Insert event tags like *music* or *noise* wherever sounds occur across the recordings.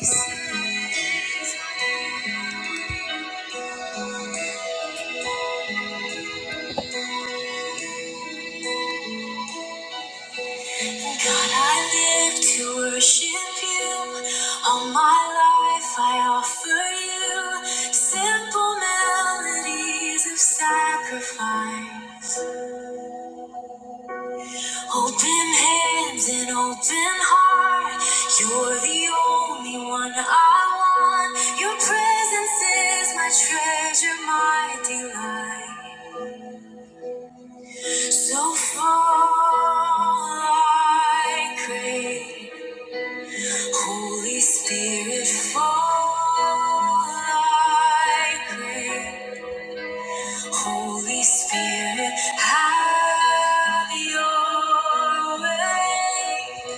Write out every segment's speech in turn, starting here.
Yes. God, I live to worship you. All my life I offer you simple melodies of sacrifice. Open hands and open heart. You're the only one I want. Your presence is my treasure, my delight. So far, I crave. Holy Spirit, fall, I pray. Holy Spirit, have your way.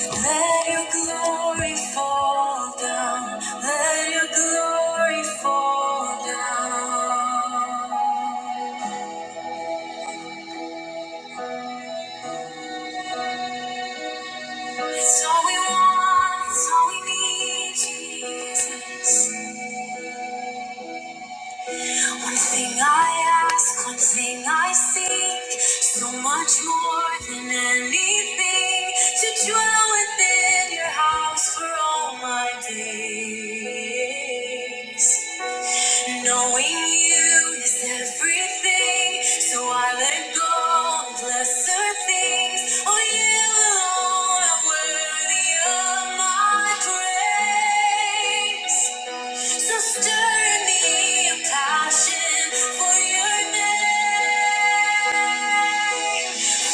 Let your glory fall down. Let your glory fall down. It's all we want, it's all we need, Jesus. One thing I ask, one thing I seek, so much more than anything, to dwell within your house for all my days. Knowing you is everything, so I let go of lesser things. Oh, you alone are worthy of my praise. So stir in me a passion for your name.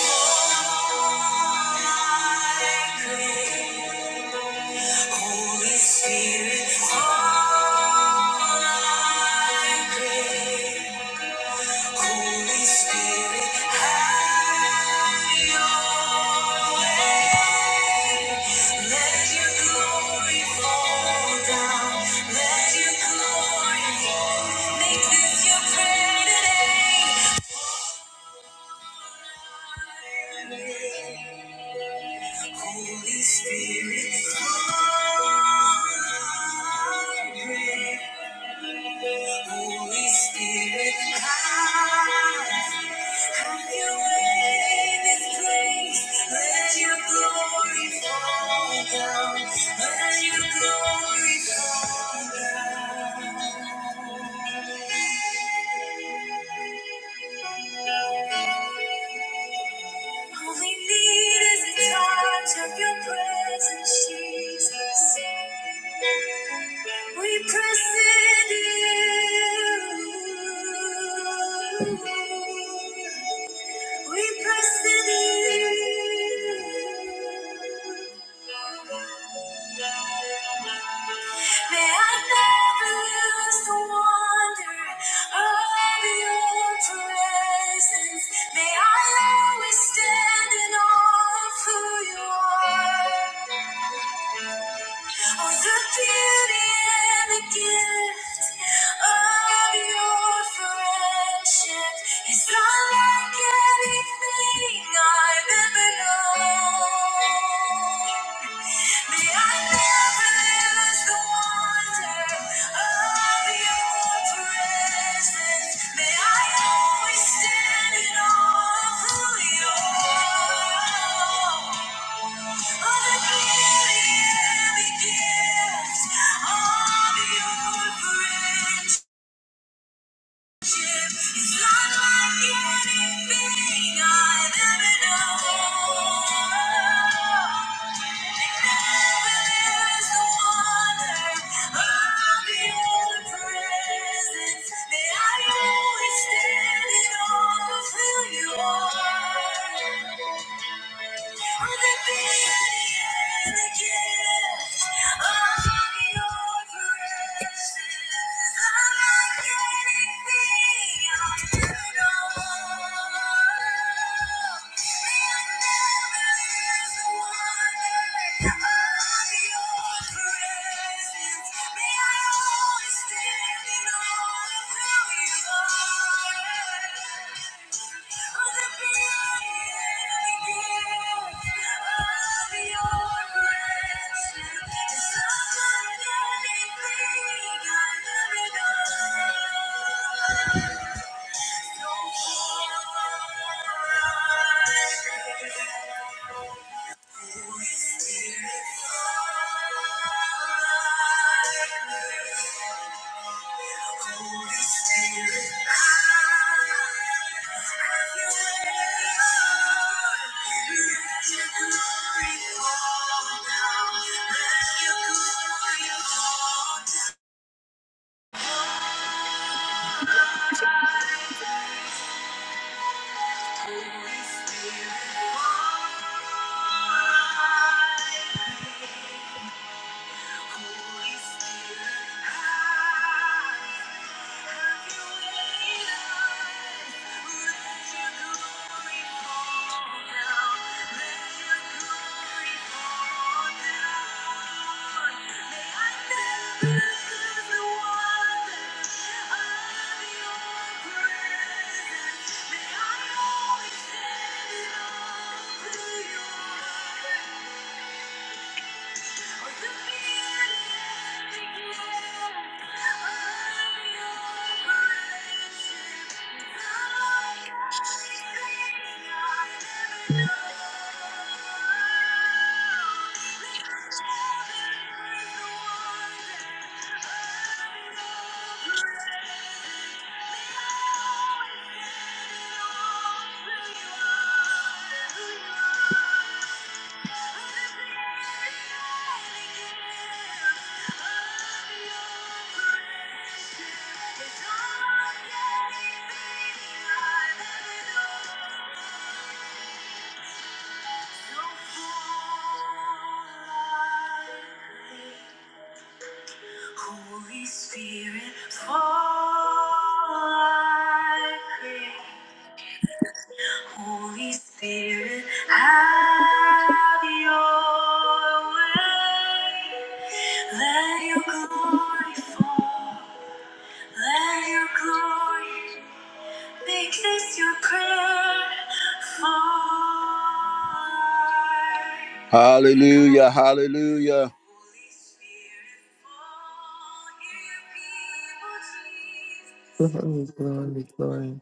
All I crave, Holy Spirit, all I crave. Holy Spirit, have your way. Let your glory fall down. Let your glory fall. Make this your prayer today. Holy Spirit, come. Holy Spirit, come. All we need is a touch of your presence, Jesus. We press into you. We press into you. May I never lose the wonder of your presence. May I always stand in awe of who you are. Oh, the beauty and the gift of your friendship is not like anything I've ever known. It's not like anything I've ever known. I always stand in awe of who you are. May I always stand in awe of who you are. Thank you. Thank you. Holy Spirit, have your way in Let your glory fall down. Let your glory fall down. May I never lose the wonder of your presence. May I always stand in awe of you Thank you. Holy Spirit, fall I pray. Holy Spirit, have your way. Let your glory fall. Let your glory make this your prayer. Fall. Hallelujah, hallelujah. Holy Spirit, fall, hear your people, Jesus. Glory, glory, glory.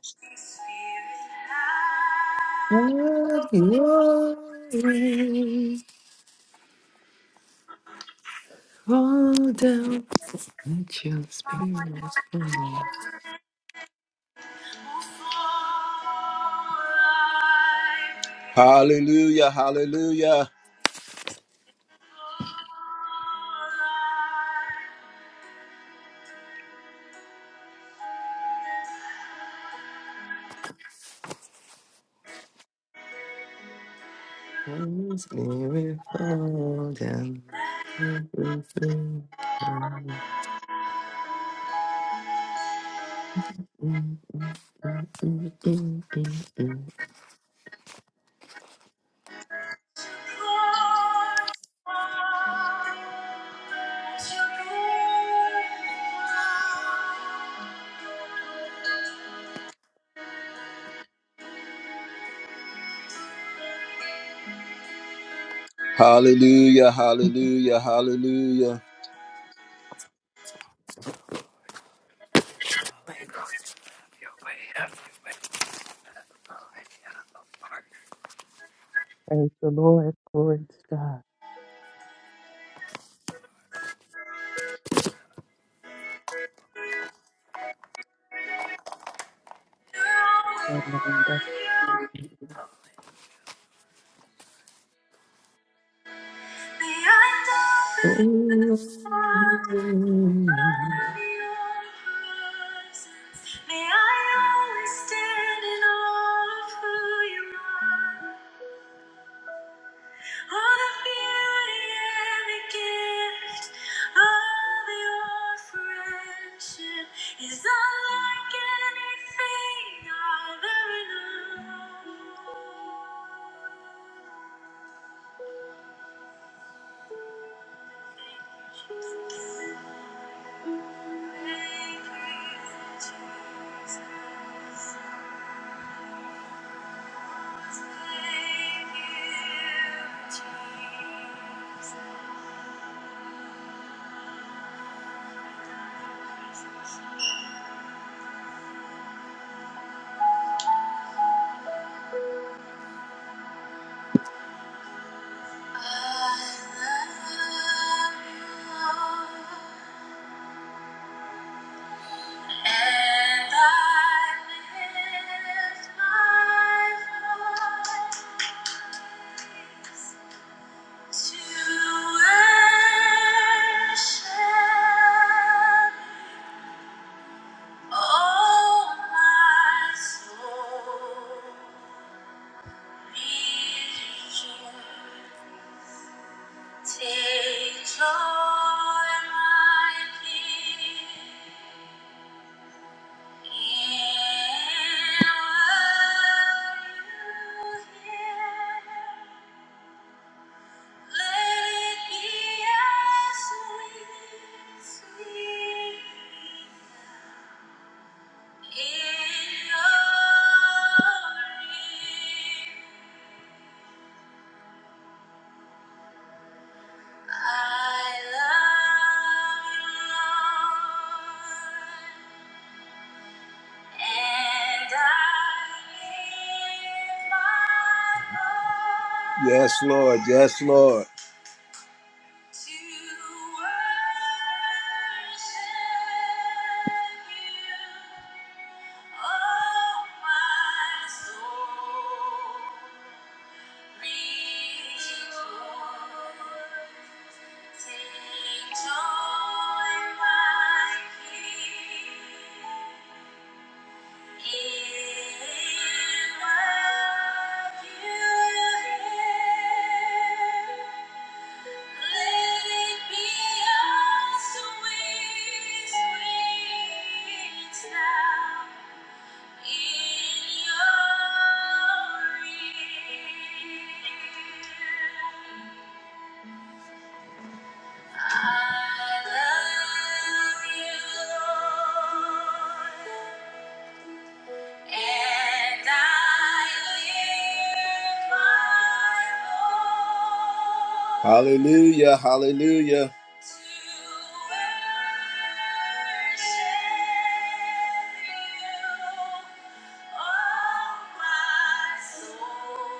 Have glory! way. Fall down. Let your spirit fall down. Hallelujah, hallelujah. Holy Spirit, fall down. Mm, mm, mm, mm, mm, mm, mm, mm, mm, Hallelujah, hallelujah, hallelujah. Praise the Lord. Glory to God. Amen. That's May mm. mm. I always stand in awe of who you are. All the beauty and the gift of your friendship is unlike anything I've ever known. And I lift my voice. To worship, oh my soul, begin. Take joy, my King, in what you hear. Let it be as sweet, sweet Yes, Lord. Yes, Lord. oh Sound. I love you, Lord. And I lift my voice Hallelujah, hallelujah. To oh my soul,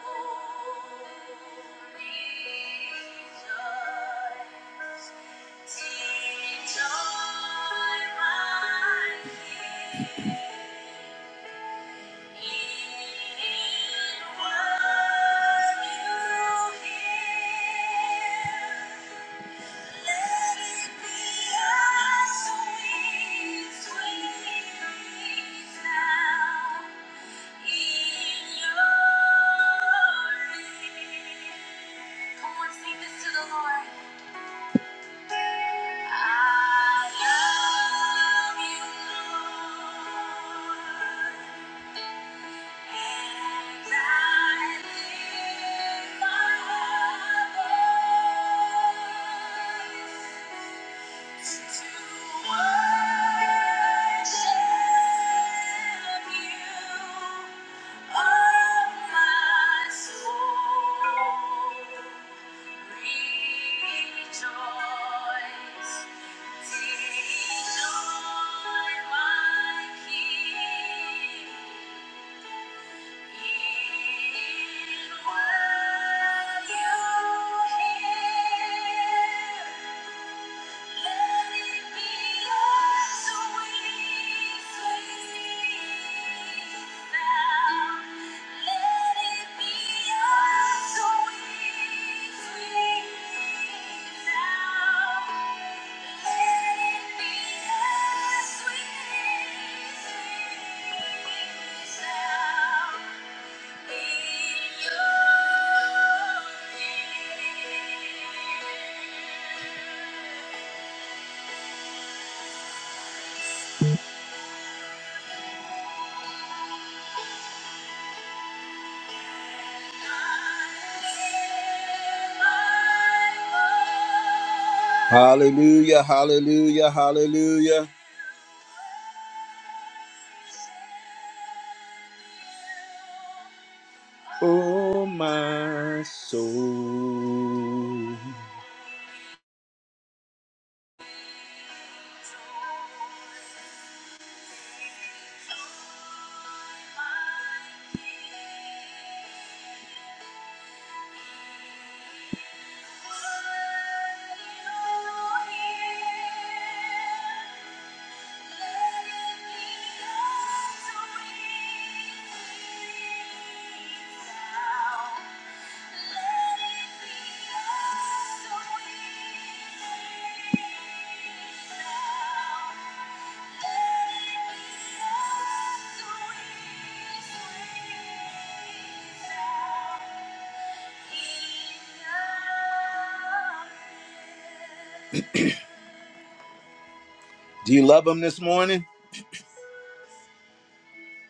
you I love you, Lord. Rejoice, Thank you. Hallelujah, hallelujah, hallelujah. Oh, my soul. Thank you. Do you love him this morning?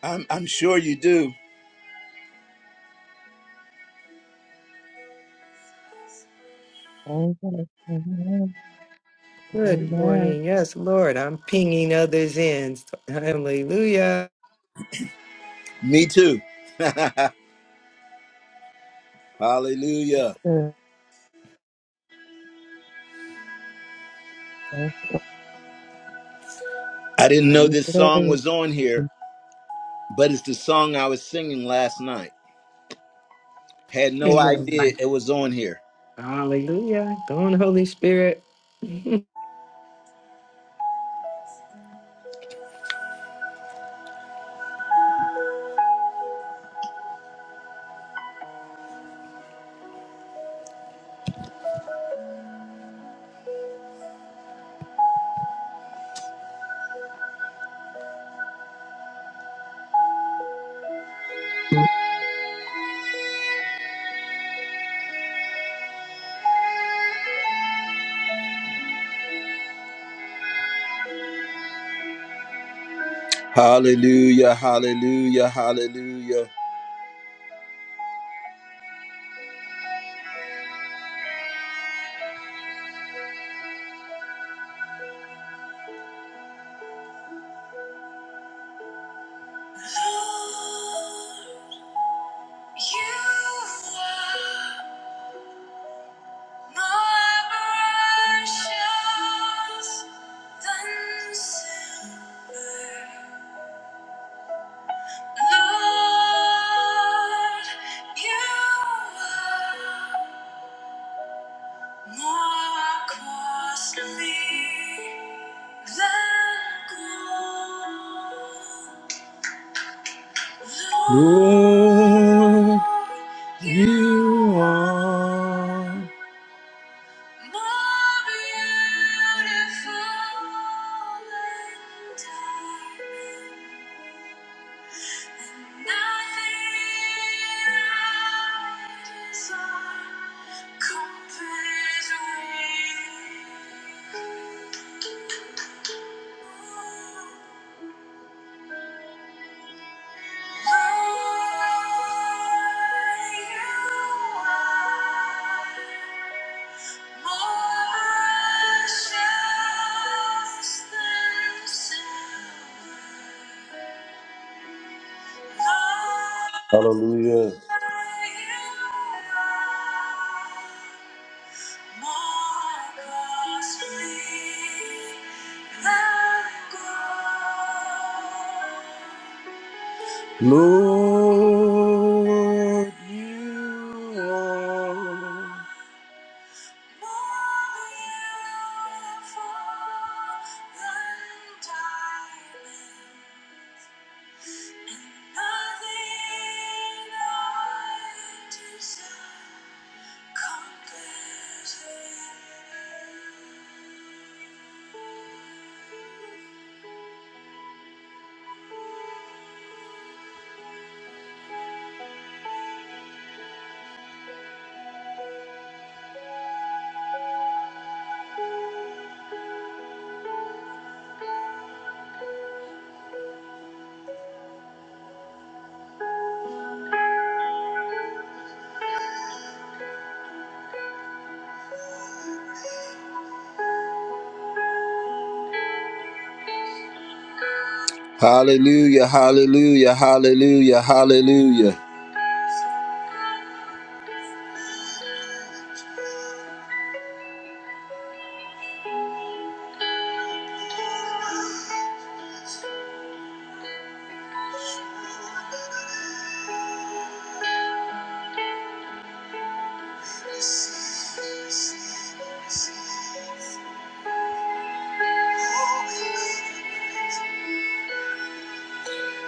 I'm, I'm sure you do. all that I can have. Good Amen. morning. Yes, Lord. I'm pinging others in. Hallelujah. Me too. Hallelujah. Uh, I didn't know this song 23. was on here, but it's the song I was singing last night. Had no Amen. idea it was on here. Hallelujah. Go on, Holy Spirit. *laughs* Hallelujah, hallelujah, hallelujah. more Costly than gold. Lord, you are more beautiful than diamond. Thank you. Hallelujah. Lord, you are Hallelujah, hallelujah, hallelujah, hallelujah.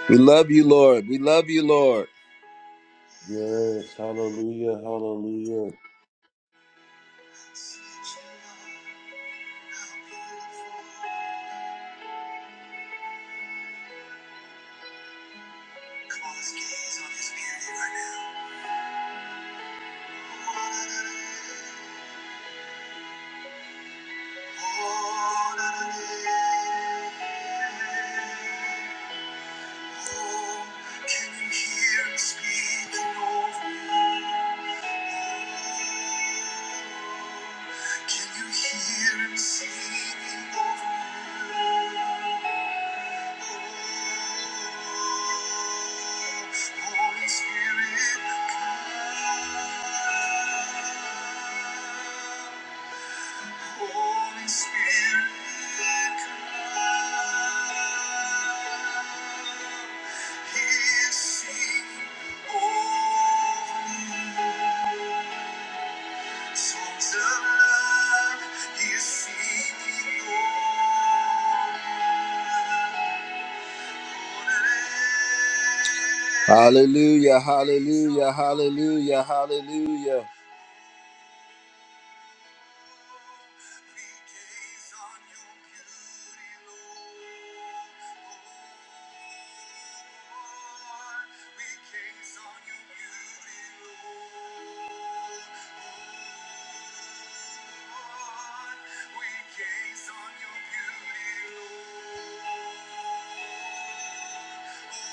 We love you, Lord. We love you, Lord. Yes. Hallelujah. Hallelujah. Can you hear him singing over you? Holy Spirit, come. Holy Spirit, come. He is singing over me. Songs of love, He is singing over me. Hallelujah, hallelujah, hallelujah, hallelujah.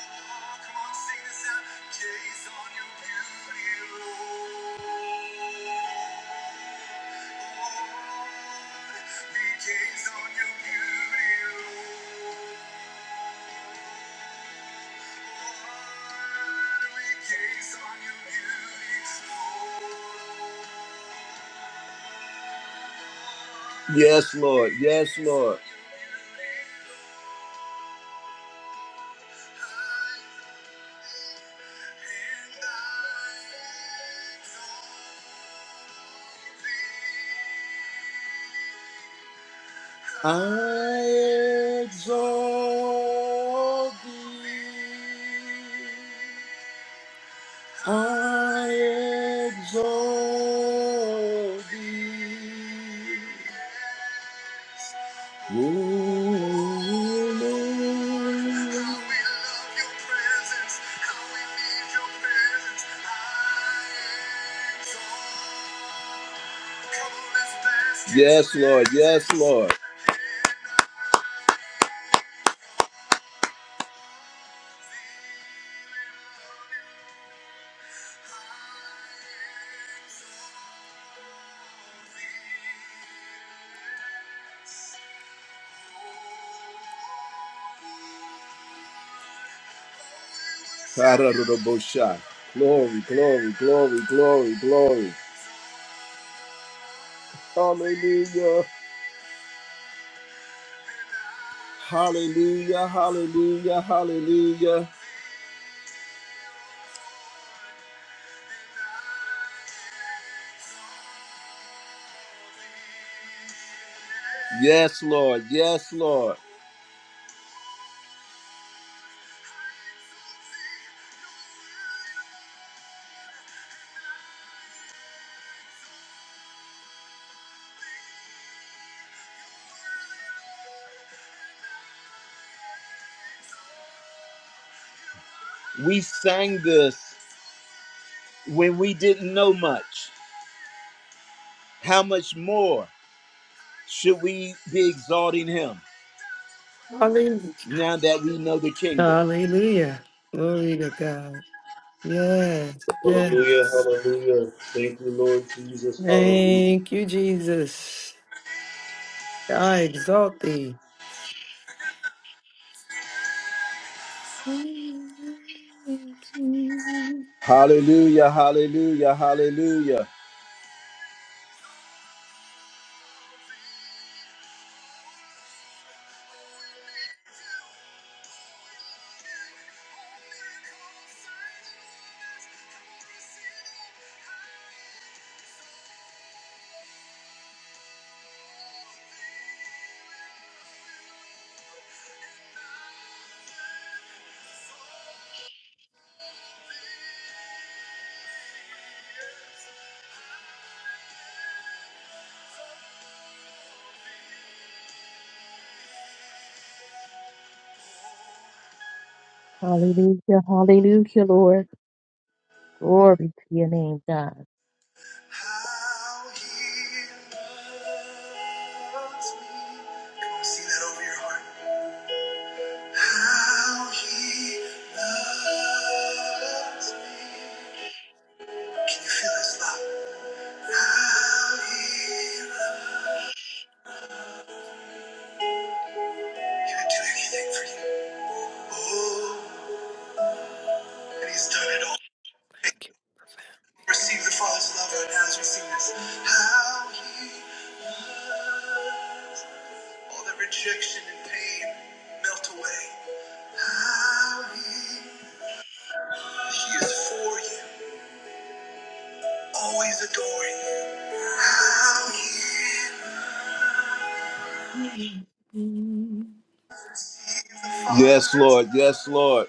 Oh, Yes, Lord. Yes, Lord. I exalt thee. I exalt thee. O Lord. Yes, Lord. Yes, Lord. Tararabosha. Glory, glory, glory, glory, glory. Hallelujah. Hallelujah. Hallelujah. Hallelujah. Yes, Lord. Yes, Lord. We sang this when we didn't know much. How much more should we be exalting him Hallelujah. now that we know the kingdom? Hallelujah. Glory to God. Yes. Hallelujah. Yes. Hallelujah. Thank you, Lord Jesus. Hallelujah. Thank you, Jesus. I exalt thee. Thank you. Thank you, Jesus. Hallelujah. Hallelujah. Hallelujah. Hallelujah. Hallelujah, Lord. Glory to your name, God. How he loves me. Come on, sing that over your heart. How he loves me. Can you feel his love? How he loves He would do anything for you. Oh, and he's done it all. Receive the Father's love right now as we sing this. How he, all the rejection and pain melt away. How he, he is for you. Always adoring Mm, you. Yes, Lord. Yes, Lord.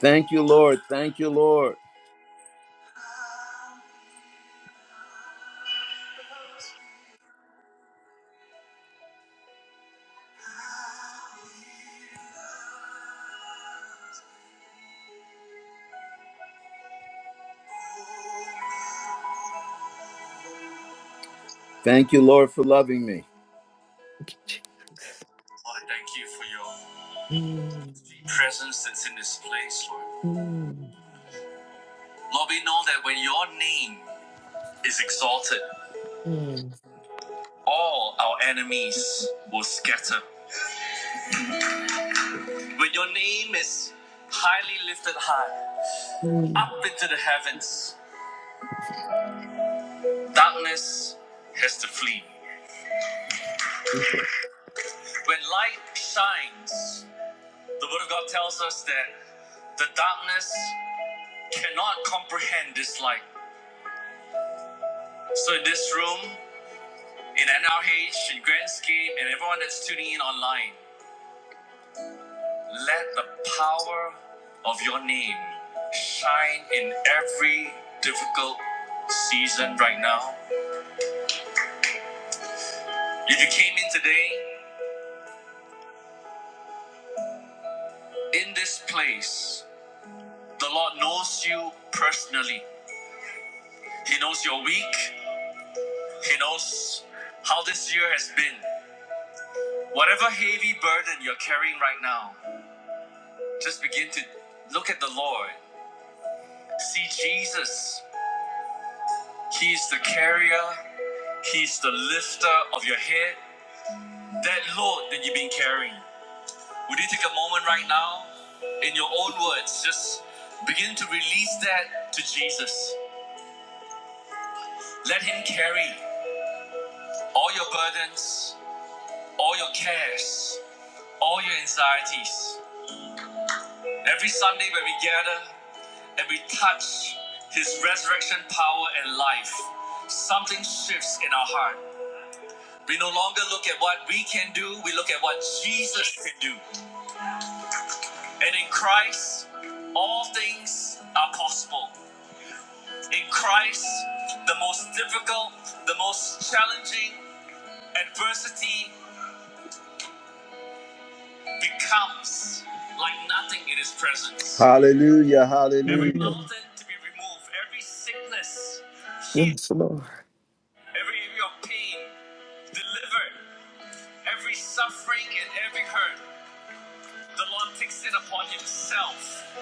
Thank you, Lord. Thank you, Lord. Thank you, Lord, for loving me. Lord, thank you for your presence that's in this place, Lord. Lord, we know that when your name is exalted, mm, all our enemies will scatter. When your name is highly lifted high, mm, up into the heavens, darkness has to flee. When light shines, The Word of God tells us that the darkness cannot comprehend this light. So, in this room, in NRH, in Grandscape, and everyone that's tuning in online, let the power of your name shine in every difficult season right now. If you came in today, in this place, the Lord knows you personally. He knows your week, He knows how this year has been. Whatever heavy burden you're carrying right now, just begin to look at the Lord. See Jesus. He's the carrier, He's the lifter of your head. That load that you've been carrying. Would you take a moment right now, in your own words, just begin to release that to Jesus? Let Him carry all your burdens, all your cares, all your anxieties. Every Sunday when we gather, and we touch his resurrection power and life, something shifts in our heart. We no longer look at what we can do, we look at what Jesus can do. And in Christ, all things are possible. In Christ, the most difficult, the most challenging adversity becomes like nothing in his presence. Hallelujah, hallelujah. Every mm. mountain to be removed, every sickness healed. Yes, Lord. every area of pain delivered, every suffering and every hurt. The Lord takes it upon Himself.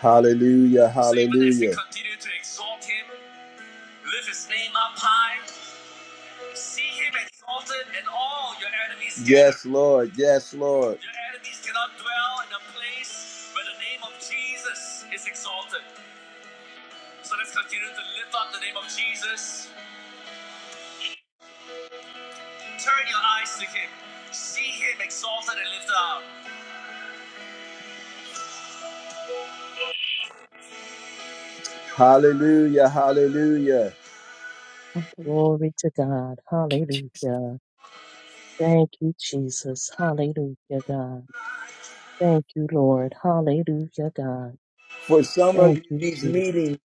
Hallelujah, hallelujah. So even as we continue to exalt Him, lift His name up high, see Him exalted, and all your enemies. scatter. Yes, Lord, yes, Lord. Your enemies cannot dwell in a place where the name of Jesus is exalted. So let's continue to lift up the name of Jesus. Turn your eyes to Him, see Him exalted and lifted up. Hallelujah, hallelujah. Thank you, Glory to God. Jesus. Hallelujah. Thank you, Jesus. Hallelujah, God. Thank you, Lord. Hallelujah, God. For some of Thank you, you, these Jesus. meetings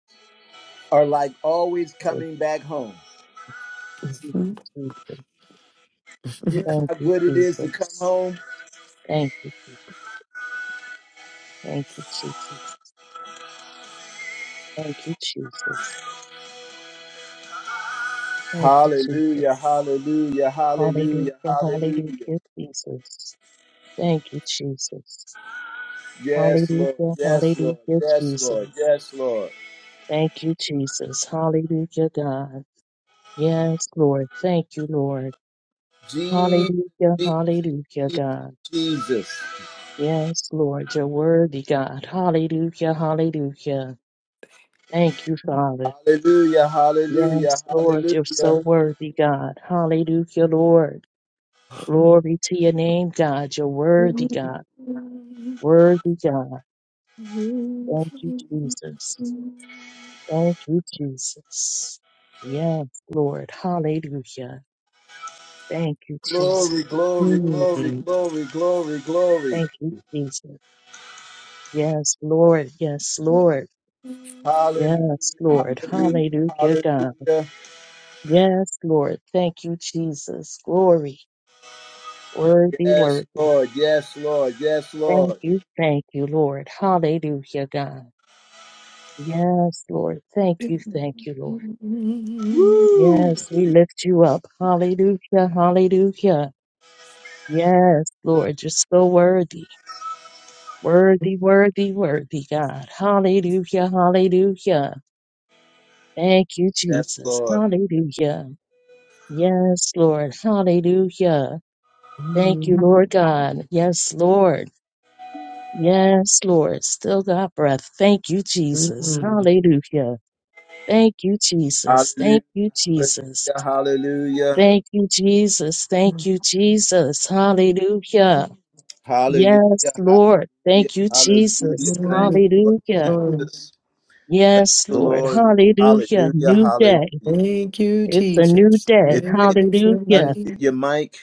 are like always Thank coming back home. you, Jesus. You know Thank how you, good it is to come Jesus. home? Thank you, Jesus. Thank you, Jesus. Thank you, Jesus. Thank you, Jesus. Hallelujah, hallelujah, hallelujah, Hallelujah, hallelujah. hallelujah, Jesus. Thank you, Jesus. Yes, Lord, Hallelujah, yes, Lord, hallelujah, yes, Lord, Jesus. yes, Lord. Thank you, Jesus. Hallelujah, God. Yes, Lord. Thank you, Lord. Jesus, Hallelujah, Jesus, hallelujah, Jesus, God. Jesus. Yes, Lord. You're worthy, God. Hallelujah, hallelujah. Thank you, Father. Hallelujah, hallelujah, Yes, Lord. You're so hallelujah. worthy, God. Hallelujah, Lord. Glory to your name, God. You're worthy, God. Mhm. Worthy God. Glory, Thank you, Jesus. Thank you, Jesus. Yes, Lord. Hallelujah. Thank you, Jesus. Glory, glory, glory, glory, glory, glory. Thank you, Jesus. Yes, Lord. Yes, Lord. Hallelujah, Yes, Lord. hallelujah, Hallelujah, God. hallelujah. Yes, Lord. Thank you, Jesus. Glory. Worthy, Yes, worthy. Lord, yes, Lord, yes, Thank Lord. you, thank you, Lord. Hallelujah, God. Yes, Lord. Thank you, thank you, Lord. Woo! Yes, we lift you up. Hallelujah, hallelujah. Yes, Lord, you're so worthy, worthy, worthy, worthy, God. Hallelujah, hallelujah. Thank you, Yes, Jesus. Lord. Hallelujah. Yes, Lord. Hallelujah. Thank you, Lord God. Yes, Lord. Yes, Lord. Still got breath. Thank you, Jesus. Hallelujah. Thank you, Jesus. Hallelujah, Thank you, Jesus. hallelujah, Thank you, Jesus. Thank you, Jesus. Hallelujah. hallelujah, Yes, Lord. hallelujah, Thank you, hallelujah, hallelujah. Jesus. Thank you, Lord Hallelujah. glory. Jesus. Thank Yes, you, Lord. Lord. Hallelujah. Hallelujah, New day. hallelujah. Thank you, It's a new Jesus. day. If Praise you your Hallelujah. unmute name. your mic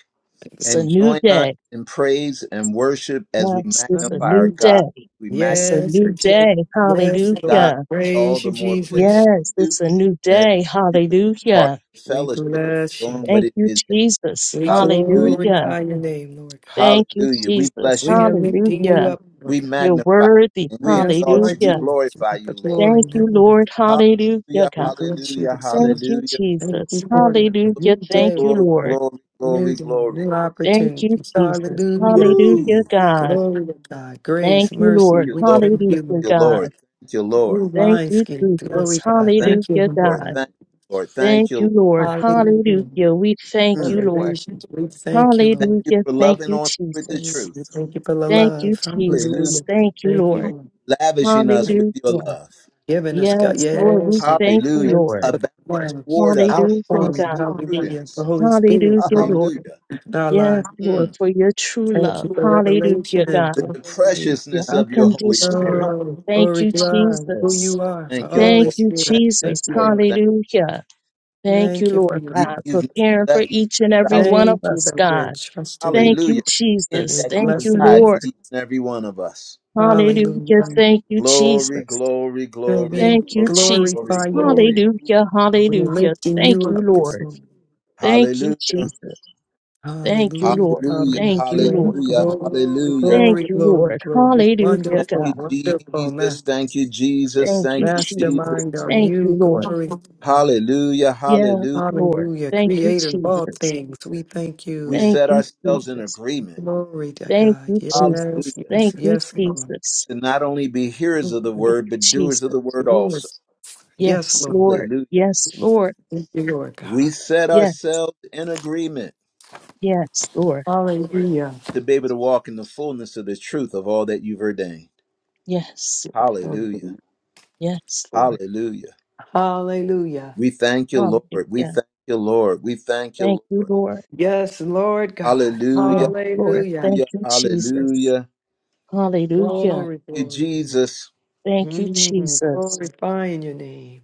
It's a and new join us day. in praise and worship as we Yes, magnify it's a our new Hallelujah. God, day. we magnify It's a Yes, our and new Je- King. day. yes, Lord. God Hallelujah. is all Praise you, the more pleased Jesus. Yes, with you it's a new and day. you can be part Hallelujah. of the We fellowship, bless your doing what Thank name. it you, is. Jesus. We that- Hallelujah. Hallelujah. glorify your name, Lord God. Thank you, Hallelujah. We Jesus. bless you. We God. are lifting you Hallelujah. up, Lord We God. You're magnify worthy. you and we Yes, exalt Lord you. We Hallelujah. Jesus, you glorify get the you, Lord. glory. Thank now. you, Lord. Hallelujah. Hallelujah. God. We bless you Hallelujah. this Thank morning. you, Hallelujah. Thank Jesus. you for the new Hallelujah. We Thank day, you, Glory, Lord. glory, new glory, day, new glory. Thank you, opportunities. Jesus. Hallelujah. Hallelujah, Woo! Thank God. Glory to God. Grace, Thank you, mercy, Lord. you, we Lord. thank you. Thank Hallelujah, you, Lord. God. Lord. Thank you, New Lord. Thank you, wineskin, Jesus. glory God. Thank you, Thank you, Hallelujah, Lord Lord. Thank God. God. you, Lord. Thank Thank you, you, Lord. Lord. Hallelujah. Hallelujah. We thank Mm. you, Lord. Revelations, we thank you, Thank Lord. you Hallelujah. for Thank loving you, on us with the We Jesus. truth. thank you for the Thank you, love. Hallelujah! Jesus. Hallelujah. Thank you, Thank Lord. you. lavishing Lord. us with your Hallelujah. love. Giving us God. Yes, Lord. We Yes. yes. thank you, Hallelujah. Thanks Lord. for Abounding that one toward us with Hallelujah, outpouring. grace and God. Hallelujah. The prudence. Holy Spirit. Hallelujah, Hallelujah. Lord. Hallelujah. In our life. Yes, Lord, Mm. for your true Thank love. you for revelation. Hallelujah, God. The, the Glory. Your preciousness of your Holy unconditional Spirit. love. Oh, Thank glory, you, God. Who you Jesus. are. Thank you, Thank Holy Lord. you, Thank Spirit. you, Thank Jesus. you, Lord. Lord. Thank Hallelujah. Thank you, Thank you for Lord your you. God. God, You've for not caring for left us each and every without. one of Thank you us, that we're God. trusting you. Thank you, Hallelujah. In We're Jesus. that you Thank you, blessing provide you. for Lord. each and every one of us. Hallelujah. Hallelujah. Thank you, Glory, Jesus. glory, We're glory, being Thank you, glory, glory, Jesus. glorify your name. glory. Hallelujah. We're Hallelujah. lifting Thank you you, up this Lord. morning. Thank you, Hallelujah. Jesus. Thank you, Hallelujah, Lord. Hallelujah. Thank you, hallelujah, Lord. Hallelujah. glory, glory, Hallelujah. Thank you, glory, Lord. glory. Hallelujah, Thank Wonderful, God. you, wonderful, Jesus. man, Thank you, Jesus. Thank you, Thank you, Jesus. Jesus. mastermind are Thank you, you, Lord. glory to God. Hallelujah. Yeah, Hallelujah. Lord. Hallelujah, Thank you, creator of all Jesus. things, we thank We you. Thank set you, ourselves in Jesus. agreement. Glory to Thank God, you, yes, Jesus. Hallelujah. yes, Thank you, yes, Lord. Jesus. To not only be hearers of the Thank word, you, but doers of Jesus. the word also. Yes, yes, Yes, Lord, Lord. Hallelujah. Yes, Lord. thank you, Lord We God. set Yes, ourselves in agreement yes, Lord. Hallelujah, to be able to walk in the fullness of the truth of all that you've ordained. Yes, Hallelujah. yes, Lord. Hallelujah. hallelujah. We thank you, Lord. We Hallelujah. thank you, Lord. We thank Thank you, you, Lord. Lord. Yes, Lord God, Hallelujah. Yes, Lord. hallelujah. Thank Hallelujah. you, Jesus. Hallelujah. Hallelujah. Glory, Thank you, glory, glory. Jesus. Thank you, Mm, Jesus. glorifying your name,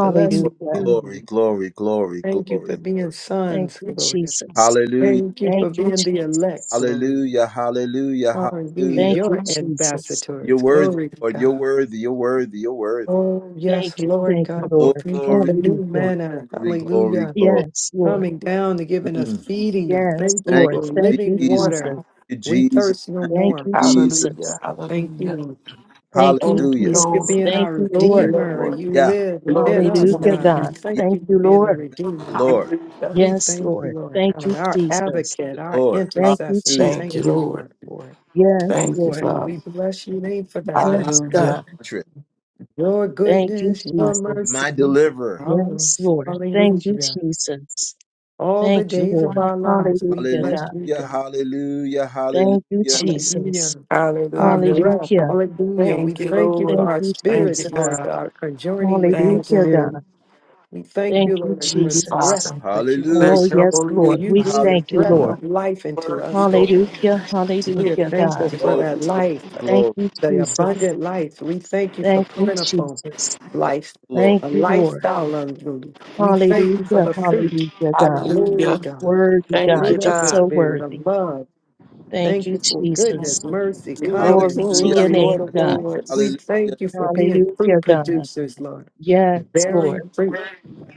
blessing Glory, you. glory, glory, Thank you for glory. being Thank sons, you, glory. to- Jesus. Hallelujah, Thank you for Thank you, being the elect, Jesus. glory. hallelujah, hallelujah, Hallelujah. hallelujah. Thank Your you, Jesus. You're ambassadors, worthy, glory to Lord. You're God. worthy, you're worthy, you're worthy. Oh, yes, Thank you. Lord Thank you, God, we Glory, Lord. thank you for glory, new Hallelujah. manna. glory, glory. Hallelujah. glory. Yes, Lord. Coming down and giving us Mm. feeding us. Yes, Thank you Thank Lord. for Thank you, you, living Jesus. water. Jesus. Thank you, We Jesus. thirst no Thank you, Thank more. you, Jesus. Jesus. Hallelujah. Thank you, Hallelujah. Lord. Thank you, Thank you, Hallelujah. Thank you for Jesus. being Lord. Thank our you, Thank you, Lord. Redeemer. Lord. You Yeah, live within Glory to us, your Hallelujah, God. We God. name. yeah, thank Thank you for you, being the Lord. Redeemer. Lord. Hallelujah. We Yes, thank you, Lord. Lord Thank God, you, our Jesus. advocate, The our Lord. Thank you, intercessor. Hallelujah. Thank you, Thank Jesus. you, Lord. Lord, for it. Yes, Thank you, Lord. Father. We bless your name for My that, rock, Yes, God. my God. Hallelujah. fortress, Your Thank you, goodness, your mercy, Jesus. my you can deliverer. follow Yes, us. Lord. Thank you, Hallelujah. Jesus. All the Thank you, days of Lord. our lives, we Hallelujah, bless God. you, Hallelujah, God. hallelujah, hallelujah. Thank you, Jesus. Hallelujah. Our Hallelujah. breath, Hallelujah. hallelujah. We Thank Mm. you, thank you Lord. for Thank our you, Thank you, spirits, Jesus. Lord God. God, conjoining with your Thank you, Hallelujah, spirit. Lord. God. We thank Thank you, you, Lord, for Thank you, the breath Jesus. Father. that you Hallelujah. bring. Oh, Bless your yes, holy name. Lord. You We blew the Hallelujah. thank you, breath Lord. of life into Worthy, us, God. Lord. Hallelujah. We Glory, are Hallelujah, God. thankful for glory, that life, Thank glory. you, the Jesus. abundant life. We thank you for Thank you, plentiful Jesus. life, glory. Thank a you, Lord. lifestyle. of you. We thank you for Hallelujah. the fruit. Hallelujah, God. Glory, Hallelujah. God. Worthy, The Thank Thank you, God. fruit you, Lord. You're of the God. so Spirit, the worthy. love. Thank Thank you you, for goodness, Jesus. mercy, King of kindness. Glory to Hallelujah. your kings, Glory to Lord name, of God. God. Hallelujah. We lords, Hallelujah. thank you for being fruit Hallelujah, God. producers, Lord Yes, bearing Lord. fruit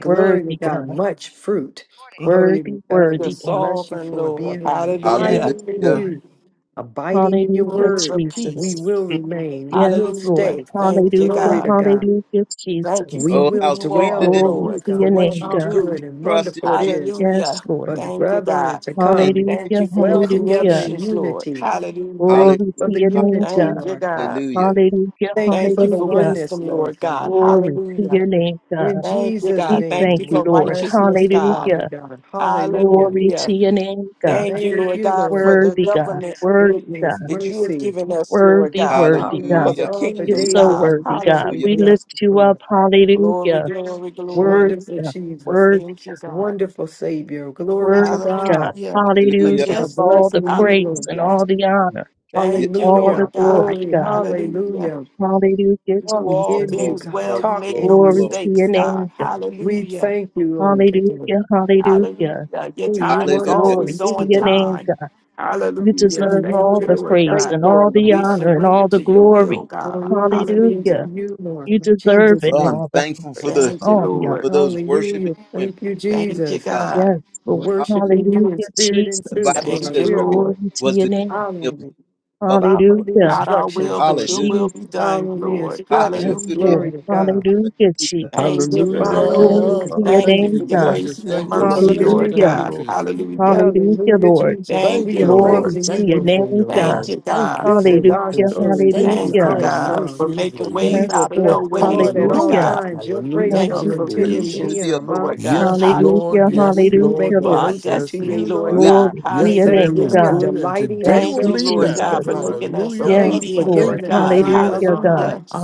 Glory to God, God. much fruit. Glory Worthy, to God. the worthy, We God. bless you sovereign for Lord. being and Yes, Hallelujah. Hallelujah. abiding in Hallelujah. Lord. you, abiding in your Hallelujah, Prince word. of We Jesus. peace. will Hmm. remain, we Yes, will Lord. Hallelujah. stay. Thank you, Hallelujah, Glory God. to God. hallelujah, Thank you Jesus. We for Oh, who will how you sweet are, it dwell is in Glory you, Lord, to for your God. Oh, what name, you how God. do. good to and trust in wonderful it Jesus is Yes, Hallelujah. for Lord. the Thank you, brethren God. to and come, to take Thank you Hallelujah, for your dwell at his word. together hallelujah. in creations, Lord. unity. Hallelujah. Hallelujah. Thank you Glory for to the your name, unity, God. Thank you, Lord God. God. Hallelujah. Hallelujah, Thank you Thank for you the for hallelujah. oneness, wisdom, Lord Lord God. God. Glory to Hallelujah. your name, In God. Thank you, Jesus' We God. Thank thank name, you you, we Thank- for Lord. bless righteousness, you, God. Father Hallelujah. God. Hallelujah. Glory to Hallelujah. your name, God. Thank you, Thank Lord you, God, Lord for God. the Worthy God. government Worthy Goodness, God. that you have mercy. given us, Lord Worthy, God, worthy Follow God. for us the Hallelujah. all the You're Hallelujah. kingdom, days so of our God. worthy, lives, and God. we Hallelujah. We Hallelujah. bless you, lift you Lord. up. Glory, Hallelujah. glory, Worthy, glory. Wonderful God. Jesus, worthy, Thank you, God. wonderful Savior. Glory to worthy, God. God. Hallelujah. We Hallelujah. Hallelujah. are Of Majestic. all the blessing you, praise Lord. and Hallelujah. all the honor, Yes, Thank you, all Lord. the Lord Hallelujah. God. glory, Glory. God. Hallelujah. Hallelujah. Hallelujah, You do Walk Glory, all in Jesus. you, glory, things God. well. glory, You Talk make no in glory. Glory you. glory. to your mistakes, name, God. God. We Hallelujah. thank you, Lord, today. Hallelujah, hallelujah. Hallelujah. Your Who do you time is want us Hallelujah. to Glory always to see, on your Lord? name, time. God. You Who Hallelujah. do you deserve Thank all you, want the us to Lord praise pray God. and for, all the Lord? We honor and surrender all the to your will, glory. Lord, God. we thank Hallelujah. Hallelujah. you, Lord. You In deserve Jesus' it Well, name. I'm all, the thankful for praise the Thank and you, all the honor. for Lord. those worshiping Hallelujah. women, Thank you, Thank you, Jesus. God. God. Yes, Lord. Worshiping you in Hallelujah, spirit and The Jesus. truth, Bible Thank Lord. you, says, We're Great Lord. Glory to was your the name. company of following women it. public Following work. the Hallelujah, Not our will, instructions, but Lord. your Hallelujah. will be Jesus. done, Following the Lord. instructions. Yes, Hallelujah. Hallelujah. Glory Lord. to God. Hallelujah, Hallelujah. Jesus. Thank you, We're Lord. Thank following Glory you, Hallelujah. you. to Lord. your Thank Thank you name, for you, Hallelujah. your Lord, God. grace Jesus. and your thank Thank We you, you, Lord. mercy, bless Thank Jesus. you, Lord Thank Hallelujah. you, you, God. God. Lord. Jesus. Hallelujah. Hallelujah, Hallelujah, You Lord. Jesus. Thank Thank We you, you, are Lord. Lord. Glory praising to you, Thank your you Lord. for name, your God. Thank love. you, Thank you God. This for is your our Hallelujah, patience. story. This Thank you is Thank for you, hallelujah. our your God, song. for mercy and making We grace. ways will Yes, out of no Lord. bless the ways, Lord at Lord all Hallelujah. Hallelujah. God. times. Your We praise Hallelujah. Thank thank shall you you, for are Hallelujah. continually be Jesus. in visions, worthy our of mouth. Lord honor God. Yes, Lord. Hallelujah, Hallelujah. Yes, We will make hallelujah, Lord. a For Lord. our Yes, boast unto yes, destiny, you, Lord. Lord Lord. with God. Glory to We your Yesterday thank name, you. was Hallelujah. We are God. good and delighting today Thank will Thank you, you, ourselves be you. Lord into better. you, God, Jesus. for Lord. making us Yes, Thank Hallelujah. you for obedient, giving Lord. Thank Lord the you, God. desire Jesus. of Hallelujah, our God. Hallelujah. hearts. I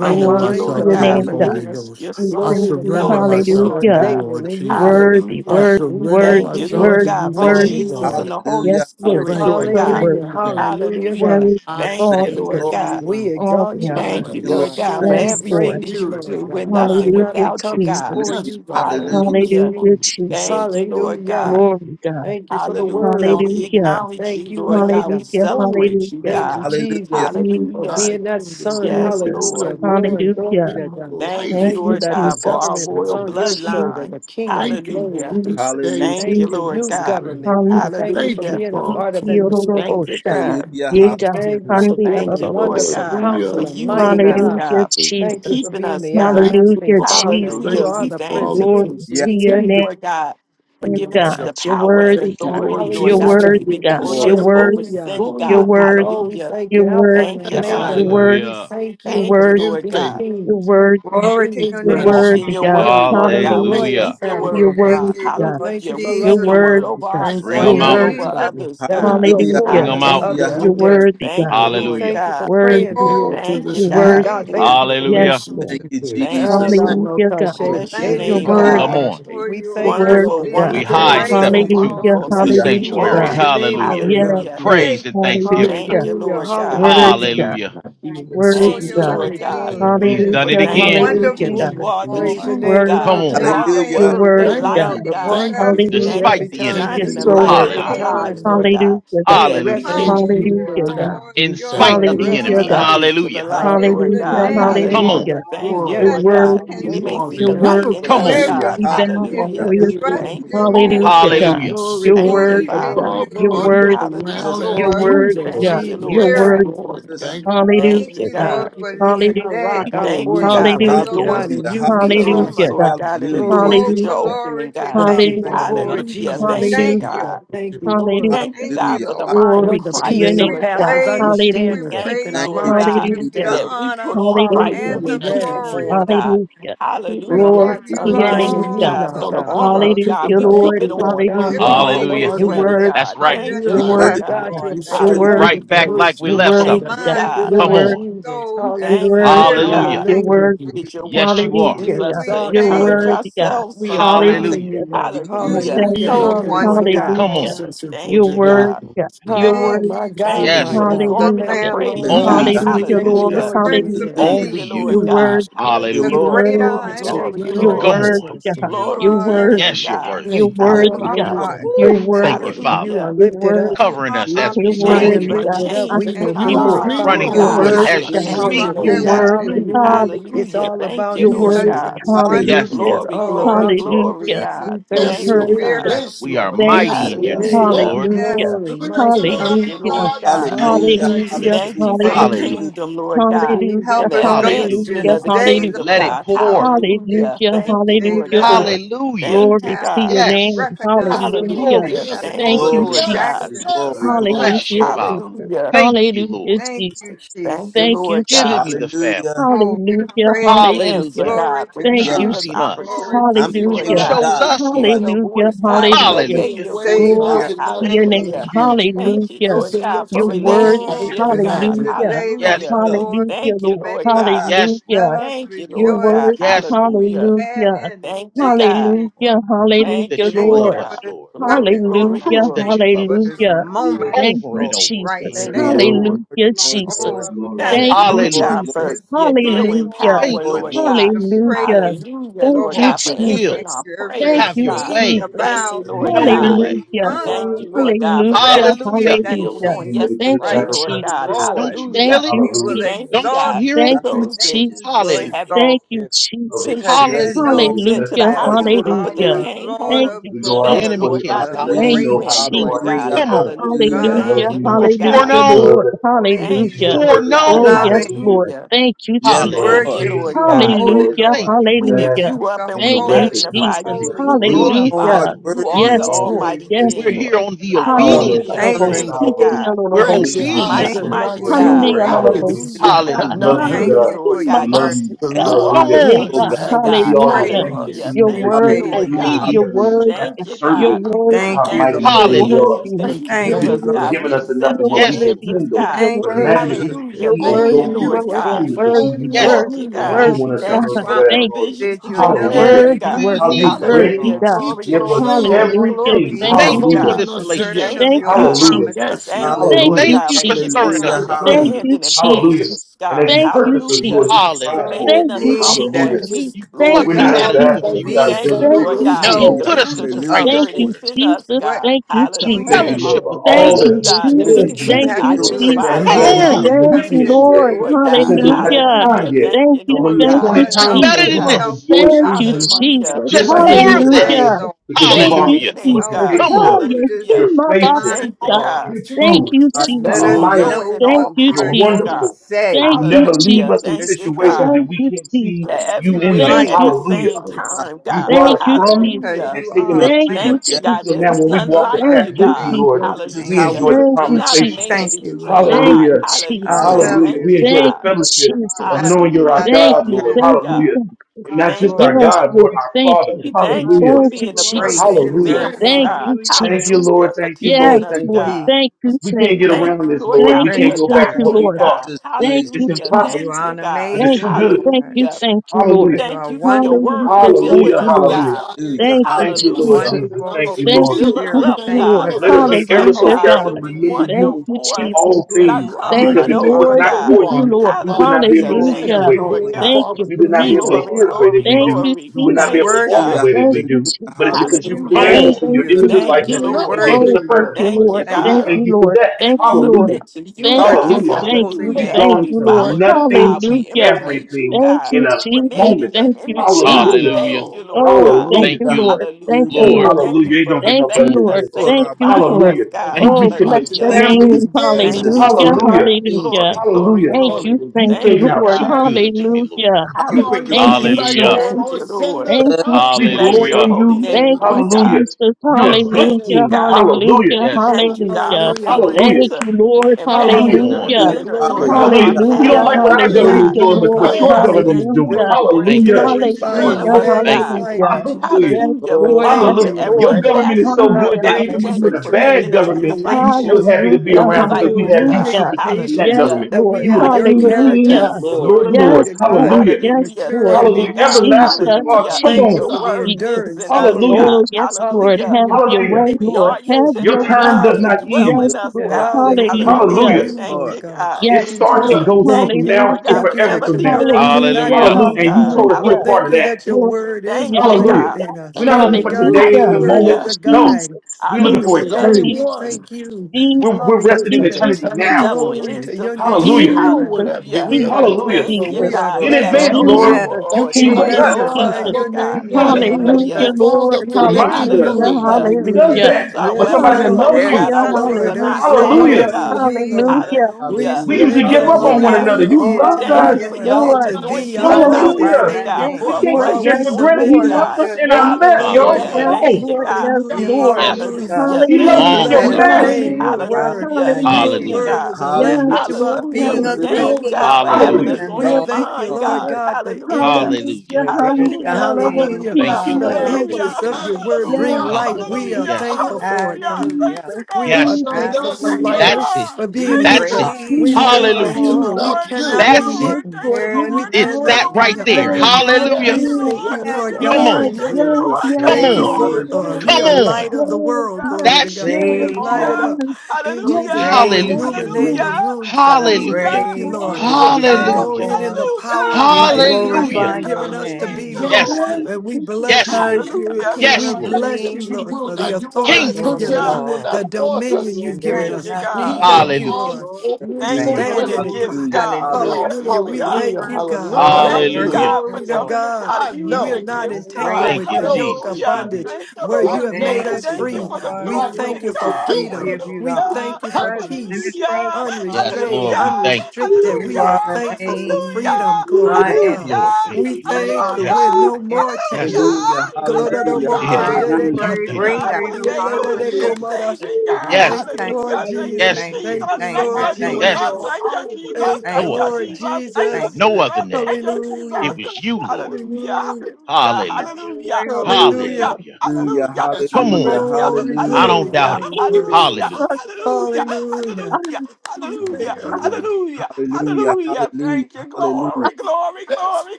Our Thank you, Glory minds to Lord myself are your to you, God, name, for Hallelujah. God. resolute. Holy making us your Ghost. We I sons thank Glory and to you. surrender God. daughters, We myself are Lord to Hallelujah. you, God. stable Lord in you, Lord. Jesus. Lord. Worthy, I Hallelujah. worthy, We Lord. surrender worthy, thank Thank you, you, myself Lord to worthy, Jesus. you, God, for worthy. Father Jesus Hallelujah. God. and the Holy Yes, Hallelujah. Hallelujah. Lord. Spirit, You're Thank Lord you, so God. thank Hallelujah. you, worthy. thank you. Hallelujah, Hallelujah. God. Worthy I of Thank Thank you, all you, the surrender Lord to Lord. Thank praise. God. you We in All the We exalt honor. you, thank Lord you, body, you, Lord. Lord God. God, Thank for We Yes, soul, Lord. everything praise that you, you spirit, Lord do. and We're God. nothing mind. Hallelujah, Nothing without you, comes God. before Jesus. you. Yes, you, Lord Father. Hallelujah. God. Yes, Hallelujah. Hallelujah, Mm-mm. Father. Jesus. Yes, Thank you, Lord Hallelujah. God. God. Glory, God. Thank you for the Our word. Hallelujah. Father We who Hallelujah. acknowledge Thank you, you, Lord Lord heaven, God. We God. Hallelujah, holy celebrate you, is hallelujah. Thank your Hallelujah. you, God. name. Hallelujah. Yes. Jesus, for Jesus, Hallelujah. Thy being that kingdom son. come. Yes, Jesus. Thy Lord. Hallelujah. will be Born, done Hallelujah. glory in to my God. Thank you, Thank life Thank you, you Lord that the God, for our Jesus. government was royal on your shoulder, bloodline. the Jesus, kingdom, Thank you, glory to Lord, Hallelujah. God. this Jesus, day Thank Hallelujah. you, Thank you, Lord new Jesus. we God. bring. government. Hallelujah. We thank you for Thank you, Hallelujah. being a Thank Father, part of for the you, your new. go- Lord. Thank son you, God. forgiving Hallelujah. We our Yeda, thank you Hallelujah. sins. for kandi, being a Thank you, Lord wonderful God, Lord. for Hallelujah, counselor, mighty using us, hallelujah, God. Hallelujah, God, for Thank hallelujah. you for Jesus. keeping being us, the God. Thank you, everlasting Hallelujah, Father. Father. You Hallelujah. Thank Jesus. are you, We the thank Prince Father, of Glory you, for Peace. Yes. to We your taking thank the name, Lord God, for you, giving Lord us God. God. worship. the You're power and worthy, Thank you, To God. be Lord authority, the You're Lord Jesus, wonderful God, to to Hallelujah. be be worthy, able God. to You're Lord. step victorious worthy. over Hallelujah. sin, rolling You're God. over worthy. Oh, we Hallelujah. thank You're you, Alpha and worthy, Thank you, God. as I Omega, God. You're am Lord. worthy. We Hallelujah. thank You're you, Thank you, God, worthy. for in Lord being God. faith, You're kings, worthy. Glory to kings, in your We You're name, priests. walk in gratitude. worthy, your Father. God. We are word, part Lord of the God. We Hallelujah. Thank royal you, speak Hallelujah. your thank Oh, family. You're you, word, God. thank worthy, God. you, We God. Lord thank you Hallelujah. for We You're speak Jesus, your loving on word worthy, over us, God. Thank Bring You're pouring them you, ourselves and out. on worthy. us, over thank Jesus, God, you, others, that we thank God. you, go Hallelujah. pour Bring Lord. Hallelujah. them into Thank out. Jesus. you, Hallelujah. others Hallelujah. Hallelujah. You're Lord. today. Thank worthy, you, God. Thank you, Lord. We Lord Hallelujah. thank you for God. Worthy, Thank praying you, God. for them. Oh, Lord, for we Thank you, this You're new God. worthy. God, praise your day thank you of for. name. Yes, Hallelujah. mercies Lord. Thank and you, We grace. Thank you, Jesus. Lord. Hallelujah, God. Oh, Jesus. Bless your thank Hallelujah. You're you, Thank name, you, worthy. Come God. Lord, on. for your You're thank you, mercy Wonderful, worthy, Lord. and We We God. your wonderful, thank high Lord, you, grace, step wonderful, Lord. strengthen us into Lord. Hallelujah. wonderful. this the That's who We you last Hallelujah, sanctuary. Sunday. are. bless God. You Thank your you name, for come to Hallelujah. Lord this Yes, Jesus. know God. Hallelujah. you Lord. Praise day. and now. thanksgiving. I Thank Hallelujah. Hallelujah. you, Thank you, Hallelujah. Lord Jesus. God. assure Glory. you, Worthy, Hallelujah. God. I'm Hallelujah. not being Thank the you, Oh, Worthy, Jesus. Thank Glory, you, citizens your God. I glory, Lord just God. glory. now. name He's is glory! done We're Bless it Hallelujah. your Hallelujah. again. thankful Hallelujah, Hallelujah, that wonderful, name. God. you Jesus. are the Praise your Lord. Hallelujah. truth, name, Holy Worthy, Come Lord God. art God. You on. Your Jesus. are thou. the You're Hallelujah. name word, the is Hallelujah. Getting worthy, it Thank light, out God. you. the God. park. Thank you, Jesus, Hallelujah. Father. Worthy Thank you Despite Hallelujah. Every to for the be Thank time. You're enemy. shining Jesus. praised. you, the so Your Lord. light worthy. in Every Worthy, our Thank Hallelujah. name. time, lives, worthy, you, Lord. Lord Lord. worthy. Hallelujah, God, God. is We are that we Hallelujah. Worthy resting Thank can is in powerful, the you, you. Lord Hallelujah, Lord our God. Thank God. Lord. God. In you. Your We spite Thank are of you. the Hallelujah, introduce enemy. name resting God. in others you. to Hallelujah. the Hallelujah. Hallelujah. light, Hallelujah. is Hallelujah. Lord the Hallelujah. Hallelujah, God. Hallelujah. You Come are Labor. the name on. hallelujah. Hallelujah. We Thank you, Your yet that world. Lord Hallelujah. rest word, God, in that can they you, You Hallelujah. may are glory see to the your the God. light word, in Come do us, on. universe. Thank you, Hallelujah. God. we Hallelujah. Hallelujah. bow everything Jesus. You if are the before Hallelujah. your Hallelujah. we creator throne. trust Thank of Hallelujah. you, in Lord. all you Hallelujah, and God. Hallelujah. things Glory, Your Thank you, glory, word, believe God. in Father. glory, above, Your you. We glory. Thank under, word, you, thank Jesus. you, Jesus, around, Hallelujah. and your thank Lord, through word, the for Jesus, God. your you, Thank earth. you, Jesus. thank Your Lord Yes, Thank spirit. God. word, you for Lord, you, it, God. Jesus. thank you. Thank Thank you, hallelujah, you, Hallelujah. God. God. Lord, Thank you for for Lord. this being our day. rock, Hallelujah, We our thank you, Hallelujah, Thank fortress. God, for the Thank you, you, Father hallelujah, Lord, doors God. God. for In that you Hallelujah. this you've we Thank closed, hallelujah, trust. moment. Lord Hallelujah. God. you, God, and the Hallelujah. Glory. doors Oh, that you're Hallelujah, glory opening, to God. Thank God, you, Thank you Father, hallelujah, for that I it, can Jesus. Hallelujah. come and Jesus. Thank sit you, hallelujah, Thank and you. talk God. with Thank you, you. We Lord. thank you, hallelujah. Thank you, God, Hallelujah. for the Hall- Lord. mind Thank of Lord, Glory you the for to your Christ, peace laying name, of We Lord God. pastors God. praise you. We We understanding, my Hallelujah, thank keeping you, our praise Thank you, Lord you. We minds God, in give you, you the hallelujah, Jesus. Daddy. that we put honor on Christ hallelujah, and and burdens Hallelujah. the we at keep your him Yes. glory, feet. on, Lord. God. hallelujah, Keeping We our Glory to Hallelujah. give hearts, our you Even We your though mind thank name, you, in all you, God. sometimes, God, for Lord of the Father God. God, armor I our of pick Hallelujah, it God. We back Thank up keep Lord. you, it again, Lord on. Hallelujah. God, We're for Hallelujah. unreal, everything Hallelujah. always that Your exposing un, you ready, us, word, That's God. right. not imparted Thank you, your You're unto bringing Lord word, realizing us, us, worthy. God. it. God, to a Lord. You You're God. pla- Thank Your a still worthy. you. give word, wealthy me right back Hallelujah. like place. mercy we your and left word, The come Thank back. something. you, God. Thank mind, you, God. Your Come Lord word, on. Jesus. We soul, your and thank you, word, Hallelujah. Lord spirit. God. Hallelujah. God Hallelujah. Your Thank Thank Hallelujah. word, you. you. Jesus. that your Yes, you word Thank hallelujah, are. teaches We us you. God. to We exalt Your you, thank encourage Lord. you. word, God. ourselves We are sometimes. Thank praising Hallelujah. you, Hallelujah, you, Lord. God. I Jesus. You Hallelujah. Who thank do you Hallelujah. you, so Lord. want Thank me you, to Lord pray wonderful, Hallelujah. for God. Come Hallelujah. Lord. on. intercessor for Your Thank you, today? word, God. Holy God. Your Spirit? Oh, word, Thank my you, God, Thank you my Yes, for the Jesus, Lord. Hallelujah. God. the garment of Thank hallelujah. Lamb you, of Lord praise, God, Only God. you Use Hallelujah. Jesus. can me, Hallelujah, do Thank this, you, Lord. Holy the God. Hallelujah. Lord Spirit. Prince Hallelujah. of Jesus. Hallelujah. Thank Only you, you. You're Peace, Lord Use me God. worthy, God. today. You the You're Hallelujah. Hallelujah. Lord. great worthy, I Glory, I God. am. glory, Thank you, You're surrender Lord Come glory. on. myself worthy, Jesus. to God. you. You You're Glory to your are name, worthy. Yes, you're God. You're worthy. everything. Thank you. You You Thank are worthy, Thank are you, God. you. worthy to Hallelujah. Lord. our be Thank Thank Woo. You're you. praised. everything. you, worthy, Thank you, Lord. God. and Father. You are Hallelujah. You're lifted worthy. up. You Covering are us our Let as we You're We High your speak, thank you and worthy, for beginning. the light God. lifted up. I We shine. changes thank will in And our you, you use Lord. lives, me, glorify are running Lord your You're our Lord, through God. to Jesus, us worthy, end. name. How you're as you shine Lord. God. your You Jesus, speak, are changing us, You're glory. Lord. Hallelujah. Jesus. God. everything, worthy. Use me, Hallelujah. Jesus. Lord. It's Hallelujah. Hallelujah. all Thank about you, You're You're you, Lord Use such worthy. me. a God. Jesus. Use Hallelujah. me. Yes, Hallelujah. wonderful It's Lord. Glory, all glory, Lord, about you. glory, Hallelujah. Jesus, God. We You're thank Yes, Holy you. Thank It you, worthy, Lord. God. God. is. Spirit. Yes, We are Lord. Thank mighty you, Yes, in your Lord. yes, name, Man, Hallelujah. Lord. Lord. Yes, Hallelujah. glory, Glory to mighty King the of God. Thank you, Lamb of Hallelujah. Lord God. Kings. God. Mighty Oh, Hallelujah. God, you We Hallelujah. Hallelujah. are. Jesus, thank you for the thank Hallelujah. you. Hallelujah. Hallelujah. kingdom, Lord God, Hallelujah, and Help Jesus, the us go Jesus, through Hallelujah. advancement this hallelujah, of the Jesus. day, kingdom, Lord. Let hallelujah, it God. Help pour. us get Hallelujah. hallelujah, through this Thank you, day. Lord hallelujah, Let us. God. Lord. Hallelujah. Thank you, Glory have to God. your and name, Yes. recognize Yes, Lord. hallelujah. anything Glory Hallelujah. to that Yes, your name. is Thank a Thank you, Lord. you, Glory, Lord Yes, God. glory, Jesus. distraction to glory, yes, us this glory, yes, Bless you, Hallelujah, day, glory. Lord. Father. Lord. Jesus. Hallelujah. Thank Hallelujah, you, Lord, Thank you, Jesus. Thank you, Thank Jesus. you, Lord giving God. me Jesus. the family. Hallelujah. Oh, we Hallelujah, praise You answer, hallelujah. Hallelujah. glory God, to when you Thank Yeah. give you, God. us Choosing Jesus. us. Oh, Glory you to I'm opportunities, keep You stay Lord you, with Hallelujah, loving God. chose me, God. We us, How hear Lord. about your you? hallelujah, voice, one God. We and love me hallelujah. obey Hallelujah. in only your ways voice, that I Glory Savior. God. to cannot Hallelujah. Thank your even name. you, Hallelujah. imagine. Jesus. You Thank you, love Hallelujah. us Lord in God, ways for You're that we can worthy. Oh, even relationship, this is The God. imagine. the room Hallelujah. day shall that we Yes, Hallelujah. the Lord. go? Lord Hallelujah, Thank you, Lord. Lord *laughs* made. God. Yes, Lord. Let Hallelujah. us Thank you, You're Lord rejoice God. worthy. Yes, Lord. and Hallelujah. glad Hallelujah. in it. Thank you, Thank God. you, Lord. Hallelujah, Proof Thank hallelujah, you, that you Thank Lord you love Lord. for us, God. this Lord. Thank Glory, you, second, The Jesus. glory, Lord. Thank Hallelujah. proof you, glory. that Thank you Lord you love for Jesus. us, this Lord. Hallelujah. Hallelujah. moment, Thank you, Thank Over you, and Lord, Jesus. over right Jesus. again. Thank Thank you, you, now. oh, Lord, Lord. Lord. Thank you, And Hallelujah, my Lord. Lord, Thank soul Jesus. Lord, you, Oh, loves you, Lord, Lord. Lord. Thank Thank Thank you, Lord, hallelujah. you. you, Lord God, Hallelujah. for Lord, Jesus. Just your Lord, My praise healing soul Hallelujah. you, loves power, Thank you, you, Lord, Lord Lord. My Lord. God. the Jesus. praise Hallelujah. of Hallelujah, the Thank Lord Soul you, Lord. Have God, loves for your you, Lord. will. Thank answering Jesus. our you. Every Thank prayers, Have you, your God. knee shall way. We Thank Jesus. Hallelujah. you, bow Praise Lord you, No and Lord. God. every We delay. give Hallelujah. We you tongue thank honor. you, will Lord Hallelujah. God, for You are confess Hallelujah. those that you Hallelujah. majesty, that Lord. healed Hallelujah. We on came Jesus with a Thank gift yesterday, you, Christ Lord is sacrifice of God. praise Jesus. to Lord. Don't you, you Lord. Thank feel Hallelujah. it? you, We We will Hallelujah. thank Jesus. you, Don't you exalt God, hear him? for you. Thank you, The those that nations will Jesus. may Hallelujah. have exalt Thank you you, Of your been because Jesus. they greatness, Yes, Hallelujah. Lord. Lord. We know sent to the Hallelujah. Yes, testify, that Lord. you Yes, Lord. hospital, are but Lord. they Yes, Hallelujah. Hallelujah. the came Lord Thank Lord. home of you, We go Lords The out Jesus. better, enemy before the Lord can't earth God, the and than stop let when they them Thank us. Hallelujah. you, know great, how went, you Lord are Jesus. God. great toward Hallelujah. Come us on. Hallelujah. Hallelujah. that Thank love God, Hallelujah. you, We you, were Lord that miracle God. Hallelujah, you foreknown. love, Lord. that call according to Thank you, making, your Hallelujah. Lord purpose, God. Lord. Oh, Foreknown. yes, loving. Hallelujah. Lord. Hallelujah. Thank you, Yes, We Jesus. Hallelujah. Lord, as Thank you, you Lord. worship made us Lord you, sons, God. holy Lord, Hallelujah. Thank Lord, you, we We Lord. lift bask Hallelujah. you up the and in the we Thank you, rest that holy you of have magnify Jesus. given you. us, We holies. Lord, You alone glorify and Obedience, the are Hallelujah. you. Lord. peace You that comes are worthy the Thank Yes, you, along with Lord. Almighty Jesus. Yes, We're revelation King. here Lord. on and the the power of Hallelujah. that obedience of Hallelujah. rests you, honor Thank you, Hallelujah. Lord. and Thank Lord. inside you, of glory. us God. for We're the Thank you. mission that you God. Eyes have obedient, Mighty, Thank have sent us you Lord. mighty not for forth your on, God. seen, Lord. grace. We Hallelujah. ears do Hallelujah. Hallelujah. matter, have We God. Hallelujah. not love you, Thank Thank heard you, Hallelujah. God. you for Lord your We God. love mercy. you. the God. You love Come are the Hallelujah. Yea, on. that oh you God. God. solution, have We in We see God. all the store Hallelujah. praise for amazing you. Hallelujah. us. You're things We that Thank you you, have been praise worthy. Lord you. Hallelujah, doing, and God. we You're haven't even Obedience. hallelujah. worthy, scratched the Thank God. you, You're Mm. surface God. of We Thank worthy. how you, thank mighty you Lord. you for You're the really Hallelujah. are. answers worthy. that Thank you you, You You're give Thank thank you, just us, you, Lord. are God. worthy. thank giving We you. us enough of accept You're what your we Yes, can Lord. worthy. answers, handle. *laughs* You're God. But Thank you, imagine if worthy. we Jesus, could Jesus. Hallelujah. You're see and Thank Only you, go worthy. through you, the Lord Worthy. God. Father. fullness of who Worthy. Only you Yes, Worthy. are Thank Lord. you, you, and that Lord God. Oh, you We want Worthy, us to your thank you know Jesus. God. for you the as promise Thank you. Lord. provisions said that You you'll are you Uh, are never Hallelujah. all making, leave Thank Worthy, you, or God. we Holy How worthy, need, forsake you us, Spirit, Lord. worthy, Lord. for Hallelujah. ready God. to Glory, teaching, give us glory, training, glory, Hallelujah. And glory everything. to we your Thank and have Thank you, name, you to for Hallelujah. God. holding this us Jesus. learn relationship. together. Thank of you, Thank your you, God. Hallelujah. promises. Jesus. Yes, Thank you, Know Lord. Thank Lord Hallelujah. you, hallelujah, Thank God, you for for that you giving us stirring Jesus. hallelujah, us We're promise up. us Thank sons. you, hallelujah, understanding and Hallelujah. Jesus. patience, And as God. you Thank you, purchase us, Hallelujah. Lord, these you Jesus. For provide Son, Hallelujah. for us, making Thank us you, Lord. Lord things humble that and Hallelujah. Jesus. Jesus, You meek, we Thank Lord We're plucked us you, not God. out of have the Father, to Jesus. thank ambassadors We you without for confusion a thank believe you, government, Thank and sending Lord Lord, your but you, we and God, you walk that know spirit. the in put Jesus. us fruit of peace. the into of righteous hallelujah. Thank Spirit you, is order in us, Jesus. what God. Thank you, and to who We Jesus. thank you Thank you, Hallelujah. you, are. Lord, fellowship for with Lord, We for one Thank all Thank another. you, you, putting that me God, to that you we this Jesus. can can All you do Thank be Thank have kingdom to you, you, do Lord. worship, is that to Jesus. identified Thank we Come this say you, by haven't it and our on. Lord. it even kingdom Thank comes you, witnessed thinking, fruit, into yet to Lord. this Lord God. because existence, kingdom it's not man. the Lord. Hallelujah. Hallelujah. time yet. Thank Thank you, But you, Oh when Lord the It thank God. you, appointed Lord, doesn't get time help, Thank better you, comes, we're than Jesus. going to God. help, this. rejoice Give Thank help in you, me us you my Thank Hallelujah. Jesus. you, just Just arrogance, like through we're Thank Lord. this more you, of that doing Jesus. right God. day, Hallelujah. this. now Lord. I because was we've Thank Glory to you, already your Hallelujah. teaching seen what name, you're something. Help Jesus. God. us Come capable Oh, of. through on. yes, this You're Hallelujah. King of us, faithful. time, Thank you, God. All Lord. I God. was You're teaching Thank true. was you, this. You're Jesus. Let You're all us Hallelujah. mighty. know knowing and Thank all what you, You're words powerful, to God. Jesus. wonderful. say Thank You you, never leave Hallelujah. us in the Thank Jesus. you, situations truth, God. that Thank we you, can't see You're Jesus. you the in Ah, them. everywhere Thank light, at you, the Hallelujah. same Jesus. ah, time, You Thank God. brought ah. us you, from because Jesus. and Hallelujah. you taken Yes, are us a Thank to. you, Lord. lamp Thank you, Yes, And God. so Lord. There's now Jesus. when we none walk the on like my path Thank you, you, with you, God. feet. Lord, Jesus. This is we Thank how we you, Hallelujah. enjoy love. the Thank You're you, not a Jesus. conversation. man Jesus. Thank that you, you could Lord. Thank lie. you, Hallelujah. I Jesus. Hallelujah. love Hallelujah. Hallelujah. Thank you, We you, enjoy Lord. Thank the God. you, fellowship of I, Hallelujah. Jesus. knowing you're our Hallelujah. I Thank Hallelujah. God, Thank you, you, Lord. Glory. Lord thank you, God. Hallelujah. thank you. And not just Thank you, our glory, Hallelujah. Yes, God. God, Lord, Lord, Glory. our thank Father. you. We thank you Hallelujah. for Thank Hallelujah. you, being the Glory. Jesus. perfect grace, Thank and you, Hallelujah. Father. example, mercy. Thank Grandson, God. you, Hallelujah. Thank you, Jesus. Lord. Hallelujah. For Thank you, Yes, Thank Lord. teaching us, you, Thank Lord. you. God. Jesus. Thank all you, We thank can't get you. Thank around you, this, Lord You Lord. God, Thank We for praise you, can't your go thank back you. to you, what doctrine, we Lord. God. thought. Jesus, Thank It's, Jesus, it's you, Hallelujah. Jesus. Jesus. impossible. You Thank are you, an God. It is Thank too amazing you, good. thank Lord. you, Hallelujah. thank you, Lord. Hallelujah. You Thank are you for your wonderful. Hallelujah. word the God. Thank filling Hallelujah. you, us, Lord. place Hallelujah. that God. I Hallelujah. Thank looked you, at Thank Hallelujah. You you, are my Lord son Hallelujah. Jesus. Jesus. when I wonderful, Thank was a you, Holy Thank Lord. you, Fill kid us thank out Spirit. up, there in you, the Thank God. Lord. you. world Let us Fill doing us be ever up, sneaker so Hallelujah, God, stuff. Holy careful God. to till we remember is want Thank no you you, in more. all Jesus. who Let our things, you cup For are. Thank Mm. because run You you, if being it was a over, are Lord. the not real Thank God. for holy. you, father, you, Lord. in we my would father. not be able Hallelujah. to see Holy Thank Thank the you of you, Hallelujah. way for that Lord we being a do. holies. God. Thank father Lord. you, We to would not be Thank me, able to Jesus. Glory, hear you, Lord. the way God. that glory, we Thank do. you, glory. We would We not be Thank able Jesus. to you, walk the worship God. Hallelujah. way that Thank we you. Hallelujah. you, do. But it's Jesus. because you We Hallelujah. Come Hallelujah. created Hallelujah. Thank us worship on. in you, Thank your you Hallelujah. you. for image and not Thank you, likeness Jesus. giving We up and Lord. on gave us worship Oh, me, a thank you, Lord. purpose. you, Lord. Thank you, Lord. And so Thank we God. Thank you, Hallelujah. thank you, you for Lord. Lord. that. Thank We you, Lord. Hallelujah. submit to We you, Thank praise Thank you, God. you, Hallelujah. your Father. thank holy you, Thank We've name. you, Hallelujah. thank gone Father. We you, from Lord. follow Thank you. you, nothing God. to We Hallelujah. Jesus. imitate you, everything Thank God. in you, a We're Thank you. Jesus. made in moment. your Thank Thank you. you, image, Thank God. Hallelujah. Jesus. Hallelujah. Thank you, you Lord Oh, God. thank Hallelujah. Thank you, Hallelujah. you, Lord. Thank you, Hallelujah. Hallelujah. Oh, We Lord. Lord. thank you hallelujah. It for don't get Thank no Come you, better on. perfecting than Lord. this. us, Oh, Thank Rabbi, you, sanctifying Lord. Hallelujah. us, Thank God. you You Thank you, Oh, for bless Father. reconnect watching your Hallelujah. over me family. Jesus, name. again, Thank Jesus, you, Holy Hallelujah. Lord Jesus, Spirit. Hallelujah. God. Hallelujah. Jesus. Glory, glory, Hallelujah. Thank Thank glory. you. you, You Thank Lord. you, Thank straighten You've you, been out Lord. too God. past. good to me, Lord. Hallelujah. You You are bring your Thank Hallelujah. peace Hallelujah. you, in Hallelujah. disciples, Jesus. Thank storm. Lord. you, Send Lord. us Thank you, out, We Jesus. Bless glory your Hallelujah. in your holy you. name, Thank kingdom you, Lord disciples. God. Hallelujah. Jesus. You're a Yes, It good Lord. Thank says- you, Hallelujah. king. God. Hallelujah. Hallelujah. We The Yes, thank Lord. you, Bible God, Hallelujah. for says, Hallelujah. pouring Hallelujah. Thank into you, you Lord. take Come Hallelujah. on. Ambassador Hallelujah. Hallelujah. Hallelujah. the Leonard, Glory, Lord God, kingdom glory, our Hallelujah. Hallelujah. of We don't Hallelujah. glory. like pastor, God what our Lord Hallelujah. is government God. Thank is you Hallelujah, doing, for at but what Lord. Father glory. your God, hand. we Glory, government is thank you doing. for They're Hallelujah. pouring Thank you, Hallelujah. into each Jesus. one glorifying glory, you, of Hallelujah, Yes. us, Thank God. you, Woo! magnifying hallelujah. Lord. you, Thank Jesus. Hallelujah. Yes, you. Hallelujah. I We glory, Lord, glory, thank thank you yes, for you, Hallelujah. every Your Lord. Lord. Thank government you. is Thank so ambassador, glory, I good Lord Hallelujah, that God. We praise even you when thank for you're you in a for bad making treatment us to the government, you still Galatians disciples, happy to hallelujah, be that your you're around because we doing disciples, the you. have you make God. Yes, hallelujah. Lord. superseding that patience Yes, Hallelujah. government. that we Lord, You are the have your King of Hallelujah. character. glory, Kings, Thank hallelujah. the you, Yes. Lord. Lord of Lord Glory God. Yes, Lords. to God, Lord, Hallelujah. yes, Hallelujah. Lord. maturing Thank you, Hallelujah. in you, God. Lord Everlasting God. Hallelujah Jesus, to Father. the Hallelujah. Come Thank Lamb you of Your on. Jesus, for the God. word Jesus. lives endurance. in us, Glory to Hallelujah. God. Oh, God. yes, Lord, Hallelujah. have Hallelujah. your Hallelujah. way, Thank you We Lord, for are your have hope, Your your temple, term God. way. does You not confidence. dwell end. Yes, in Yes, us, And Lord, Lord. God. Yes, hallelujah Lord. hallelujah. in Hallelujah. you, Hallelujah. Yes, Thank Lord Lord. you, God. God. It Yes, Thank you, starts and Lord, Hallelujah. goes Jesus. on Thank from you, now Lord to God, hallelujah, Thank for you forever never that from your now. leaving or word will not hallelujah, forsaking go Hallelujah. us, Hallelujah. out And you God. void. told us hallelujah. we're a part Thank of you Hallelujah. that that. your Glory to word is your Thank you, Thank pouring you. name, Hallelujah. God. within God. us. We're not Thank Thank you, looking you, for Lord. God, Thank that today's your and Hallelujah. the you, Lord. word is Woo! the Hallelujah. moments. No. guide. Jesus, We're looking There Holy for was Jesus, Hallelujah. only Spirit, eternity. we Jesus, one thank you. Jesus, We're, we're resting in person Hallelujah. that Jesus, eternity The Jesus, turned now. devil Jesus, towards Glory is you, to your name, defeated. Hallelujah. Lord still God. would Jesus, have Hallelujah. given We up. are the Hallelujah. Thank grateful. you, We Yes, are God. In Lord. He has Thank blessing Oh, advance, you no you, for Lord, Jesus, power yes. Lord. Jesus, you or Left the came We're your to life. authority Jesus, us. over 99 to magnifying Jesus. us, Jesus. your go get the God. You name, came Lord. to Thank one. Jesus. you for us, Thank Hallelujah. Hallelujah. you, Hallelujah, your Father, eternal Lord. for We're life. Jesus. looking reminded lifting Hallelujah, for us. you up. me Hallelujah. Who We does Hallelujah. hallelujah. use that? Jesus. our But or Yes, somebody that weapons, pulling my Lord. loves Lord There's God. you. coat, Yes, Hallelujah, Our as you something weapons are Lord. used And to about we the not say. hallelujah, say carnal, Hallelujah. name Lord. yes of to God. Hallelujah. you, Lord. Jesus. Hallelujah. We Hallelujah. We Hallelujah. usually Yes, give surrender, Thank up Oh, you, on Lord. one Hallelujah. God. another. yes, hallelujah, Yes, it You all We Lord. is. to loved Yes, Oh, thank you, you us. for yes, Lord, it your all is. For Lord. to not There's thee, anointing our Yes, stopping something blessed power, about Hallelujah. Lord. Lord that Savior. God, Yes, or We for a name. can't Lord. pulling Oh, take fresh my this Yes, we for coat, granted. He anointing, Lord. surrender. loved God. us Jesus. in Yes, our Thank you, whispering mess, in Lord y'all. my Lord. Hallelujah. Come Hallelujah. God. Jesus. Yes, ear, Thank We, on. you, Lord. God. Yes, hallelujah, guiding me Lord. in Yes, Jesus. my Lord. hallelujah. sin. Hallelujah. He We loves Thank you you, in I Long Hallelujah. bless your Lord me, your There's what suffering. God. mess. name, you your something did. Hallelujah. about word. You Hallelujah. the to Your Thank name you, Hallelujah. Hallelujah. me word in God. is a lamp Yes, unto frustration. our Hallelujah. Lord. feet Yes, Hallelujah. King and We a of light thank Hallelujah. Still Lord. you, unto Kings looking God, our for up. Yes, path. having Hallelujah. Hallelujah. us and on We Lord. your Great Lord thank Yes, you, mind, of Lord God. Lord. God, the Hallelujah. entrance. Hallelujah. Hallelujah. Lords. There's Hallelujah. Hallelujah. something Hallelujah. Hallelujah. Thank you, mercy, about The Lord. that goodness, Hallelujah. entrance of name. your word kindness, bring Hallelujah. Yes, Jesus. love. light. Lord. We Hallelujah. Yes, are Hallelujah. Yes, thankful Lord. Lord. for it, Hallelujah. God. Thank Hallelujah, you, Jesus. We You God. are Yes, Jesus. loved Lord. thankful for us Thank you, hallelujah. Jesus. light, That's it. first. God. for being We Thank you, That's Jesus, hidden. it. God. We praise sit Taught you, Jesus, on a us Thank to Hallelujah. you, hill. We Lord. Jesus. love Lord. Thank you. cannot you, Yes, be That's it. Lord. hidden. Thank Lord, you, There is yes, We Lord. Thank It's you, Lord. that nothing cannot be Lord. right Thank there. you, Yes, else hallelujah. Lord. Lord, Thank Hallelujah. We you, Yes, yes. thank Lord. you, Thank that yes, you, Lord Yes, Come we God, yes. Lord. for on. can Thank your you, do word. but Lord. yes, Thank Come you, yes, Thank you on. yes, for praise Lord. Hallelujah. it, Lord. yes. you, We Come You are Lord. on. light of are. the Yes, world. yes, Glory to That's yes, God. it. We are Praise you, lighted Hallelujah. up yes. in Yes, Jesus' You Hallelujah. name. are. praise yes, Hallelujah. Illuminate yes. Hallelujah. the you, It's not rooms, God. Oh, anything We yes, Hallelujah. Hallelujah. thank that you, you yes, praise Lord. are yes, you, not. Hallelujah. We yes. go Hallelujah. in in the Hallelujah. Lord. power Yes, and We Hallelujah. There might yes, is of who Thank not you Hallelujah. you, glorify have yes, your given anything God. us that yes. to you Thank be, name. Lord. you, Yes, cannot. Lord. Lord. And Yes, we yes, yes, yes. Yes, yes, yes, bless Yes, you Because Lord. for it, you're God. Hallelujah. yes. There King We Yes, of are Lord. things bless you, that you Lord, Kings will for the not. You will and authority not you've Kingdom. Lord push of given us. Hallelujah. us, You will Lords, the not force Glory, dominion us. you've glory, and You there given is Thank glory. us. just you, We God. keep your thank nothing you, Hallelujah. Lord. arms Lord, thank the open We you Thank Hallelujah. for for you same. your for stand your us in it, glory. gifts, God. Hallelujah. God. Hallelujah. Oh, Hallelujah. Thank Hallelujah. you We for Hallelujah. your hallelujah, thank you, presence. God. hallelujah, Oh, Thank you, Hallelujah. hallelujah. Hallelujah. God, merciful for Glory to Lord. telling us God. how to I use We're your know, Hallelujah. not Oh, gifts, Glory to God. entangled I God. praise Thank with you, the your know name. what yoke you of Jesus. can Hallelujah. Pres- do. bondage Thank you, where We I you Presence, Lord. have the know made thank what us presence you, you've Thank of you free. done. for the God. Lord. We I know thank blueprint, you Hallelujah. what for you're God. We freedom. give doing. you the Hallelujah. We In his thank you for presence, Hallelujah, in peace, his Hallelujah. presence. Hallelujah. Yes, hallelujah, Hallelujah. unrestrained, Lord, we hallelujah. Hallelujah. thank you. honor. unrestricted. You We are are the thankful for name Thank freedom. Hallelujah. you, Glory thank to I you. am. Woo, God. Lord, Hallelujah. thank We you, You thank Jesus. you. are the Yes, We're Hallelujah. no I Lord. am. more Yes, tangled. Lord. I Hallelujah, Hallelujah. don't know what you're Praise You Him, hallelujah, You did doing, it, Hallelujah. are praise the Lord. Him, hallelujah, You Thank praise you, did Him, but it, I great God, I am. Lord. for praise know the him. whatever it neighborhoods you're Hallelujah. is that saving, you're God. We doing, just Yes, Thank you, Lord. thank Yes, Lord Hallelujah. Thank you, you, Hallelujah. Jesus. Yes, thank Lord. you, Thank Jesus. it's you, for thank Thank you, Lord you, my Have your thank good, way, it's Jesus. Yes, you, Lord. Lord. yes, for Jesus. Lord. Thank yes, you, our yes. good. Jesus. Thank you, Thank No Thank you, you, other Lord name. Jesus. Amen. Amen. Thank you, thank Jesus. you. No other Jesus. name. Thank you, Hallelujah. It Jesus. was you, Lord. Hallelujah. Hallelujah. Hallelujah. Have Hallelujah. your Hallelujah. way, Holy Spirit. Hallelujah. Hallelujah. Hallelujah. hallelujah, Hallelujah. As for Come bread, on. Hallelujah. you Glory, I hallelujah, don't glory, doubt Hallelujah. it. Hallelujah. glory, don't give glory. us a Hallelujah. Hallelujah. lot. Hallelujah. Hallelujah. You- Hallelujah. Thank you, Amen. Hallelujah. Lord. Hallelujah. hallelujah, Amen. Amen. Hallelujah. Thank hallelujah, you. hallelujah, Glory, glory, That's, glory, glory,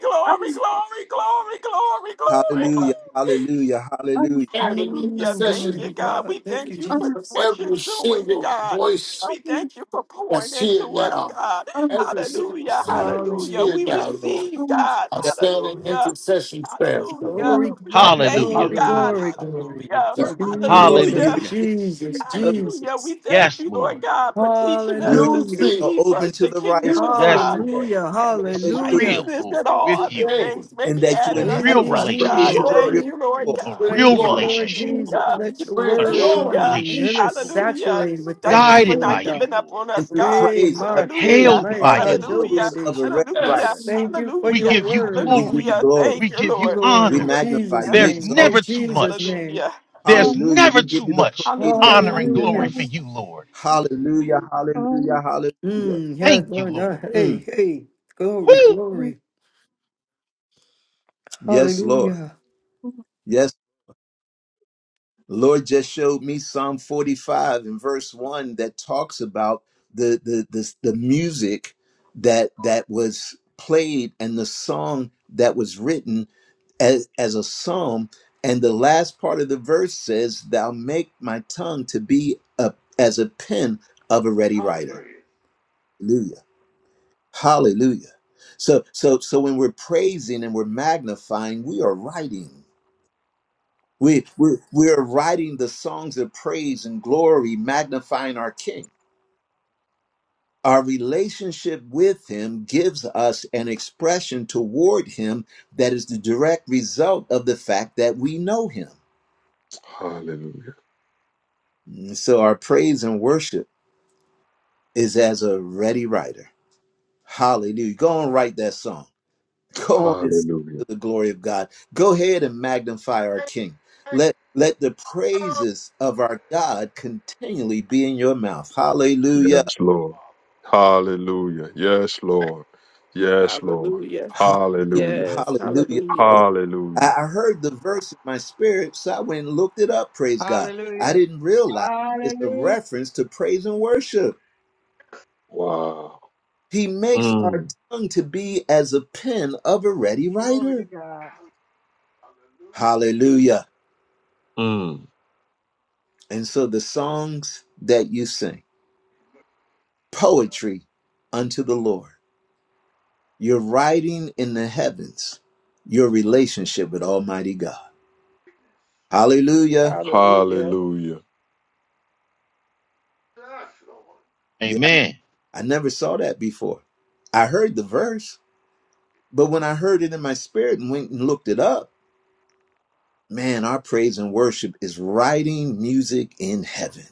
glory, that's glory, glory, hallelujah, glory, what i hallelujah, glory. hallelujah, hallelujah. in Hallelujah. Mm, Thank glory the you, to God. God. We Thank you, thank you Amen. for Amen. Jesus. what you're every doing, single God. voice We thank you for pouring that's here into us, now, God. every single Hallelujah. soul that's Hallelujah. Hallelujah. here We now, Lord. receive, God. I Yes, stand in Hallelujah. intercession prayer for you. Hallelujah. Glory, We glory, obey you, Hallelujah. glory, God. Hallelujah. glory, glory. Hallelujah. Hallelujah. we thank Thank you, you, Lord. Jesus. You Jesus, Hallelujah. Hallelujah. receive Jesus, them. Thank you. Hallelujah. We Jesus. thank Yes, you, Lord. Lord God, for teaching us Your to Use Hallelujah. ears seek me. are ye open first to the the kingdom righteous. of Use me Yes, God today. Lord. Hallelujah. and This his is Hallelujah. Hallelujah. real, righteousness Use and Lord, me all with other you, Lord. today. things may And be that you A added inhabit It real unto the is us, you, Bring God. relationship, praises Lord of your God. glory. Thank Lord. you, Lord people. A God. Bring real Thank you, glory. Lord relationship, Jesus. Lord. Hallelujah. Let your Bring A word, true glory. Hallelujah. hallelujah, let relationship, it Lord. Hallelujah. saturate within Thank you us, for Guided by Lord not God. you, giving up Lord. on And us, through God. We praise are, ma ke Hallelujah. Hailed ma by are you, as kando Lord. those Hallelujah. of a kedeshi. ready Hallelujah. writer. Yes. Thank you for We Hallelujah. your give you word, We give glory. you Hallelujah. glory. Thank We you, give you Lord. Lord, We honor. in magnify Jesus' Hallelujah. you. We There's name, in exalt never you. too Jesus' much. name. Hallelujah. There's Hallelujah. We never give too you the much praise that is honor Hallelujah. due and your glory name. Hallelujah. for you, Lord. Hallelujah, hallelujah, hallelujah. Mm, yes, Thank you, Lord, uh, Lord. hey, Mm, hey, glory, Woo! glory. yes, Lord. Hallelujah. Yes, Lord just showed me Psalm 45 and verse 1 that talks about the the the, the music that that was played and the song that was written as as a psalm and the last part of the verse says thou make my tongue to be a, as a pen of a ready writer. Hallelujah. Hallelujah. Hallelujah. So so so when we're praising and we're magnifying, we are writing. We we're we're writing the songs of praise and glory, magnifying our King. Our relationship with him gives us an expression toward him that is the direct result of the fact that we know him. Hallelujah. And so our praise and worship is as a ready writer. Hallelujah. Go and write that song. Go on and sing Hallelujah. to the glory of God. Go ahead and magnify our King. Let let the praises of our God continually be in your mouth. Hallelujah. Yes, Lord. Hallelujah. Yes, Lord. Yes, Lord. Hallelujah. Hallelujah. Hallelujah. Yes. Hallelujah. Hallelujah. Hallelujah. I Hallelujah. I heard the verse in my spirit, so I went and looked it up. Praise God. I Hallelujah. didn't realize it's a Hallelujah. reference to praise and worship. Wow. He makes our Mm, tongue to be as a pen of a ready Glory to writer. God. Hallelujah. mm. And so the songs that you sing. poetry unto the Lord. You're writing in the heavens your relationship with Almighty God. Hallelujah. Hallelujah. Hallelujah. Yes, Lord. Yeah, Amen. I never saw that before. I heard the verse, but when I heard it in my spirit and went and looked it up, man, our praise and worship is writing music in heaven.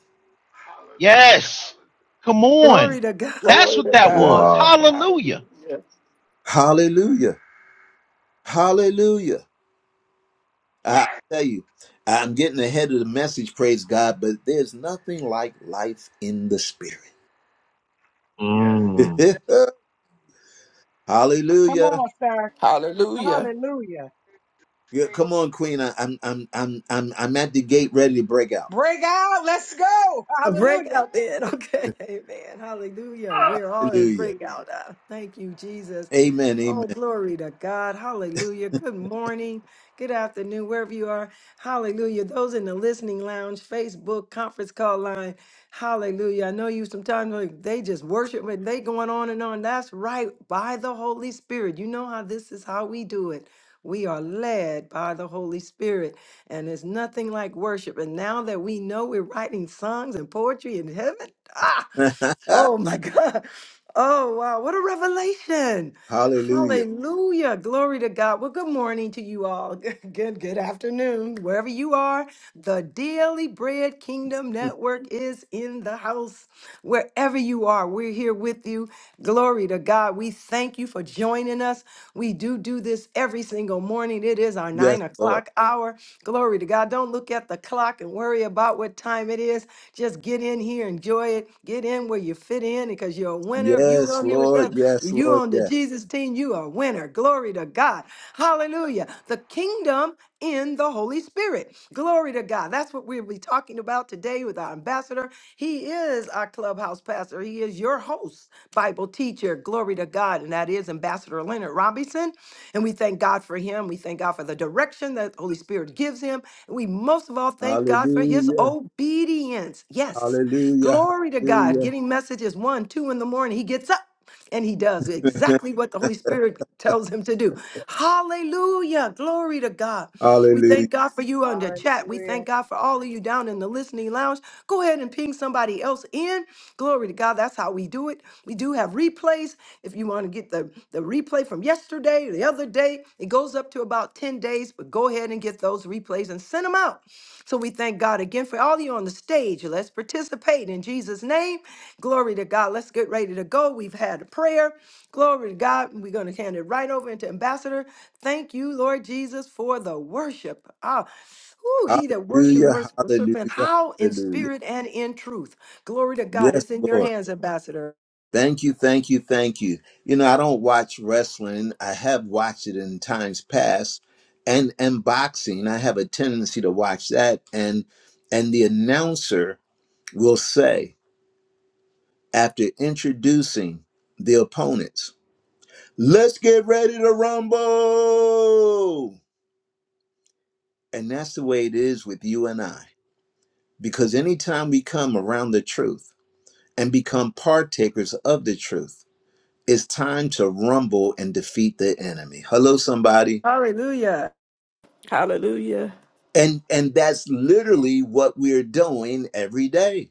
Hallelujah. Yes. Come on. Glory to God. That's Glory what to that was. God. Wow. Hallelujah. Hallelujah. Hallelujah. Hallelujah. I'll tell you, I'm getting ahead of the message, praise God, but there's nothing like life in the spirit. Mm. *laughs* Come Hallelujah. on, sir. Hallelujah. Hallelujah. Yeah, come on, Queen. I, I'm I'm I'm I'm I'm at the gate ready to break out. Break out. Let's go. A Hallelujah. breakout then. *laughs* Okay, amen. Hallelujah. We're all in a Hallelujah. breakout. Uh, thank you, Jesus. Amen. Oh, glory to God. Hallelujah. Good morning. Good afternoon, wherever you are. Hallelujah. Those in the listening lounge, Facebook, conference call line. Hallelujah. I know you sometimes like, they just worship and they going on and on. That's right. By the Holy Spirit. You know how this is how we do it. We are led by the Holy Spirit, and it's nothing like worship. And now that we know we're writing songs and poetry in heaven, ah, Amen. *laughs* oh my *laughs* God. Oh, wow. What a revelation. Hallelujah. Hallelujah. Glory to God. Well, good morning to you all. *laughs* Good, good afternoon, wherever you are. The Daily Bread Kingdom Network is in the house. Wherever you are, we're here with you. Glory to God. We thank you for joining us. We do do this every single morning. It is our Yes, nine Lord. o'clock hour. Glory to God. Don't look at the clock and worry about what time it is. Just get in here, enjoy it. Get in where you fit in because you're a winner. If you Yes, on here with Lord. us, Yes, if you Lord. on the Yes. Jesus team, you are a winner. Glory to God. Hallelujah. The kingdom in the Holy Spirit. Glory to God. That's what we'll be talking about today with our ambassador. He is our clubhouse pastor. He is your host, Bible teacher. Glory to God. And that is Ambassador Leonard Robinson. And we thank God for him. We thank God for the direction that the Holy Spirit gives him. And we most of all thank God for his Hallelujah. obedience. Yes. Hallelujah. Glory to God. Hallelujah. Getting messages one, two in the morning. He gets up and he does *laughs* exactly what the Holy Spirit tells him to do. Hallelujah. Glory to God. We Hallelujah. thank God for you on the chat. We Hallelujah. thank God for all of you down in the listening lounge. Go ahead and ping somebody else in. Glory to God. That's how we do it. We do have replays. If you want to get the, the replay from yesterday or the other day, it goes up to about 10 days, but go ahead and get those replays and send them out. So we thank God again for all of you on the stage. Let's participate in Jesus' name. Glory to God. Let's get ready to go. We've had a prayer. Glory to God. We're going to hand it right over into Ambassador. Thank you, Lord Jesus, for the worship. Ah, ooh, he that worships, Hallelujah. worships, worship, Hallelujah. how in Hallelujah. spirit and in truth. Glory to God. Yes, It's in Lord. your hands, Ambassador. Thank you, thank you, thank you. You know, I don't watch wrestling. I have watched it in times past, and and boxing. I have a tendency to watch that, and and the announcer will say after introducing the opponents, "Let's get ready to rumble," and that's the way it is with you and I. Because anytime we come around the truth and become partakers of the truth It's time to rumble and defeat the enemy. Hello, somebody. Hallelujah. Hallelujah. And and that's literally what we're doing every day.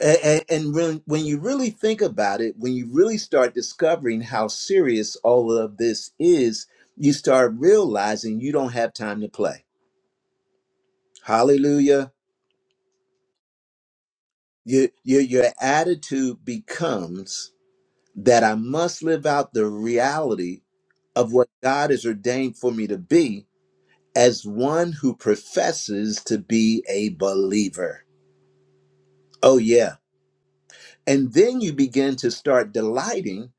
And, and when, when you really think about it, when you really start discovering how serious all of this is, you start realizing you don't have time to play. Hallelujah. Your, your, your attitude becomes that I must live out the reality of what God has ordained for me to be as one who professes to be a believer. Oh, yeah. And then you begin to start delighting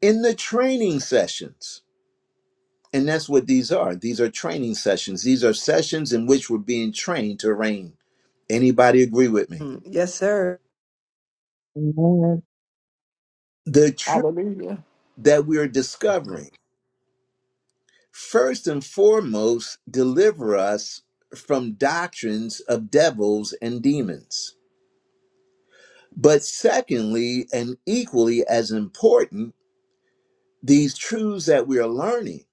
in the training sessions. And that's what these are. These are training sessions. These are sessions in which we're being trained to reign. Anybody agree with me? Mm, Yes, sir. The truth Hallelujah. that we are Hallelujah. discovering, first and foremost, deliver us from doctrines of devils and demons. But secondly, and equally as important, These truths that we are learning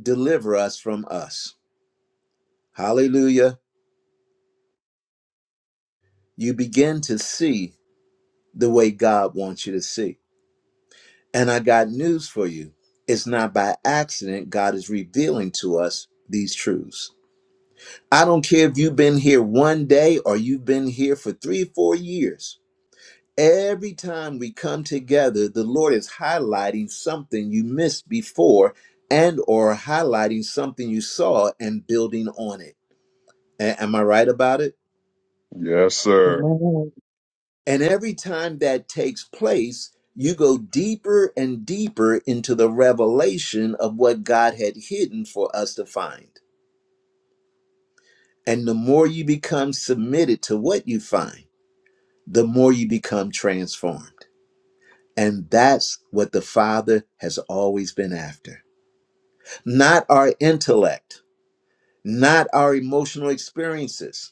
deliver us from us. Hallelujah. You begin to see the way God wants you to see. And I got news for you. It's not by accident God is revealing to us these truths. I don't care if you've been here one day or you've been here for three, four years. Every time we come together, the Lord is highlighting something you missed before and or highlighting something you saw and building on it. A- am I right about it? Yes, sir. And every time that takes place, you go deeper and deeper into the revelation of what God had hidden for us to find. And the more you become submitted to what you find, the more you become transformed. And that's what the Father has always been after. Not our intellect, not our emotional experiences.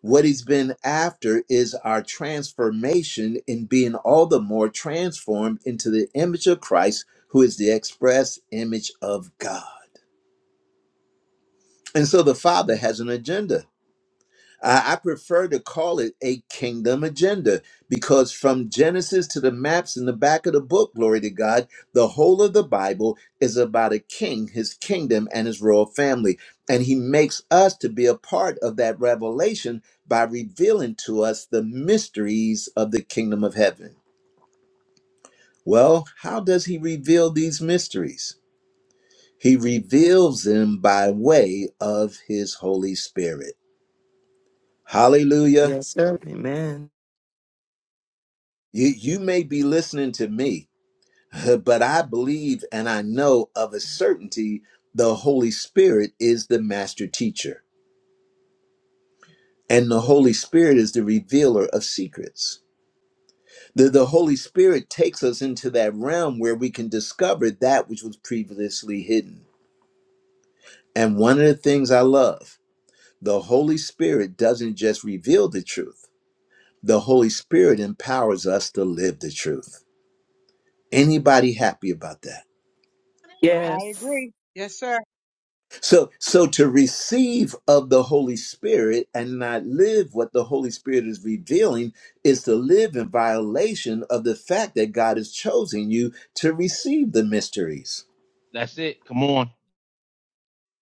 What he's been after is our transformation in being all the more transformed into the image of Christ, who is the express image of God. And so the Father has an agenda. I I prefer to call it a kingdom agenda because from Genesis to the maps in the back of the book, glory to God, the whole of the Bible is about a king, his kingdom, and his royal family. And he makes us to be a part of that revelation by revealing to us the mysteries of the kingdom of heaven. Well, how does he reveal these mysteries? He reveals them by way of his Holy Spirit. Hallelujah. Yes, sir. Amen. You, you may be listening to me, *laughs* but I believe and I know of a certainty the Holy Spirit is the master teacher, and the Holy Spirit is the revealer of secrets. The, the Holy Spirit takes us into that realm where we can discover that which was previously hidden. And one of the things I love, the Holy Spirit doesn't just reveal the truth, the Holy Spirit empowers us to live the truth. Anybody happy about that? I Yes. agree. Yes, sir. So, so to receive of the Holy Spirit and not live what the Holy Spirit is revealing is to live in violation of the fact that God has chosen you to receive the mysteries. That's it. Come on.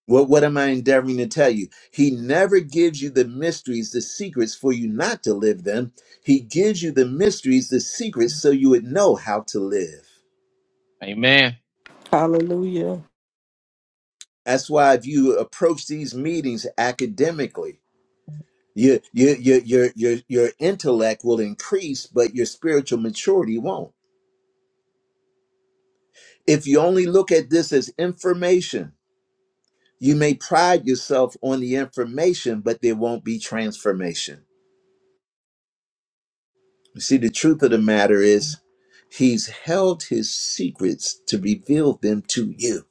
What, what am I endeavoring to tell you? He never gives you the mysteries, the secrets for you not to live them. He gives you the mysteries, the secrets, so you would know how to live. Amen. Hallelujah. That's why if you approach these meetings academically, Your your your your your your intellect will increase, but your spiritual maturity won't. If you only look at this as information, you may pride yourself on the information, but there won't be transformation. You see, the truth of the matter is, he's held his secrets to reveal them to you,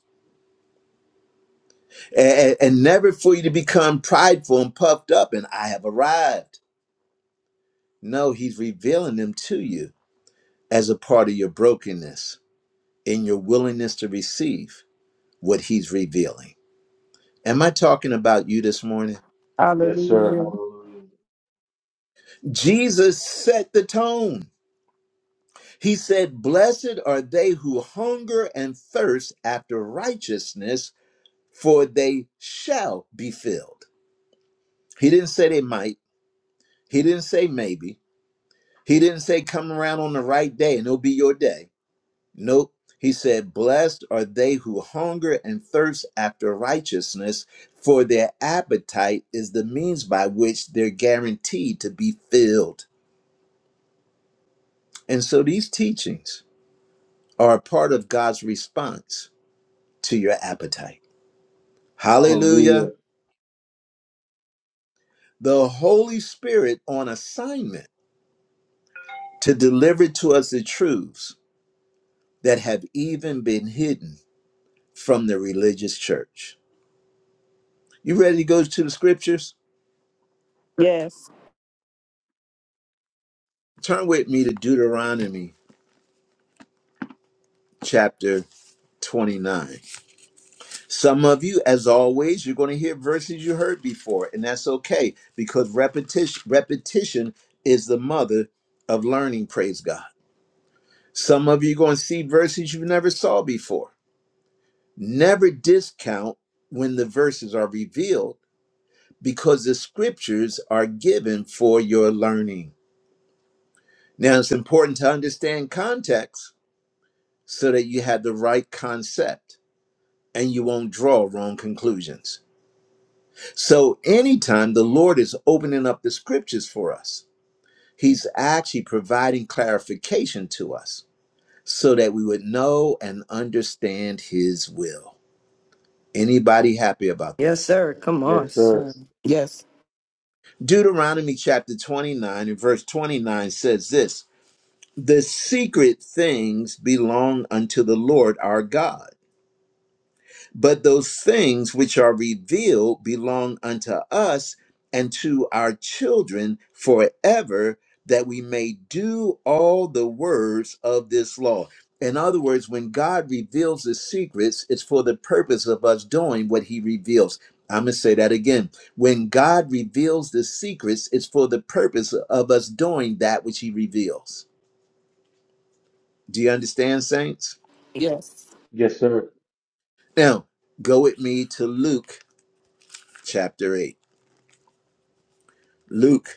and, and never for you to become prideful and puffed up. And I have arrived. No, he's revealing them to you as a part of your brokenness in your willingness to receive what he's revealing. Am I talking about you this morning? Yes, sir. Hallelujah. Hallelujah. Jesus set the tone. He said, Blessed are they who hunger and thirst after righteousness, for they shall be filled. He didn't say they might. He didn't say maybe. He didn't say come around on the right day and it'll be your day. Nope. He said, Blessed are they who hunger and thirst after righteousness, for their appetite is the means by which they're guaranteed to be filled. And so these teachings are a part of God's response to your appetite. Hallelujah. Hallelujah. The Holy Spirit on assignment to deliver to us the truths that have even been hidden from the religious church. You ready to go to the scriptures? Yes. Turn with me to Deuteronomy chapter 29. Some of you, as always, you're going to hear verses you heard before, and that's okay because repetition repetition is the mother of learning, praise God. Some of you are going to see verses you never saw before. Never discount when the verses are revealed because the scriptures are given for your learning. Now, it's important to understand context so that you have the right concept and you won't draw wrong conclusions. So anytime the Lord is opening up the scriptures for us, he's actually providing clarification to us so that we would know and understand his will. Anybody happy about that? Yes, sir. Come on, Yes, sir. sir. Yes. Deuteronomy chapter 29 and verse 29 says this, "The secret things belong unto the Lord our God." But those things which are revealed belong unto us and to our children forever, that we may do all the words of this law. In other words, when God reveals the secrets, it's for the purpose of us doing what he reveals. I'm going to say that again. When God reveals the secrets, it's for the purpose of us doing that which he reveals. Do you understand, saints? Yes. Yes, sir. Now, go with me to Luke chapter 8. Luke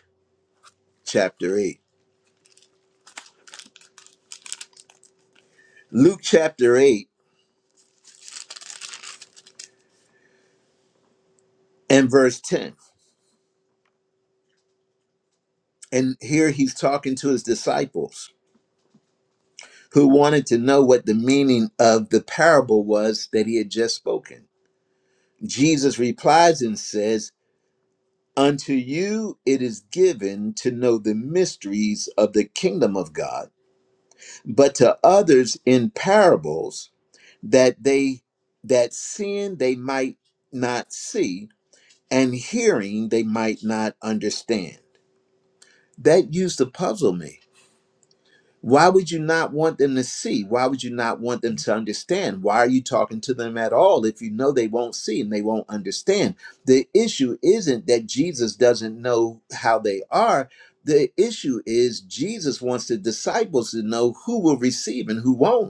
chapter 8. Luke chapter 8 and verse 10. And here he's talking to his disciples who wanted to know what the meaning of the parable was that he had just spoken. Jesus replies and says, Unto you it is given to know the mysteries of the kingdom of God, but to others in parables that they that seeing they might not see, and hearing they might not understand that used to puzzle me. Why would you not want them to see? Why would you not want them to understand? Why are you talking to them at all if you know they won't see and they won't understand? The issue isn't that Jesus doesn't know how they are. The issue is Jesus wants the disciples to know who will receive and who won't.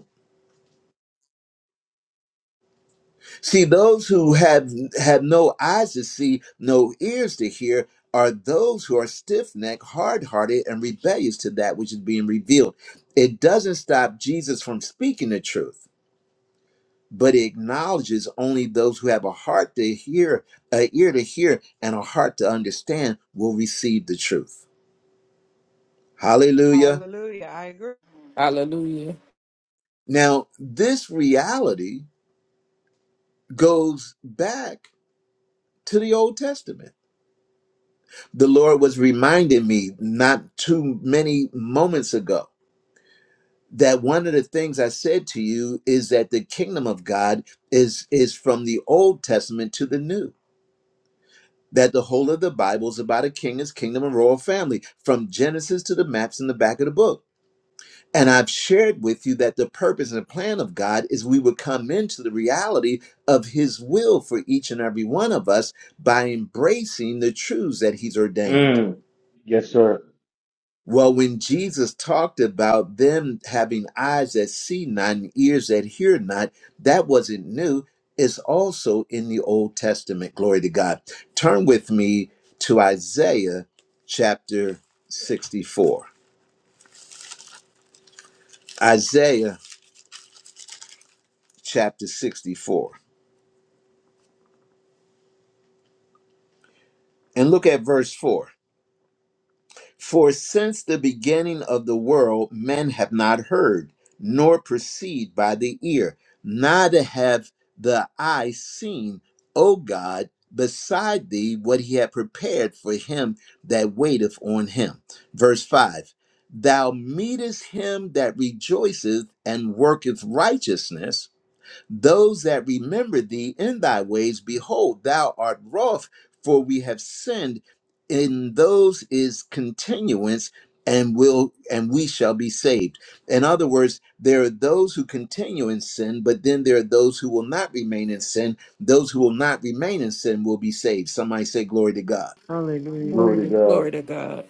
See, those who have have no eyes to see, no ears to hear, are those who are stiff necked, hard hearted, and rebellious to that which is being revealed. It doesn't stop Jesus from speaking the truth, but it acknowledges only those who have a heart to hear, a ear to hear, and a heart to understand will receive the truth. Hallelujah. Hallelujah. I agree. Hallelujah. Now, this reality goes back to the Old Testament the Lord was reminding me not too many moments ago that one of the things I said to you is that the kingdom of God is is from the Old Testament to the New. That the whole of the Bible is about a king, his kingdom, and royal family, from Genesis to the maps in the back of the book. And I've shared with you that the purpose and the plan of God is we would come into the reality of his will for each and every one of us by embracing the truths that he's ordained. Mm. Yes, sir. Well, when Jesus talked about them having eyes that see not and ears that hear not, that wasn't new. It's also in the Old Testament. Glory to God. Turn with me to Isaiah chapter 64. Isaiah chapter 64. And look at verse 4. For since the beginning of the world, men have not heard, nor perceived by the ear, neither have the eye seen, O God, beside thee, what he had prepared for him that waiteth on him. Verse 5 Thou meetest him that rejoiceth and worketh righteousness those that remember thee in thy ways, behold, thou art wroth, for we have sinned. In those is continuance, and will and we shall be saved. In other words, there are those who continue in sin, but then there are those who will not remain in sin. Those who will not remain in sin will be saved. Somebody say, Glory to God. Hallelujah. Glory Glory to to God. God. Glory to God.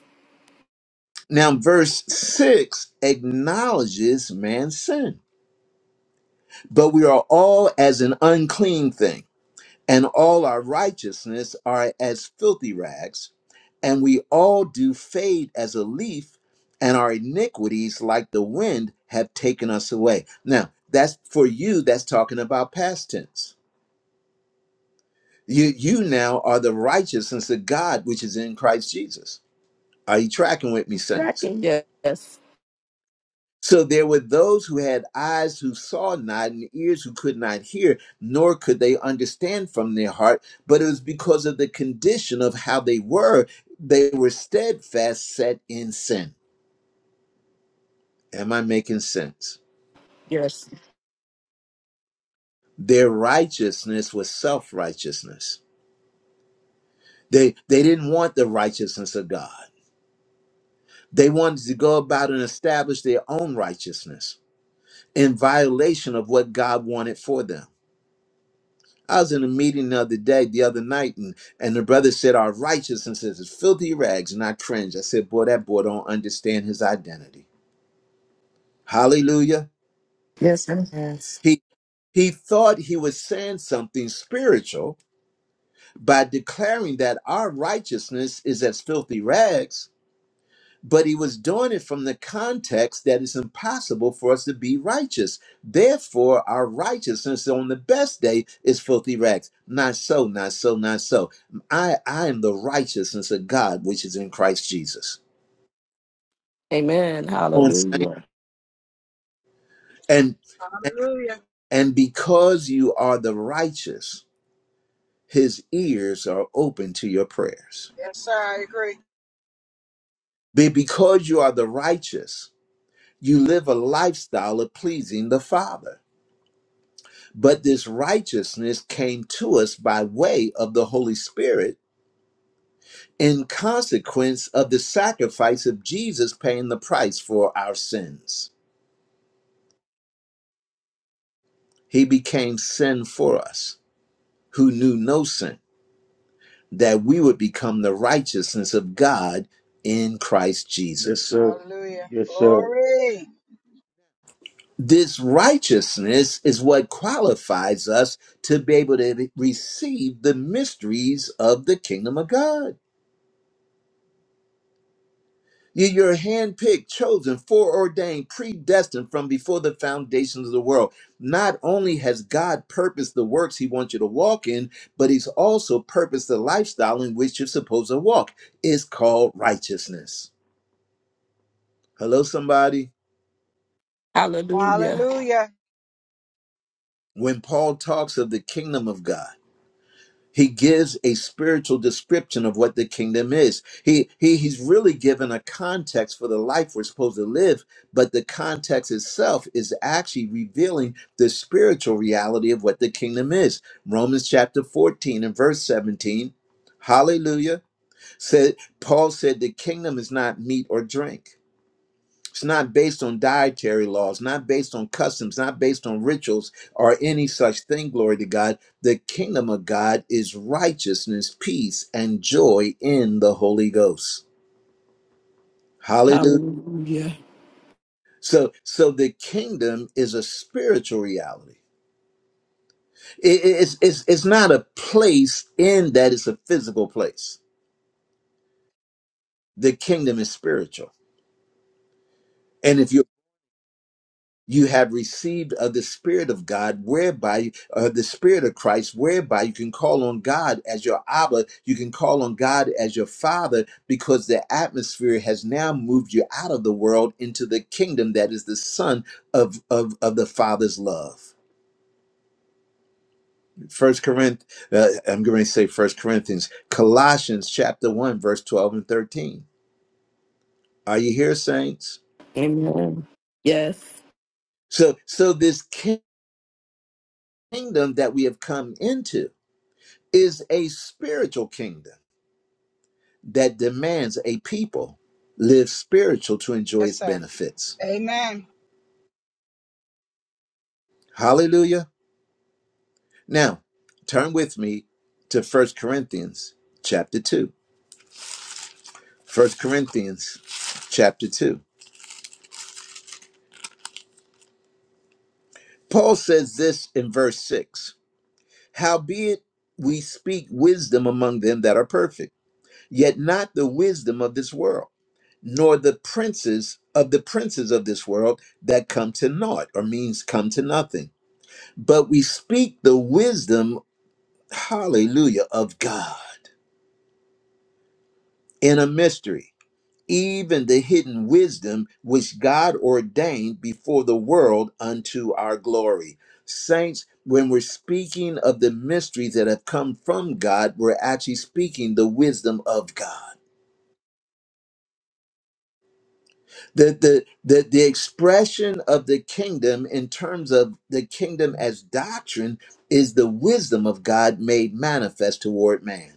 Now, verse 6 acknowledges man's sin, but we are all as an unclean thing and all our righteousness are as filthy rags, and we all do fade as a leaf, and our iniquities, like the wind, have taken us away. Now, that's for you, that's talking about past tense. You, you now are the righteousness of God, which is in Christ Jesus. Are you tracking with me, saints? Tracking. Yes. So there were those who had eyes who saw not and ears who could not hear, nor could they understand from their heart. But it was because of the condition of how they were, they were steadfast, set in sin. Am I making sense? Yes. Their righteousness was self righteousness. They, they didn't want the righteousness of God. They wanted to go about and establish their own righteousness in violation of what God wanted for them. I was in a meeting the other day, the other night, and, and the brother said, Our righteousness is filthy rags. And I cringed. I said, Boy, that boy don't understand his identity. Hallelujah. Yes, sir. Yes. He he thought he was saying something spiritual by declaring that our righteousness is as filthy rags but he was doing it from the context that it's impossible for us to be righteous. Therefore, our righteousness on the best day is filthy rags. Not so, not so, not so. I, I am the righteousness of God, which is in Christ Jesus. Amen. on, saint. Hallelujah. And Hallelujah. and because you are the righteous, his ears are open to your prayers. Yes, sir. I agree. Be- Because you are the righteous, you live a lifestyle of pleasing the Father But this righteousness came to us by way of the Holy Spirit in consequence of the sacrifice of Jesus paying the price for our sins. He became sin for us who knew no sin, that we would become the righteousness of God in Christ Yes, Jesus. sir. Hallelujah. Yes, sir. Glory. This righteousness is what qualifies us to be able to receive the mysteries of the kingdom of God. You- You're handpicked, chosen, foreordained, predestined from before the foundations of the world. Not only has God purposed the works He wants you to walk in, but He's also purposed the lifestyle in which you're supposed to walk. It's called righteousness. Hello, somebody. Hallelujah. Hallelujah. When Paul talks of the kingdom of God, He gives a spiritual description of what the kingdom is. He, he he's really given a context for the life we're supposed to live, but the context itself is actually revealing the spiritual reality of what the kingdom is. Romans chapter 14 and verse 17. Hallelujah. Said Paul said the kingdom is not meat or drink. It's not based on dietary laws, not based on customs, not based on rituals or any such thing, glory to God. The kingdom of God is righteousness, peace, and joy in the Holy Ghost. Hallelujah. Hallelujah. So so the kingdom is a spiritual reality. It- it- it's, it's, it's not a place in that it's a physical place. The kingdom is spiritual. and if you have received of the spirit of god whereby uh, the spirit of christ whereby you can call on god as your abba you can call on god as your father because the atmosphere has now moved you out of the world into the kingdom that is the son of of, of the father's love first corinth uh, i'm going to say first corinthians colossians chapter 1 verse 12 and 13 are you here saints Amen. Yes. so so this kingdom that we have come into is a spiritual kingdom that demands a people live spiritual to enjoy Yes, its sir. benefits. Amen. Hallelujah. Now, turn with me to First Corinthians chapter 2. First Corinthians chapter 2. Paul says this in verse 6 Howbeit we speak wisdom among them that are perfect, yet not the wisdom of this world, nor the princes of the princes of this world that come to naught, or means come to nothing. but we speak the wisdom, hallelujah, of God in a mystery, even the hidden wisdom which God ordained before the world unto our glory. Saints, when we're speaking of the mysteries that have come from God, we're actually speaking the wisdom of God. The, the, the, the expression of the kingdom in terms of the kingdom as doctrine is the wisdom of God made manifest toward man.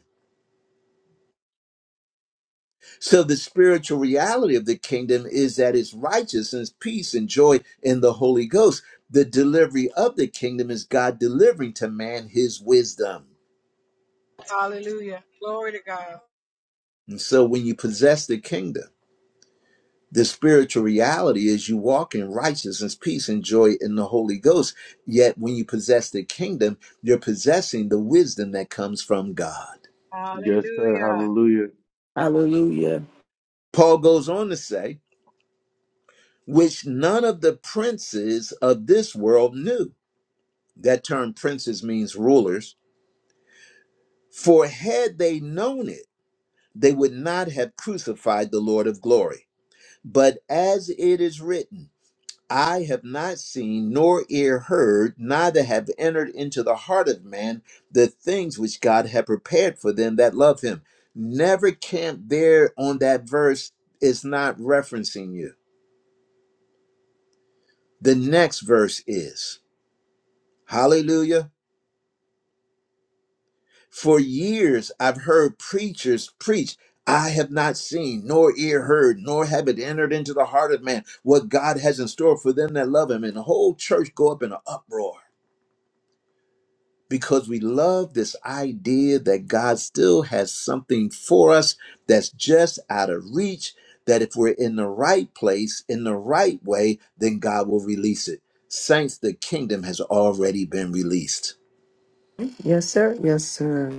So the spiritual reality of the kingdom is that it's righteousness, peace, and joy in the Holy Ghost. The delivery of the kingdom is God delivering to man his wisdom. Hallelujah. Glory to God. And so when you possess the kingdom, the spiritual reality is you walk in righteousness, peace, and joy in the Holy Ghost. Yet when you possess the kingdom, you're possessing the wisdom that comes from God. Yes, sir. Hallelujah. Hallelujah. Hallelujah. Paul goes on to say, which none of the princes of this world knew That term princes means rulers. For had they known it, they would not have crucified the Lord of glory. But as it is written, I have not seen nor ear heard, neither have entered into the heart of man the things which God had prepared for them that love him. Never camp there on that verse is not referencing you. The next verse is. Hallelujah. For years, I've heard preachers preach, I have not seen, nor ear heard, nor have it entered into the heart of man what God has in store for them that love him. And the whole church go up in an uproar because we love this idea that God still has something for us that's just out of reach, that if we're in the right place, in the right way, then God will release it. Saints, the kingdom has already been released. Yes, sir. Yes, sir.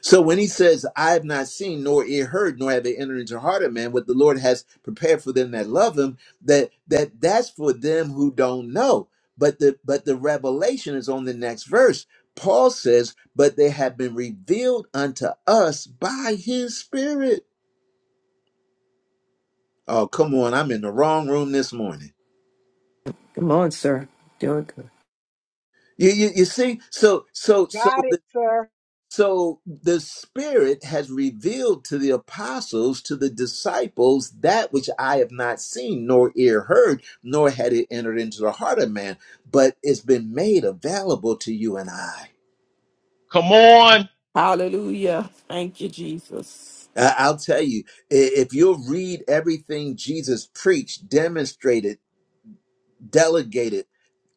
So when he says, I have not seen, nor ear heard, nor have they entered into the heart of man, what the Lord has prepared for them that love him, that that that's for them who don't know. But the but the revelation is on the next verse. Paul says, But they have been revealed unto us by his spirit. Oh, come on, I'm in the wrong room this morning. Come on, sir. Doing You, you, you see, so so Got so it, sir. So the Spirit has revealed to the apostles, to the disciples, that which I have not seen, nor ear heard, nor had it entered into the heart of man, but it's been made available to you and I. Come on. Hallelujah. Thank you, Jesus. I- I'll tell you, i- if you'll read everything Jesus preached, demonstrated, delegated,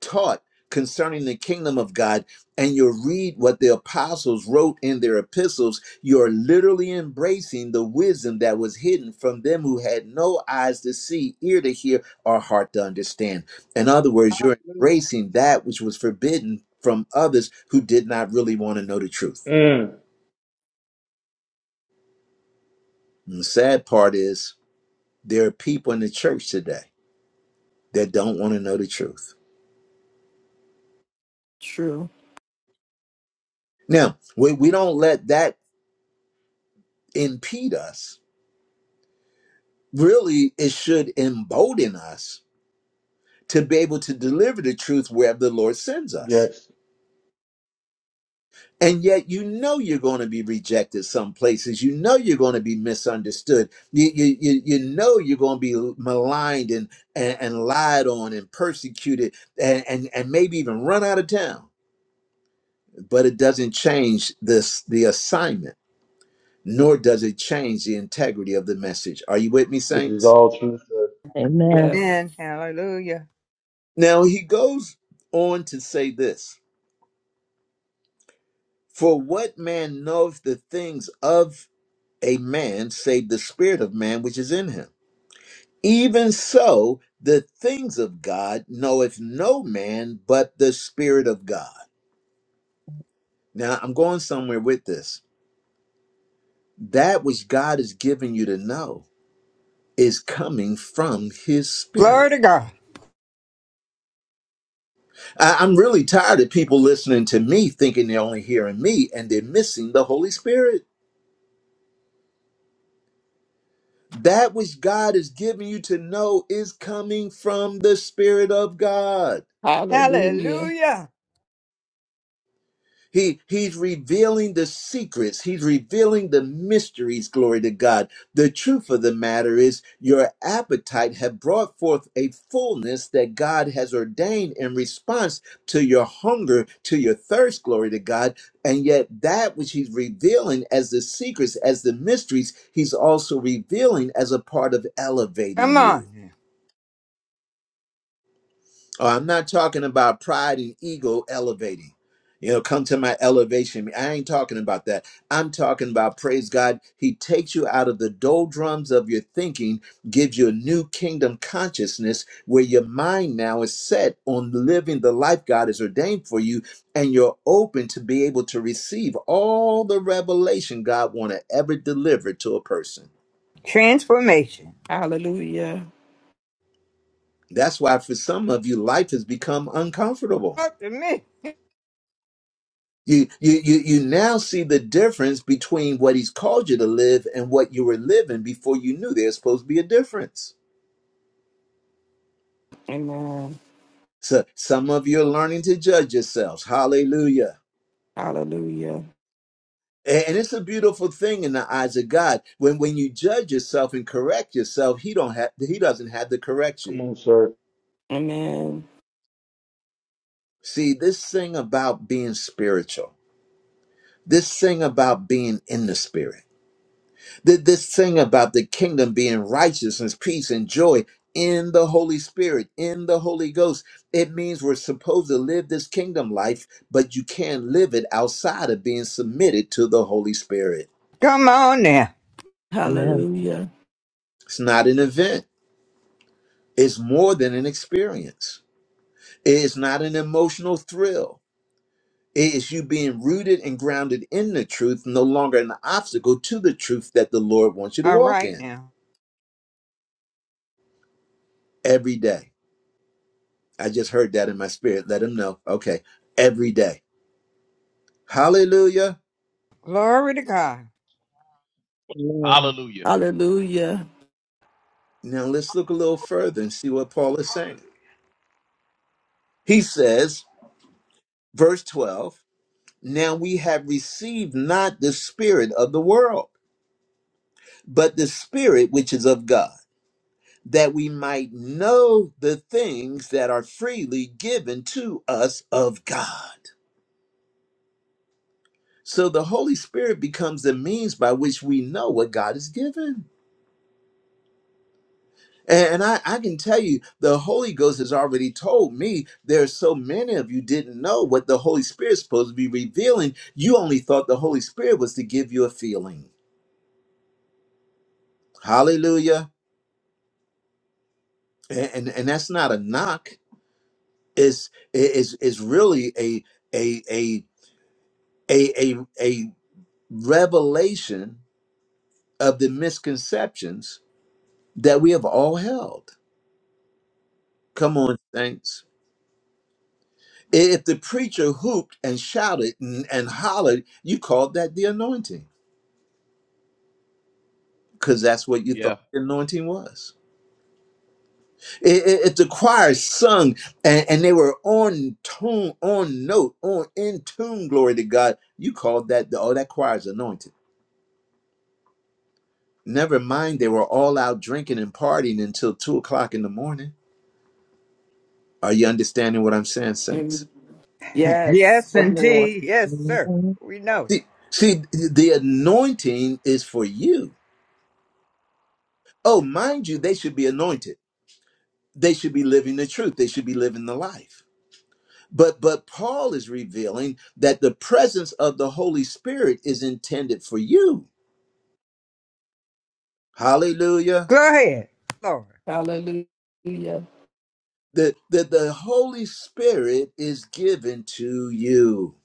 taught concerning the kingdom of God, and you read what the apostles wrote in their epistles, you're literally embracing the wisdom that was hidden from them who had no eyes to see, ear to hear, or heart to understand. In other words, you're Hallelujah. embracing that which was forbidden from others who did not really want to know the truth. Mm. And the sad part is, there are people in the church today that don't want to know the truth. True. Now, we, we don't let that impede us really it should embolden us to be able to deliver the truth wherever the Lord sends us. Yes. And yet, you know, you're going to be rejected some places. You know, you're going to be misunderstood. You, you, you, you know, you're going to be maligned and, and, and lied on and persecuted and, and, and maybe even run out of town. But it doesn't change this, the assignment, nor does it change the integrity of the message. Are you with me, This is saints? all true, sir. Yes. Amen. Hallelujah. Now, he goes on to say this For what man knoweth the things of a man, save the spirit of man which is in him? Even so, the things of God knoweth no man but the spirit of God. Now, I'm going somewhere with this. That which God has given you to know is coming from his Glory spirit. to God. I- I'm really tired of people listening to me thinking they're only hearing me and they're missing the Holy Spirit. That which God is giving you to know is coming from the Spirit of God. Hallelujah. Hallelujah. He, he's revealing the secrets. He's revealing the mysteries, glory to God. The truth of the matter is your appetite have brought forth a fullness that God has ordained in response to your hunger, to your thirst, glory to God. And yet that which he's revealing as the secrets, as the mysteries, he's also revealing as a part of Come elevating on you. now. Oh, I'm not talking about pride and ego elevating. You know, come to my elevation. I ain't talking about that. I'm talking about praise God. He takes you out of the doldrums of your thinking, gives you a new kingdom consciousness where your mind now is set on living the life God has ordained for you, and you're open to be able to receive all the revelation God want to ever deliver to a person. Transformation. Hallelujah. That's why for some of you, life has become uncomfortable. Talk to me. You, you, you, you now see the difference between what he's called you to live and what you were living before you knew there's supposed to be a difference. Amen. So some of you are learning to judge yourselves. Hallelujah. Hallelujah. A- And it's a beautiful thing in the eyes of God. When when you judge yourself and correct yourself, he don't have he doesn't have to correct you. Come on, sir. Amen. See, this thing about being spiritual, this thing about being in the spirit. Th- This thing about the kingdom being righteousness, peace, and joy in the Holy Spirit, in the Holy Ghost, it means we're supposed to live this kingdom life, but you can't live it outside of being submitted to the Holy Spirit. Come on now. Hallelujah. It's not an event, it's more than an experience. It's not an emotional thrill. It is you being rooted and grounded in the truth, no longer an obstacle to the truth that the Lord wants you to All walk right in now. every day. I just heard that in my spirit. Let him know. Okay. Every day. Hallelujah. Glory to God. Hallelujah. Hallelujah. Now let's look a little further and see what Paul is saying. He says, verse 12, now we have received not the spirit of the world, but the spirit which is of God, that we might know the things that are freely given to us of God. So the Holy Spirit becomes the means by which we know what God has given. And, and I, I can tell you, the Holy Ghost has already told me there's so many of you didn't know what the Holy Spirit's supposed to be revealing. You only thought the Holy Spirit was to give you a feeling. Hallelujah. And and, and that's not a knock. It's is is really a a a a a a revelation of the misconceptions that we have all held. Come on, saints. If the preacher hooped and shouted and, and hollered, you called that the anointing because that's what you Yeah. thought the anointing was. I- i- If the choir sung and, and they were on tune, on note, on in tune, glory to God, you called that the, oh that choir's anointed. Never mind, they were all out drinking and partying until two o'clock in the morning. Are you understanding what I'm saying, saints? And yes, Yes, come on. indeed. Yes, sir. We know. Hallelujah. See, see, the anointing is for you. Oh, mind you, they should be anointed they should be living the truth they should be living the life but but paul is revealing that the presence of the holy spirit is intended for you hallelujah Go ahead, Lord. Hallelujah. that the, the the holy spirit is given to you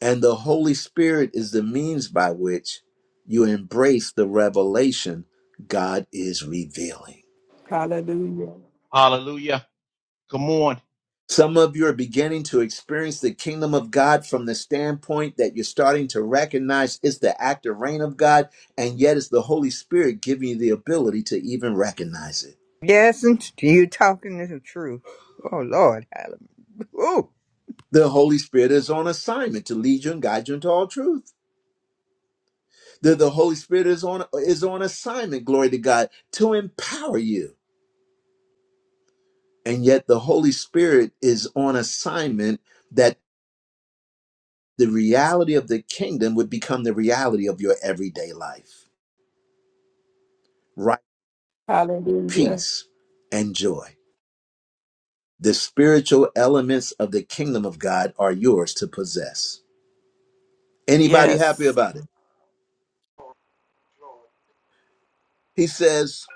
and the holy spirit is the means by which you embrace the revelation god is revealing Hallelujah. Hallelujah. Come on. Some of you are beginning to experience the kingdom of God from the standpoint that you're starting to recognize it's the active reign of God, and yet it's the Holy Spirit giving you the ability to even recognize it. Yes, and you talking the truth. Oh, Lord. Hallelujah. Oh, The Holy Spirit is on assignment to lead you and guide you into all truth. The, the Holy Spirit is on is on assignment, glory to God, to empower you. And yet the Holy Spirit is on assignment that the reality of the kingdom would become the reality of your everyday life Right. Hallelujah. peace, and joy. The spiritual elements of the kingdom of God are yours to possess. Anybody happy Yes. about it? He says,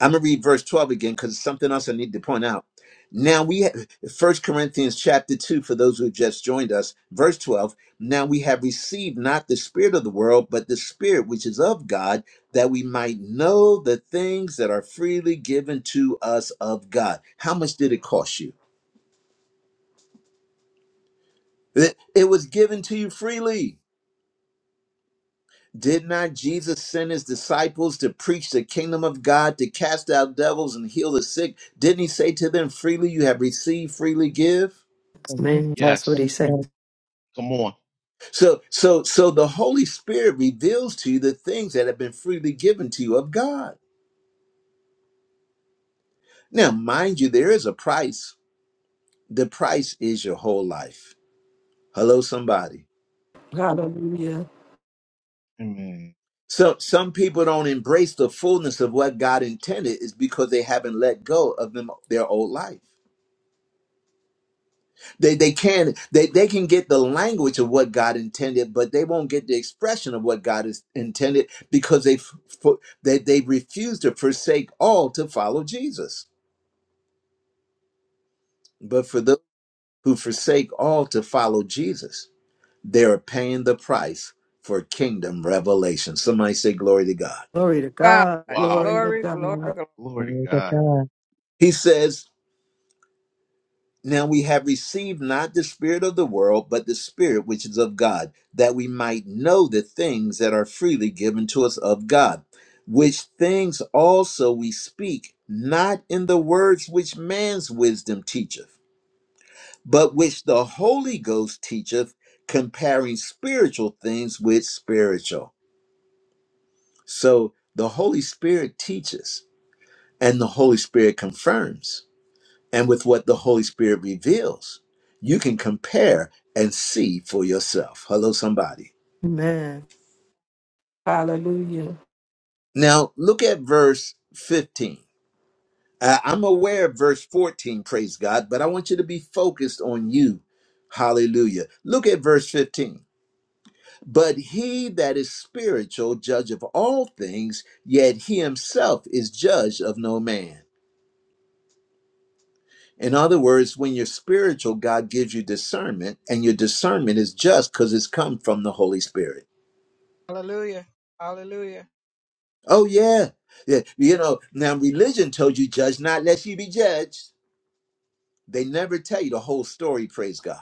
I'm going to read verse 12 again because it's something else I need to point out. Now we have 1 Corinthians chapter 2 for those who have just joined us, verse 12. Now we have received not the spirit of the world, but the spirit which is of God, that we might know the things that are freely given to us of God. How much did it cost you? It, it was given to you freely. Did not Jesus send his disciples to preach the kingdom of God, to cast out devils and heal the sick? Didn't he say to them, freely you have received, freely give? good. man. That's what he Yes. said. Come on. So, so, so the Holy Spirit reveals to you the things that have been freely given to you of God. Now, mind you, there is a price. The price is your whole life. Hello, somebody. Hallelujah. Amen. So, some people don't embrace the fullness of what God intended is because they haven't let go of them, their old life. They they can they they can get the language of what God intended, but they won't get the expression of what God is intended because they f- f- they they refuse to forsake all to follow Jesus. But for those who forsake all to follow Jesus, they are paying the price for kingdom revelation. Somebody say glory to God. Glory to God. God. Wow. Glory to Glory, glory, God. glory. Glory Amen. to amen, God. amen, He says Now we have received not the Spirit of the world, but the Spirit which is of God, that we might know the things that are freely given to us of God, which things also we speak, not in the words which man's wisdom teacheth, but which the Holy Ghost teacheth, comparing spiritual things with spiritual. So the Holy Spirit teaches, and the Holy Spirit confirms. and with what the Holy Spirit reveals, you can compare and see for yourself. Hello, somebody. Amen. Hallelujah. Now, look at verse 15. I- I'm aware of verse 14, praise God, but I want you to be focused on you. Hallelujah. Look at verse 15. But he that is spiritual, judge of all things, yet he himself is judge of no man. In other words, when you're spiritual, God gives you discernment, and your discernment is just because it's come from the Holy Spirit. Hallelujah. Hallelujah. Oh yeah. Yeah. You know, now religion told you judge not lest you be judged. They never tell you the whole story, praise God.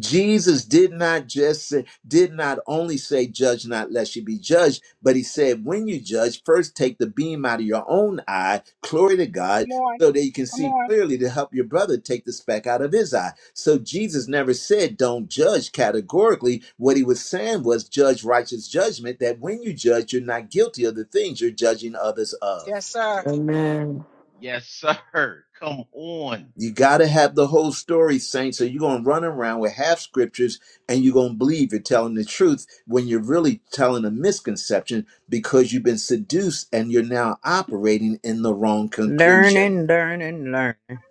Jesus did not just say, did not only say, judge not lest you be judged, but he said, when you judge, first take the beam out of your own eye, glory to God, Come on. so that you can Come see on. clearly to help your brother take the speck out of his eye. So Jesus never said, don't judge categorically. What he was saying was, judge righteous judgment, that when you judge, you're not guilty of the things you're judging others of. Yes, sir. Amen. Yes, sir. Come on. You got to have the whole story, saints. So you're going to run around with half scriptures and you're going to believe you're telling the truth when you're really telling a misconception because you've been seduced and you're now operating in the wrong Learning, conclusion. learning, learning.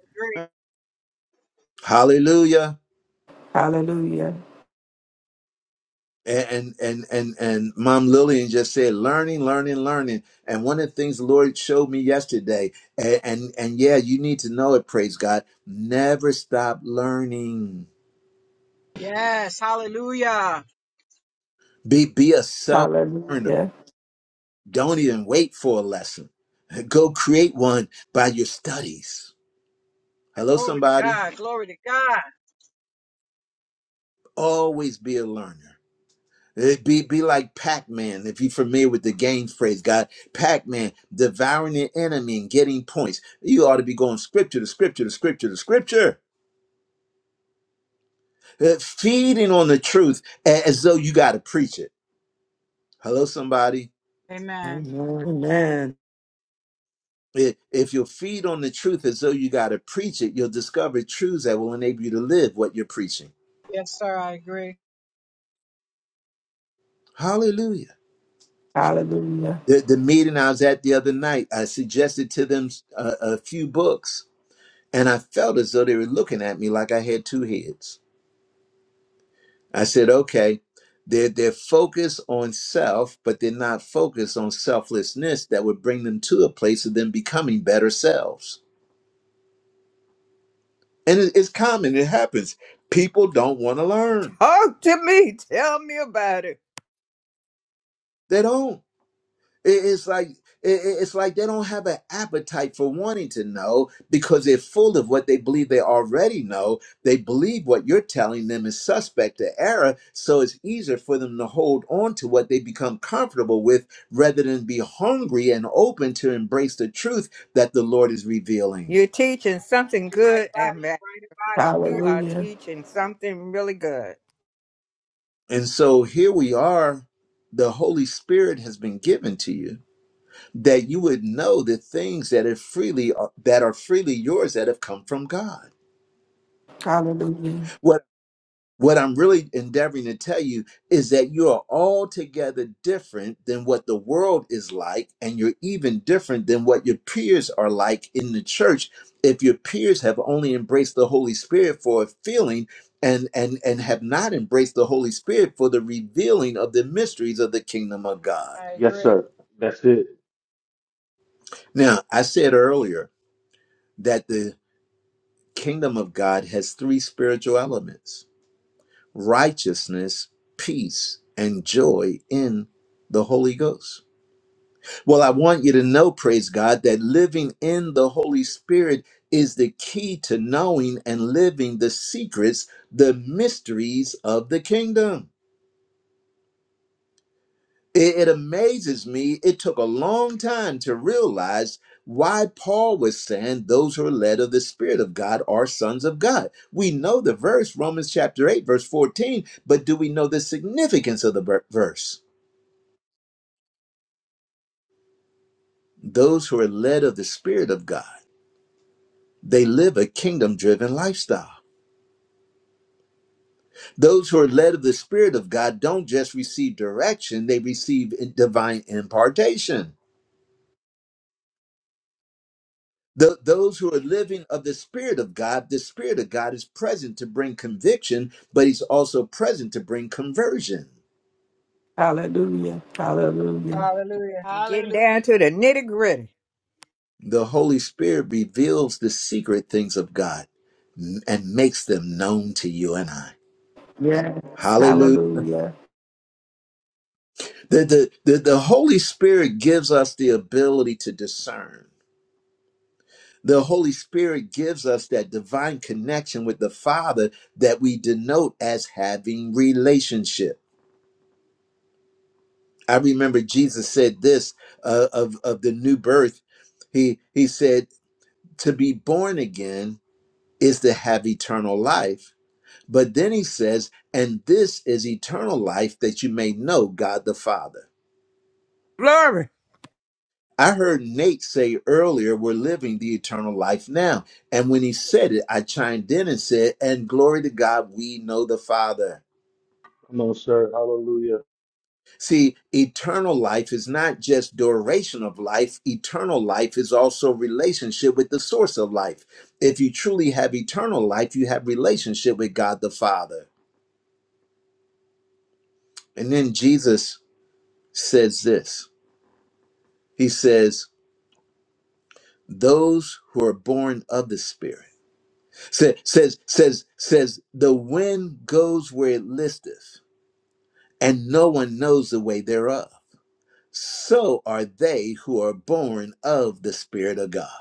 Hallelujah. Hallelujah. And and and and, Mom Lillian just said, learning, learning, learning. And one of the things the Lord showed me yesterday, and and, and yeah, you need to know it. Praise God. Never stop learning. Yes, hallelujah. Be be a self learner Hallelujah. Don't even wait for a lesson. Go create one by your studies. Hello, Glory to somebody. God. Glory to God. Always be a learner. It be be like Pac-Man, if you're familiar with the games phrase, God. Pac-Man, devouring the enemy and getting points. You ought to be going scripture to scripture to scripture to scripture. Uh, feeding on the truth a- as though you gotta preach it. Hello, somebody. Amen. Amen. Amen. I- If you'll feed on the truth as though you gotta preach it, you'll discover truths that will enable you to live what you're preaching. Yes, sir, I agree. Hallelujah. Hallelujah. The, the meeting I was at the other night, I suggested to them a, a few books, and I felt as though they were looking at me like I had two heads. I said, okay, they're, they're focused on self, but they're not focused on selflessness that would bring them to a place of them becoming better selves. And it- it's common, it happens. People don't want to learn, Talk to me. Tell me about it. they don't. It- It's like it- it- it's like they don't have an appetite for wanting to know because they're full of what they believe they already know. They believe what you're telling them is suspect to error, so it's easier for them to hold on to what they become comfortable with rather than be hungry and open to embrace the truth that the Lord is revealing. You're teaching something You're right good, about it. and You're right You are Hallelujah. teaching something really good. And so here we are. The Holy Spirit has been given to you that you would know the things that are freely uh, that are freely yours that have come from God Hallelujah. What I'm really endeavoring to tell you is that you are altogether different than what the world is like, and you're even different than what your peers are like in the church. If your peers have only embraced the Holy Spirit for a feeling and, and, and have not embraced the Holy Spirit for the revealing of the mysteries of the kingdom of about it. God. I Yes, agree. sir. That's it. Now, I said earlier that the kingdom of God has three spiritual elements righteousness, peace, and joy in the Holy Ghost. Well, I want you to know, praise God, that living in the Holy Spirit is the key to knowing and living the secrets, the mysteries of the kingdom. It, it amazes me. It took a long time to realize why Paul was saying those who are led of the Spirit of God are sons of God. We know the verse, Romans chapter 8, verse 14, but do we know the significance of the ver- verse? Those who are led of the Spirit of God, they live a kingdom driven lifestyle. Those who are led of the Spirit of God don't just receive direction, they receive divine impartation. Th- those who are living of the Spirit of God, the Spirit of God is present to bring conviction, but He's also present to bring conversion. Hallelujah. Hallelujah. Hallelujah. You're getting Hallelujah. down to the nitty gritty. The Holy Spirit reveals the secret things of God n- and makes them known to you and I. Yes. Hallelujah. Hallelujah. The, the, the, the Holy Spirit gives us the ability to discern. The Holy Spirit gives us that divine connection with the Father that we denote as having relationship. I remember Jesus said this uh, of of the new birth. He he said to be born again is to have eternal life. But then he says, and this is eternal life that you may know God the Father. Glory. I heard Nate say earlier, we're living the eternal life now. And when he said it, I chimed in and said, and glory to God, we know the Father. Come on, sir. Hallelujah. See, eternal life is not just duration of life, eternal life is also relationship with the source of life. If you truly have eternal life, you have relationship with God the Father. And then Jesus says this. He says, "Those who are born of the Spirit." Sa- says says says the wind goes where it listeth, and no one knows the way thereof. So are they who are born of the Spirit of God.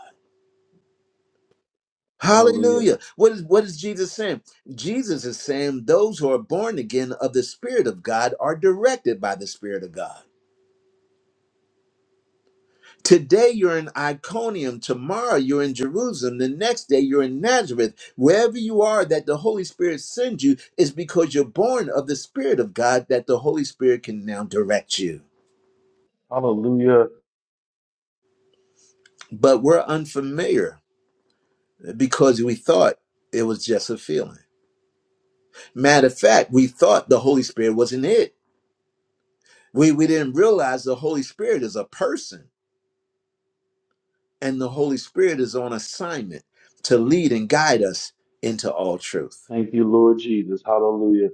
Hallelujah. Hallelujah. What is what is Jesus saying? Jesus is saying those who are born again of the Spirit of God are directed by the Spirit of God. Today you're in Iconium, tomorrow you're in Jerusalem, the next day you're in Nazareth. Wherever you are that the Holy Spirit sends you is because you're born of the Spirit of God that the Holy Spirit can now direct you. Hallelujah. But we're unfamiliar because we thought it was just a feeling. Matter of fact, we thought the Holy Spirit wasn't it We we didn't realize the Holy Spirit is a person and the Holy Spirit is on assignment to lead and guide us into all truth. Thank you, Lord Jesus. Hallelujah.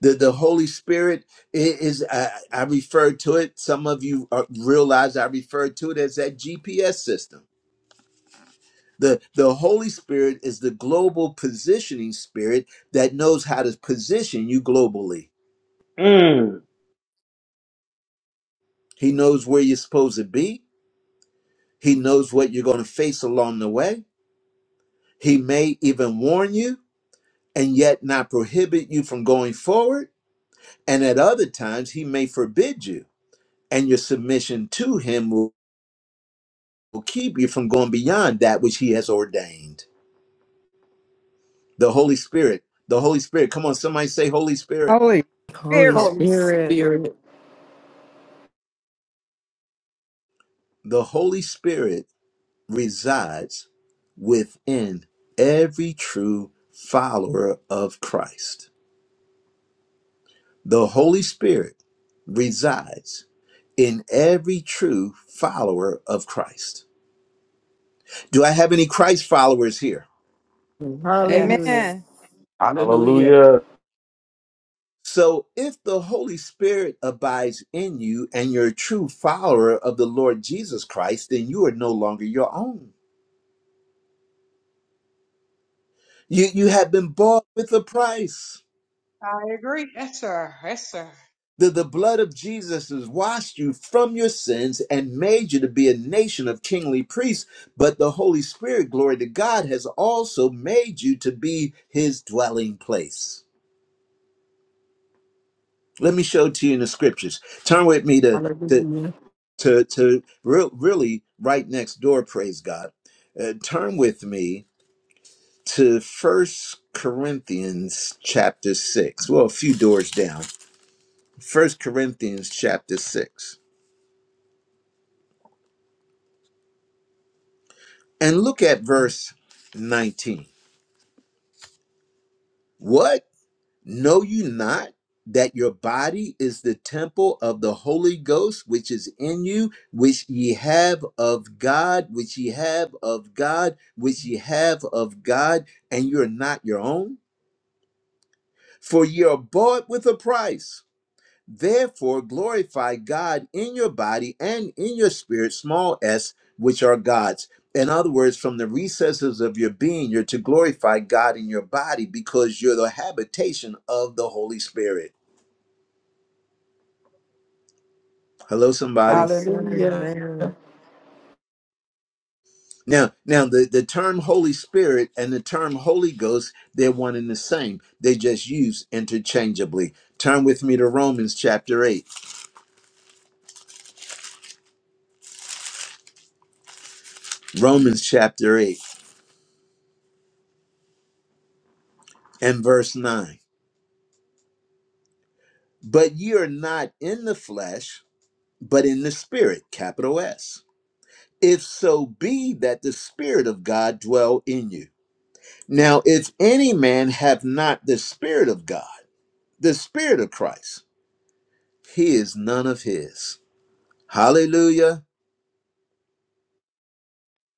The, the Holy Spirit i- is, I, I refer to it, some of you uh, realize I refer to it as that GPS system. The, the Holy Spirit is the global positioning spirit that knows how to position you globally. Mm. He knows where you're supposed to be, He knows what you're going to face along the way. He may even warn you, and yet not prohibit you from going forward. And at other times, he may forbid you, and your submission to him will, will keep you from going beyond that which he has ordained. The Holy Spirit, the Holy Spirit, come on, somebody say, Holy Spirit. Holy Holy Spirit. Holy Spirit. Spirit. The Holy Spirit resides within every true follower of Christ. The Holy Spirit resides in every true follower of Christ. Do I have any Christ followers here? Hallelujah. Yes. Amen. Hallelujah. Hallelujah. So, if the Holy Spirit abides in you and you're a true follower of the Lord Jesus Christ, then you are no longer your own. You, you have been bought with a price. I agree. Yes, sir. Yes, sir. The, the blood of Jesus has washed you from your sins and made you to be a nation of kingly priests. But the Holy Spirit, glory to God, has also made you to be his dwelling place. Let me show it to you in the scriptures. Turn with me to, to Hallelujah. to to re- really right next door praise god uh, turn with me to first corinthians chapter 6 well a few doors down first corinthians chapter 6 and look at verse 19 what know you not that your body is the temple of the Holy Ghost, which is in you, which ye have of God, which ye have of God, which ye have of God, and you're not your own? For ye are bought with a price. Therefore glorify God in your body and in your spirit, small s, which are God's. In other words, from the recesses of your being, you're to glorify God in your body because you're the habitation of the Holy Spirit. Hello, somebody. Yes, sir. Hallelujah. Amen. Now, now the, the term Holy Spirit and the term Holy Ghost, they're one and the same. They just used interchangeably. Turn with me to Romans chapter 8. Romans chapter 8 and verse 9. But ye are not in the flesh, but in the spirit, capital S. If so be that the spirit of God dwell in you. Now, if any man have not the spirit of God, the spirit of Christ, he is none of his. Hallelujah.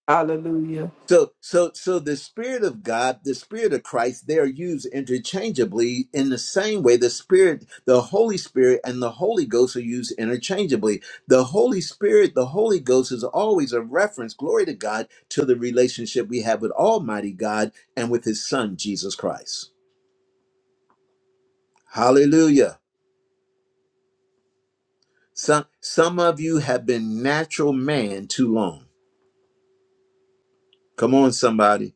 Hallelujah. So, so, so the Spirit of God, the Spirit of Christ, they are used interchangeably in the same way the Spirit, the Holy Spirit, and the Holy Ghost are used interchangeably. The Holy Spirit, the Holy Ghost is always a reference, glory to God, to the relationship we have with Almighty God and with His Son, Jesus Christ. Hallelujah. Some, some of you have been natural man too long. Come on, somebody.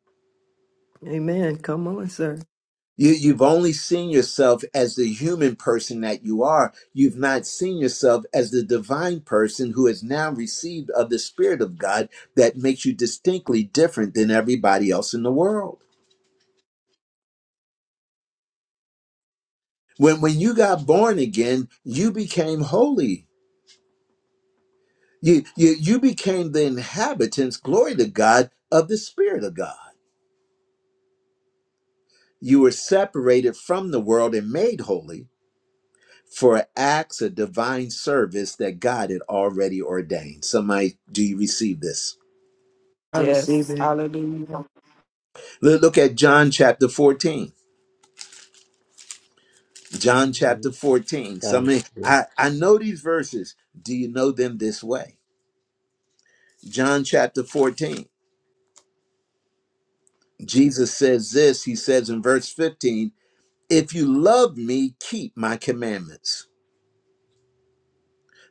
Amen. Come on, sir. You, you've only seen yourself as the human person that you are. You've not seen yourself as the divine person who has now received of the Spirit of God that makes you distinctly different than everybody else in the world. When, when you got born again, you became holy. You, you, you became the inhabitants, glory to God, of the Spirit of God. You were separated from the world and made holy for acts of divine service that God had already ordained. Somebody, do you receive this? I receive Yes. it. Hallelujah. Look look at John chapter 14. John chapter 14. Somebody, Hallelujah. I, I know these verses. Do you know them this way? John chapter 14. Jesus says this, he says in verse 15, if you love me, keep my commandments.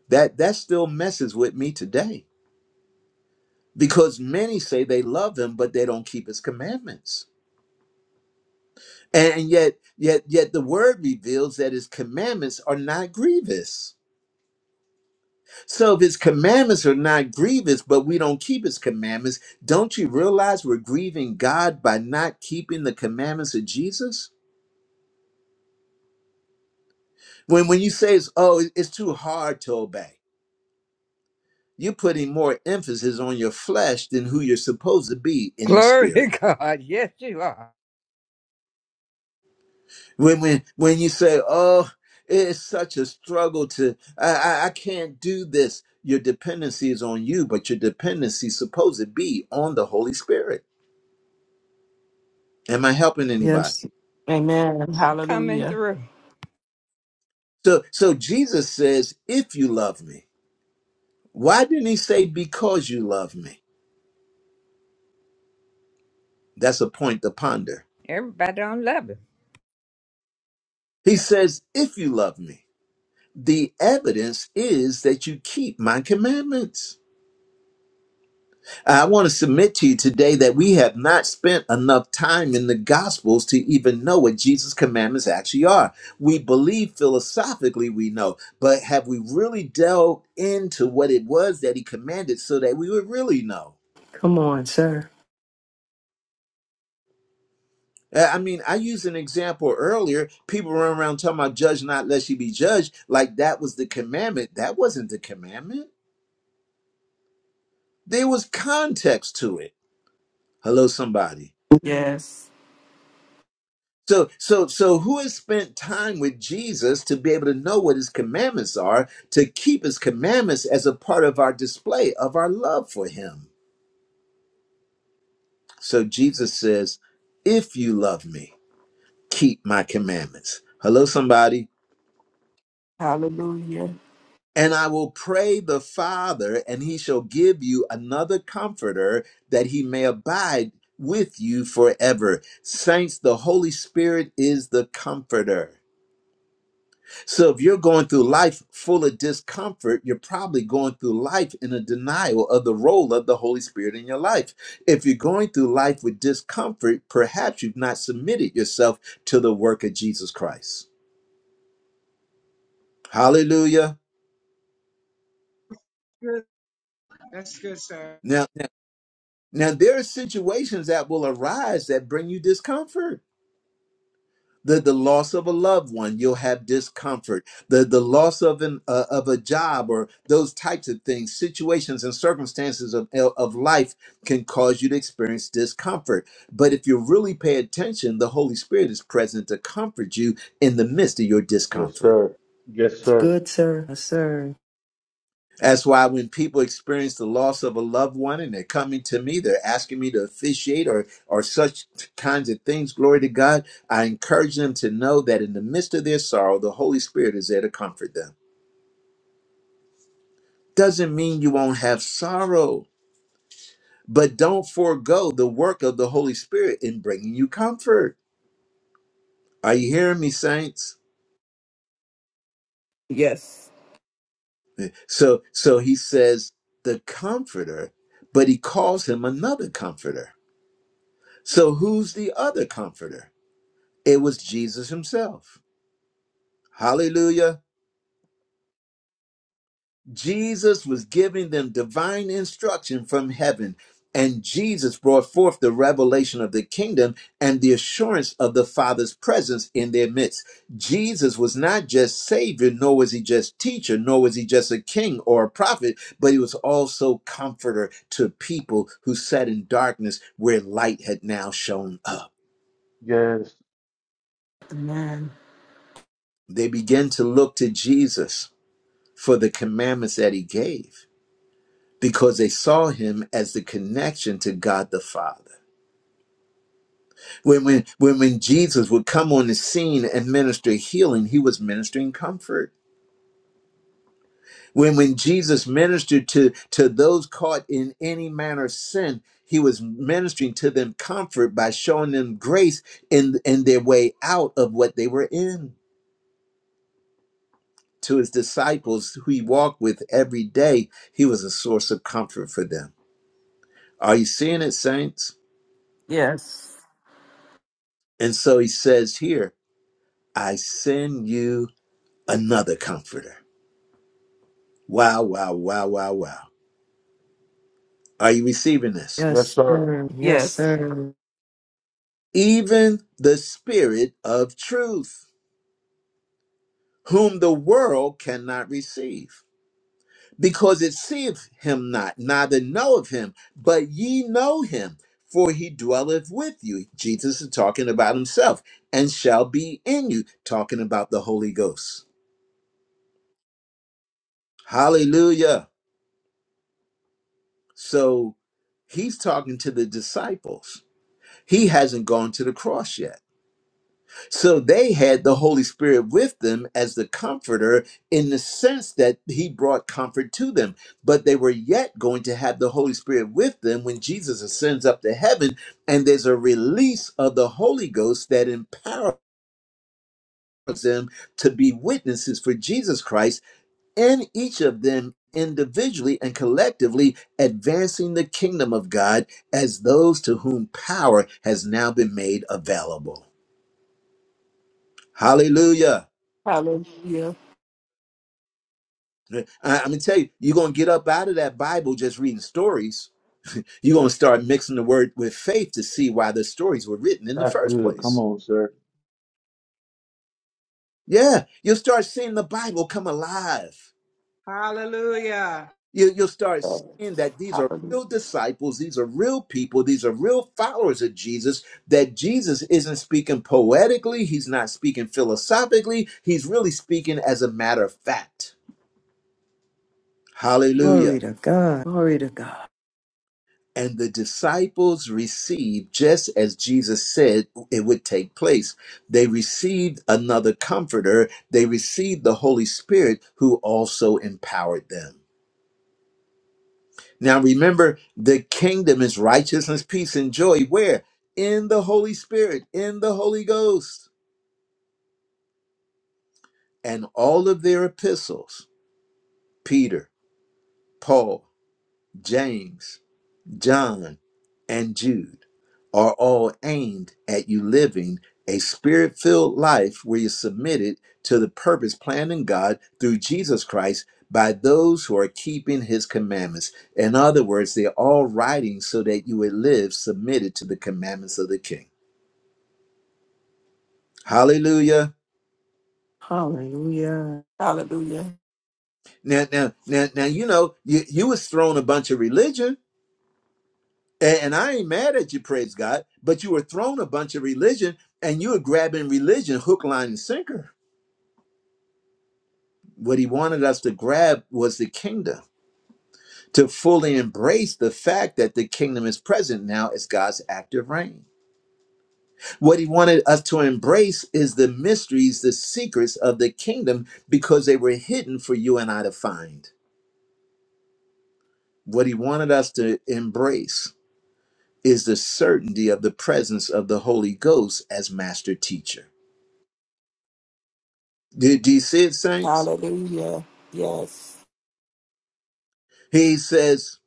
That that still messes with me today because many say they love him, but they don't keep his commandments. And yet, yet, yet the word reveals that his commandments are not grievous. So if his commandments are not grievous, but we don't keep his commandments, don't you realize we're grieving God by not keeping the commandments of Jesus? When when you say it's oh, it- it's too hard to obey, you're putting more emphasis on your flesh than who you're supposed to be in the Glory spirit. to God. Yes, you are. when when when you say oh it's such a struggle to I, I i can't do this your dependency is on you but your dependency is supposed to be on the holy spirit am i helping Yes. anybody Amen. you coming Hallelujah. through. so so jesus says if you love me why didn't he say because you love me that's a point to ponder Everybody don't love it. he says if you love me the evidence is that you keep my commandments I want to submit to you today that we have not spent enough time in the Gospels to even know what Jesus' commandments actually are. We believe philosophically we know, but have we really delved into what it was that he commanded so that we would really know? Come on, sir. Uh, I mean, I used an example earlier. People run around talking about judge not lest you be judged, like that was the commandment. That wasn't the commandment, there was context to it. Hello, somebody. Yes. So, so, so, who has spent time with Jesus to be able to know what his commandments are, to keep his commandments as a part of our display of our love for him? So, Jesus says, If you love me, keep my commandments. Hello, somebody. Hallelujah. And I will pray the Father, and he shall give you another comforter that he may abide with you forever. Saints, the Holy Spirit is the comforter. So if you're going through life full of discomfort, you're probably going through life in a denial of the role of the Holy Spirit in your life. If you're going through life with discomfort, perhaps you've not submitted yourself to the work of Jesus Christ. Hallelujah. Good. That's good, sir. Now, now, now there are situations that will arise that bring you discomfort. the, the loss of a loved one you'll have discomfort the the loss of an uh, of a job or those types of things situations and circumstances of of life can cause you to experience discomfort but if you really pay attention the holy spirit is present to comfort you in the midst of your Yes, discomfort sir. Yes, It's sir. good, sir. Yes, sir. That's why when people experience the loss of a loved one and they're coming to me, they're asking me to officiate or or such kinds of things, glory to God, I encourage them to know that in the midst of their sorrow, the Holy Spirit is there to comfort them. Doesn't mean you won't have sorrow, but don't forego the work of the Holy Spirit in bringing you comfort. Are you hearing me, saints? Yes. So so he says the comforter, but he calls him another comforter. So who's the other comforter? It was Jesus himself. Hallelujah. Jesus was giving them divine instruction from heaven, and Jesus brought forth the revelation of the kingdom and the assurance of the Father's presence in their midst. Jesus was not just Savior, nor was he just teacher, nor was he just a king or a prophet, but he was also comforter to people who sat in darkness where light had now shown up. Yes. Amen. They began to look to Jesus for the commandments that he gave because they saw him as the connection to God the Father. When, when, when, when Jesus would come on the scene and minister healing, he was ministering comfort. When, when Jesus ministered to, to those caught in any manner of sin, he was ministering to them comfort by showing them grace in, in their way out of what they were in. To his disciples who he walked with every day, he was a source of comfort for them. Are you seeing it, saints? Yes. And so he says here, I send you another comforter. Wow, wow, wow, wow, wow. Are you receiving this? Yes, Yes, sir. sir. Yes, Yes. sir. Even the Spirit of truth, whom the world cannot receive, because it seeth him not, neither knoweth him, but ye know him, for he dwelleth with you. Jesus is talking about himself, and shall be in you, talking about the Holy Ghost. Hallelujah. So he's talking to the disciples He hasn't gone to the cross yet. So they had the Holy Spirit with them as the comforter in the sense that he brought comfort to them. But they were yet going to have the Holy Spirit with them when Jesus ascends up to heaven and there's a release of the Holy Ghost that empowers them to be witnesses for Jesus Christ and each of them individually and collectively advancing the kingdom of God as those to whom power has now been made available. Hallelujah. Hallelujah. I- I'm going to tell you, you're going to get up out of that Bible just reading stories. You're going to start mixing the word with faith to see why the stories were written in the That's first good. Come place. on, sir. Yeah, you'll start seeing the Bible come alive. Hallelujah. You, you'll start seeing that these are Hallelujah. real disciples, these are real people, these are real followers of Jesus, that Jesus isn't speaking poetically, he's not speaking philosophically, he's really speaking as a matter of fact. Hallelujah. Glory to God. Glory to God. And the disciples received, just as Jesus said it would take place. They received another comforter. They received the Holy Spirit who also empowered them. Now remember, the kingdom is righteousness, peace, and joy. Where? In the Holy Spirit, in the Holy Ghost. And all of their epistles, Peter, Paul, James, John, and Jude are all aimed at you living a spirit filled life where you're submitted to the purpose planned in God through Jesus Christ by those who are keeping his commandments. In other words, they're all writing so that you would live submitted to the commandments of the king. Hallelujah. Hallelujah. Hallelujah. Now, now, now, now, you know, you, you was thrown a bunch of religion And, and I ain't mad at you, praise God, but you were thrown a bunch of religion and you were grabbing religion hook, line, and sinker. What he wanted us to grab was the kingdom, to fully embrace the fact that the kingdom is present now as God's active reign. What he wanted us to embrace is the mysteries, the secrets of the kingdom, because they were hidden for you and I to find. What he wanted us to embrace is the certainty of the presence of the Holy Ghost as master teacher. Do, do you see it, saints? Hallelujah. Yes. He says,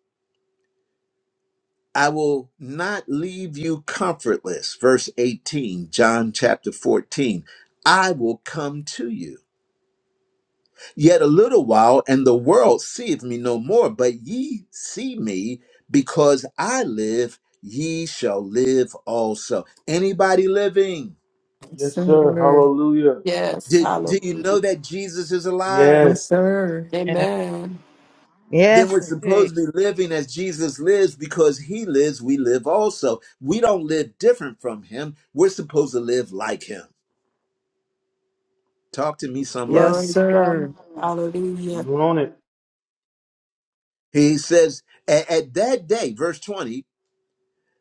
I will not leave you comfortless. Verse 18, John chapter 14. I will come to you. Yet a little while, and the world seeth me no more, but ye see me because I live, ye shall live also. Anybody living? Yes, Yes, sir. sir. Hallelujah. Yes. Do, do you know Hallelujah. that Jesus is Yes. Yes, alive? sir. Yeah. Amen. then Yes, we're indeed. supposed to be living as Jesus lives because he lives, we live also. We don't live different from him. We're supposed to live like him. Talk to me, Yes, somebody. Glory to God. sir. Hallelujah. You on it. He says, At at that day, verse 20,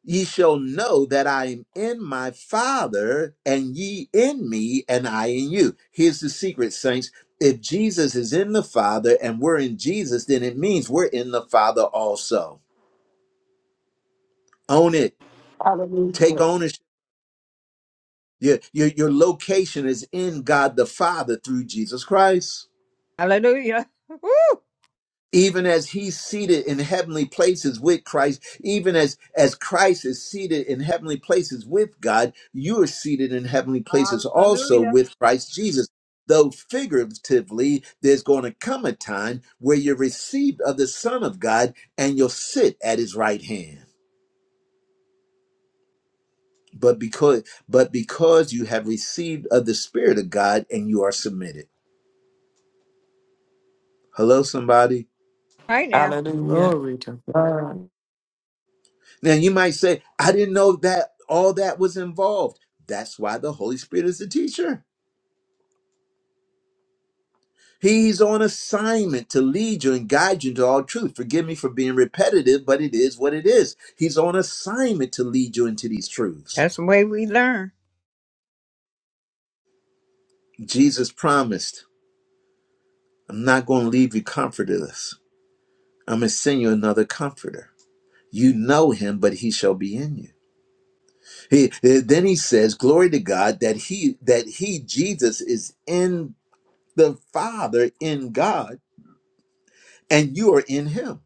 ye shall know that I am in my Father, and ye in me, and I in you. Here's the secret, saints. If Jesus is in the Father and we're in Jesus, then it means we're in the Father also. Own it. Take Hallelujah. ownership Your, your, your location is in God the Father through Jesus Christ. Hallelujah. Woo! Even as he's seated in heavenly places with Christ, even as, as Christ is seated in heavenly places with God, you are seated in heavenly places also Hallelujah. with Christ Jesus. Though figuratively, there's going to come a time where you're received of the Son of God and you'll sit at his right hand. But because but because you have received of the Spirit of God and you are submitted. Hello, somebody. Right now. Hallelujah. Glory to God. Now you might say, I didn't know that all that was involved. That's why the Holy Spirit is the teacher. He's on assignment to lead you and guide you into all truth. Forgive me for being repetitive, but it is what it is. He's on assignment to lead you into these truths. That's the way we learn. Jesus promised, I'm not going to leave you comfortless. I'm going to send you another comforter. You know him, but he shall be in you. He, eh, then he says, glory to God that he, that he, Jesus is in the Father in God and you are in Him.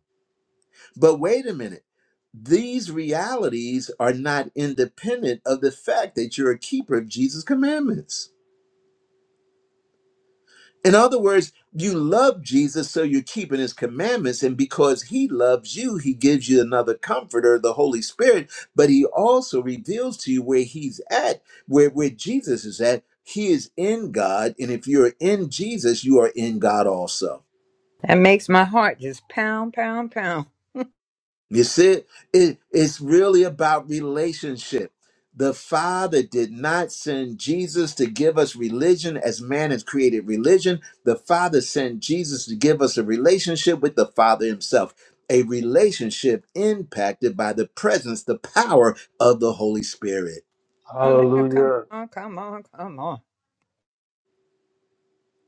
But wait a minute. These realities are not independent of the fact that you're a keeper of Jesus' commandments. In other words, you love Jesus, so you're keeping his commandments. And because he loves you, he gives you another comforter, the Holy Spirit. But he also reveals to you where he's at, where, where Jesus is at. He is in God. And if you're in Jesus, you are in God also. That makes my heart just pound, pound, pound. You see, it, it's really about relationship. The Father did not send Jesus to give us religion as man has created religion. The Father sent Jesus to give us a relationship with the Father Himself, a relationship impacted by the presence, the power of the Holy Spirit. Oh, now, come Hallelujah. on, come on, come on.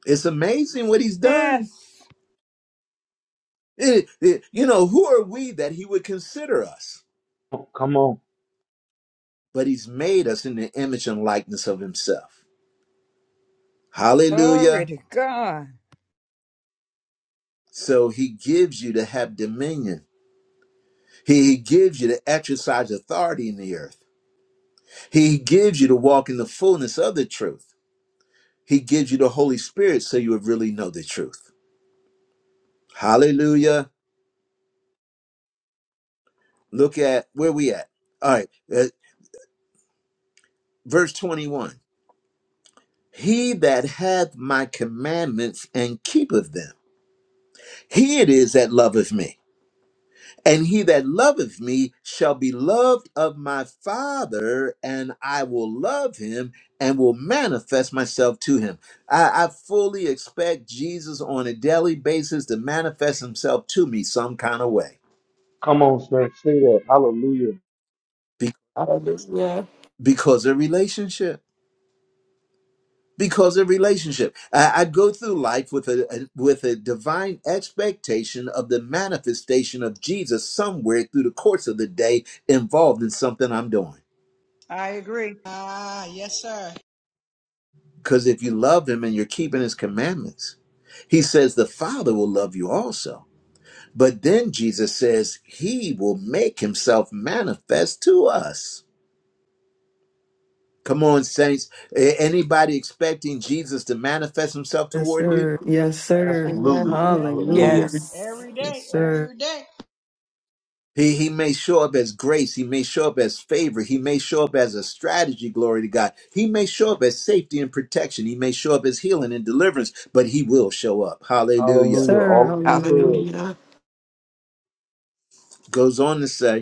It's amazing what He's done. Yes. It- it- you know, who are we that He would consider us? Come on. But He's made us in the image and likeness of Himself. Glory Hallelujah. to God. So he gives you to have dominion. He gives you to exercise authority in the earth. He gives you to walk in the fullness of the truth. He gives you the Holy Spirit so you would really know the truth. Hallelujah. Look at where we at. All right. uh, verse 21. He that hath my commandments and keepeth them, he it is that loveth me. And he that loveth me shall be loved of my Father, and I will love him and will manifest myself to him. I, I fully expect Jesus on a daily basis to manifest himself to me some kind of way Come on, sir. Say that. Hallelujah. Be- Hallelujah. because of relationship. Because of relationship, I, I go through life with a, a with a divine expectation of the manifestation of Jesus somewhere through the course of the day, involved in something I'm doing. I agree. Ah, yes, sir. Because if you love him and you're keeping his commandments, he says the Father will love you also. But then Jesus says he will make himself manifest to us. Come on, saints. A- Anybody expecting Jesus to manifest himself Yes, toward you? sir. Yes, sir. Absolutely. Amen. Yes, sir. Hallelujah. Hallelujah. Yes. Every Yes, day. sir. Every day. He, he may show up as grace. He may show up as favor. He may show up as a strategy, glory to God. He may show up as safety and protection. He may show up as healing and deliverance, but he will show up. Hallelujah. Hallelujah. Sir, All of the hallelujah. above. Hallelujah. Goes on to say,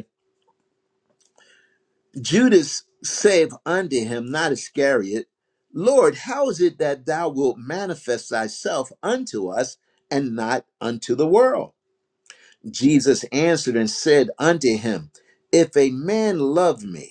Judas saith unto him, not Iscariot, Lord, how is it that thou wilt manifest thyself unto us and not unto the world? Jesus answered and said unto him, If a man love me,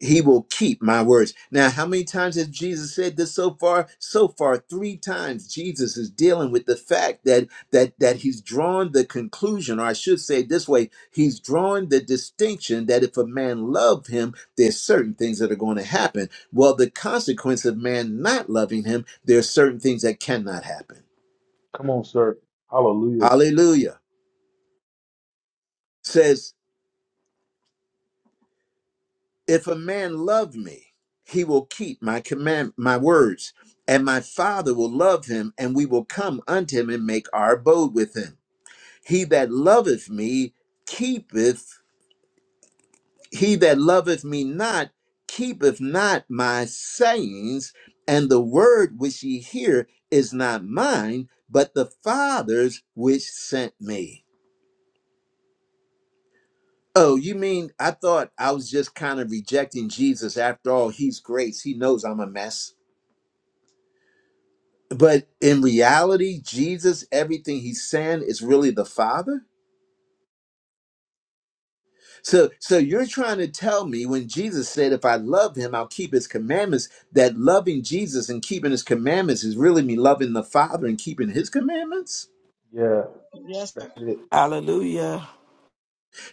he will keep my words. Now, how many times has Jesus said this so far? So far, three times. Jesus is dealing with the fact that that that he's drawn the conclusion, or I should say it this way, he's drawn the distinction that if a man loved him, there's certain things that are going to happen. Well, the consequence of man not loving him, there are certain things that cannot happen. Come on, sir. Hallelujah. Hallelujah. Says If a man love me, he will keep my command my words, and my father will love him, and we will come unto him and make our abode with him. He that loveth me keepeth he that loveth me not keepeth not my sayings, and the word which ye hear is not mine, but the Father's which sent me. Oh, you mean I thought I was just kind of rejecting Jesus after all, he's grace, he knows I'm a mess. but in reality jesus everything he's saying is really the father so so you're trying to tell me when jesus said if i love him i'll keep his commandments that loving jesus and keeping his commandments is really me loving the father and keeping his commandments Yeah. Yes, sir. That's it. Hallelujah.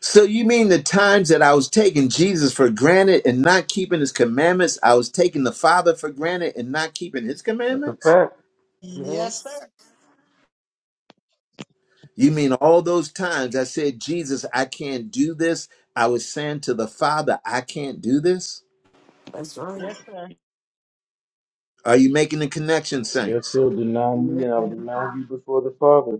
so you mean the times that i was taking jesus for granted and not keeping his commandments i was taking the father for granted and not keeping his That's a commandments fact. Yes, Yes. sir. You mean all those times I said, Jesus, I can't do this? I was saying to the Father, I can't do this? That's right. Yes, sir. Are you making the connection, Yes, saints? sir. Deny me and I'll Amen. deny you before the Father.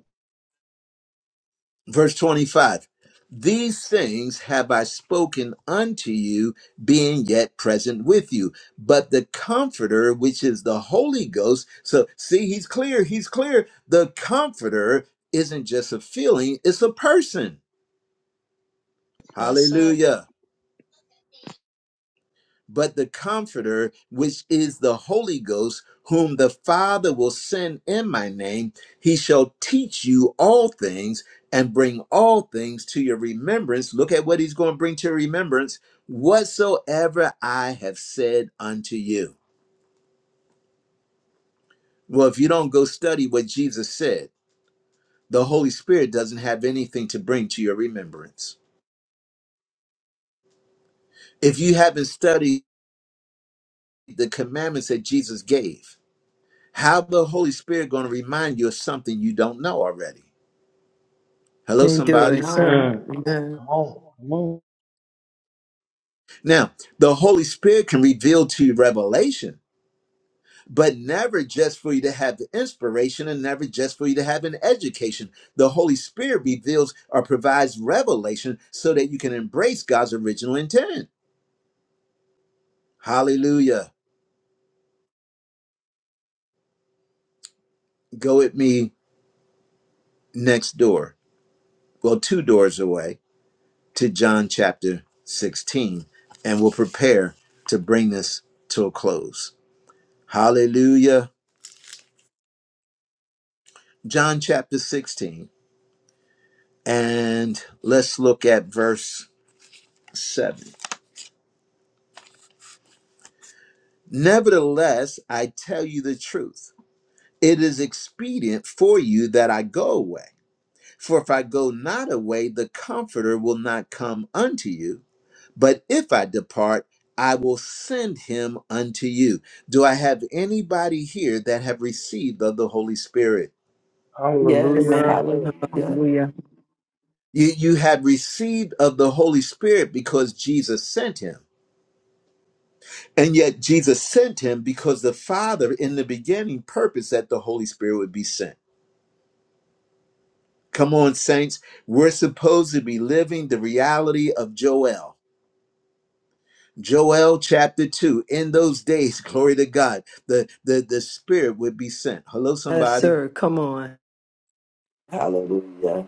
Verse 25 These things have I spoken unto you, being yet present with you. But the Comforter, which is the Holy Ghost, so see, he's clear, he's clear. The Comforter isn't just a feeling, it's a person. Yes, sir. Hallelujah. but the Comforter, which is the Holy Ghost, whom the Father will send in my name, he shall teach you all things and bring all things to your remembrance. Look at what he's going to bring to your remembrance whatsoever I have said unto you. Well, if you don't go study what Jesus said, the Holy Spirit doesn't have anything to bring to your remembrance. If you haven't studied the commandments that Jesus gave, How the Holy Spirit going to remind you of something you don't know already? Hello, And do it, somebody. sir. Amen. Mm. Amen. Come on. Come on. Now, the Holy Spirit can reveal to you revelation, but never just for you to have the inspiration and never just for you to have an education. The Holy Spirit reveals or provides revelation so that you can embrace God's original intent. Hallelujah. Go with me next door, well, two doors away to John chapter 16, and we'll prepare to bring this to a close. Hallelujah. John chapter 16. And let's look at verse 7. Nevertheless, I tell you the truth. It is expedient for you that I go away. For if I go not away, the Comforter will not come unto you. But if I depart, I will send him unto you. Do I have anybody here that have received of the Holy Spirit? Yes. Amen. Hallelujah. Hallelujah. Hallelujah. You, you have received of the Holy Spirit because Jesus sent him And yet Jesus sent him because the Father in the beginning purposed that the Holy Spirit would be sent. Come on, saints. We're supposed to be living the reality of Joel. Joel chapter 2. In those days, *laughs* glory to God, the, the, the Spirit would be sent. Hello, Yes, somebody. sir. Come on. Hallelujah.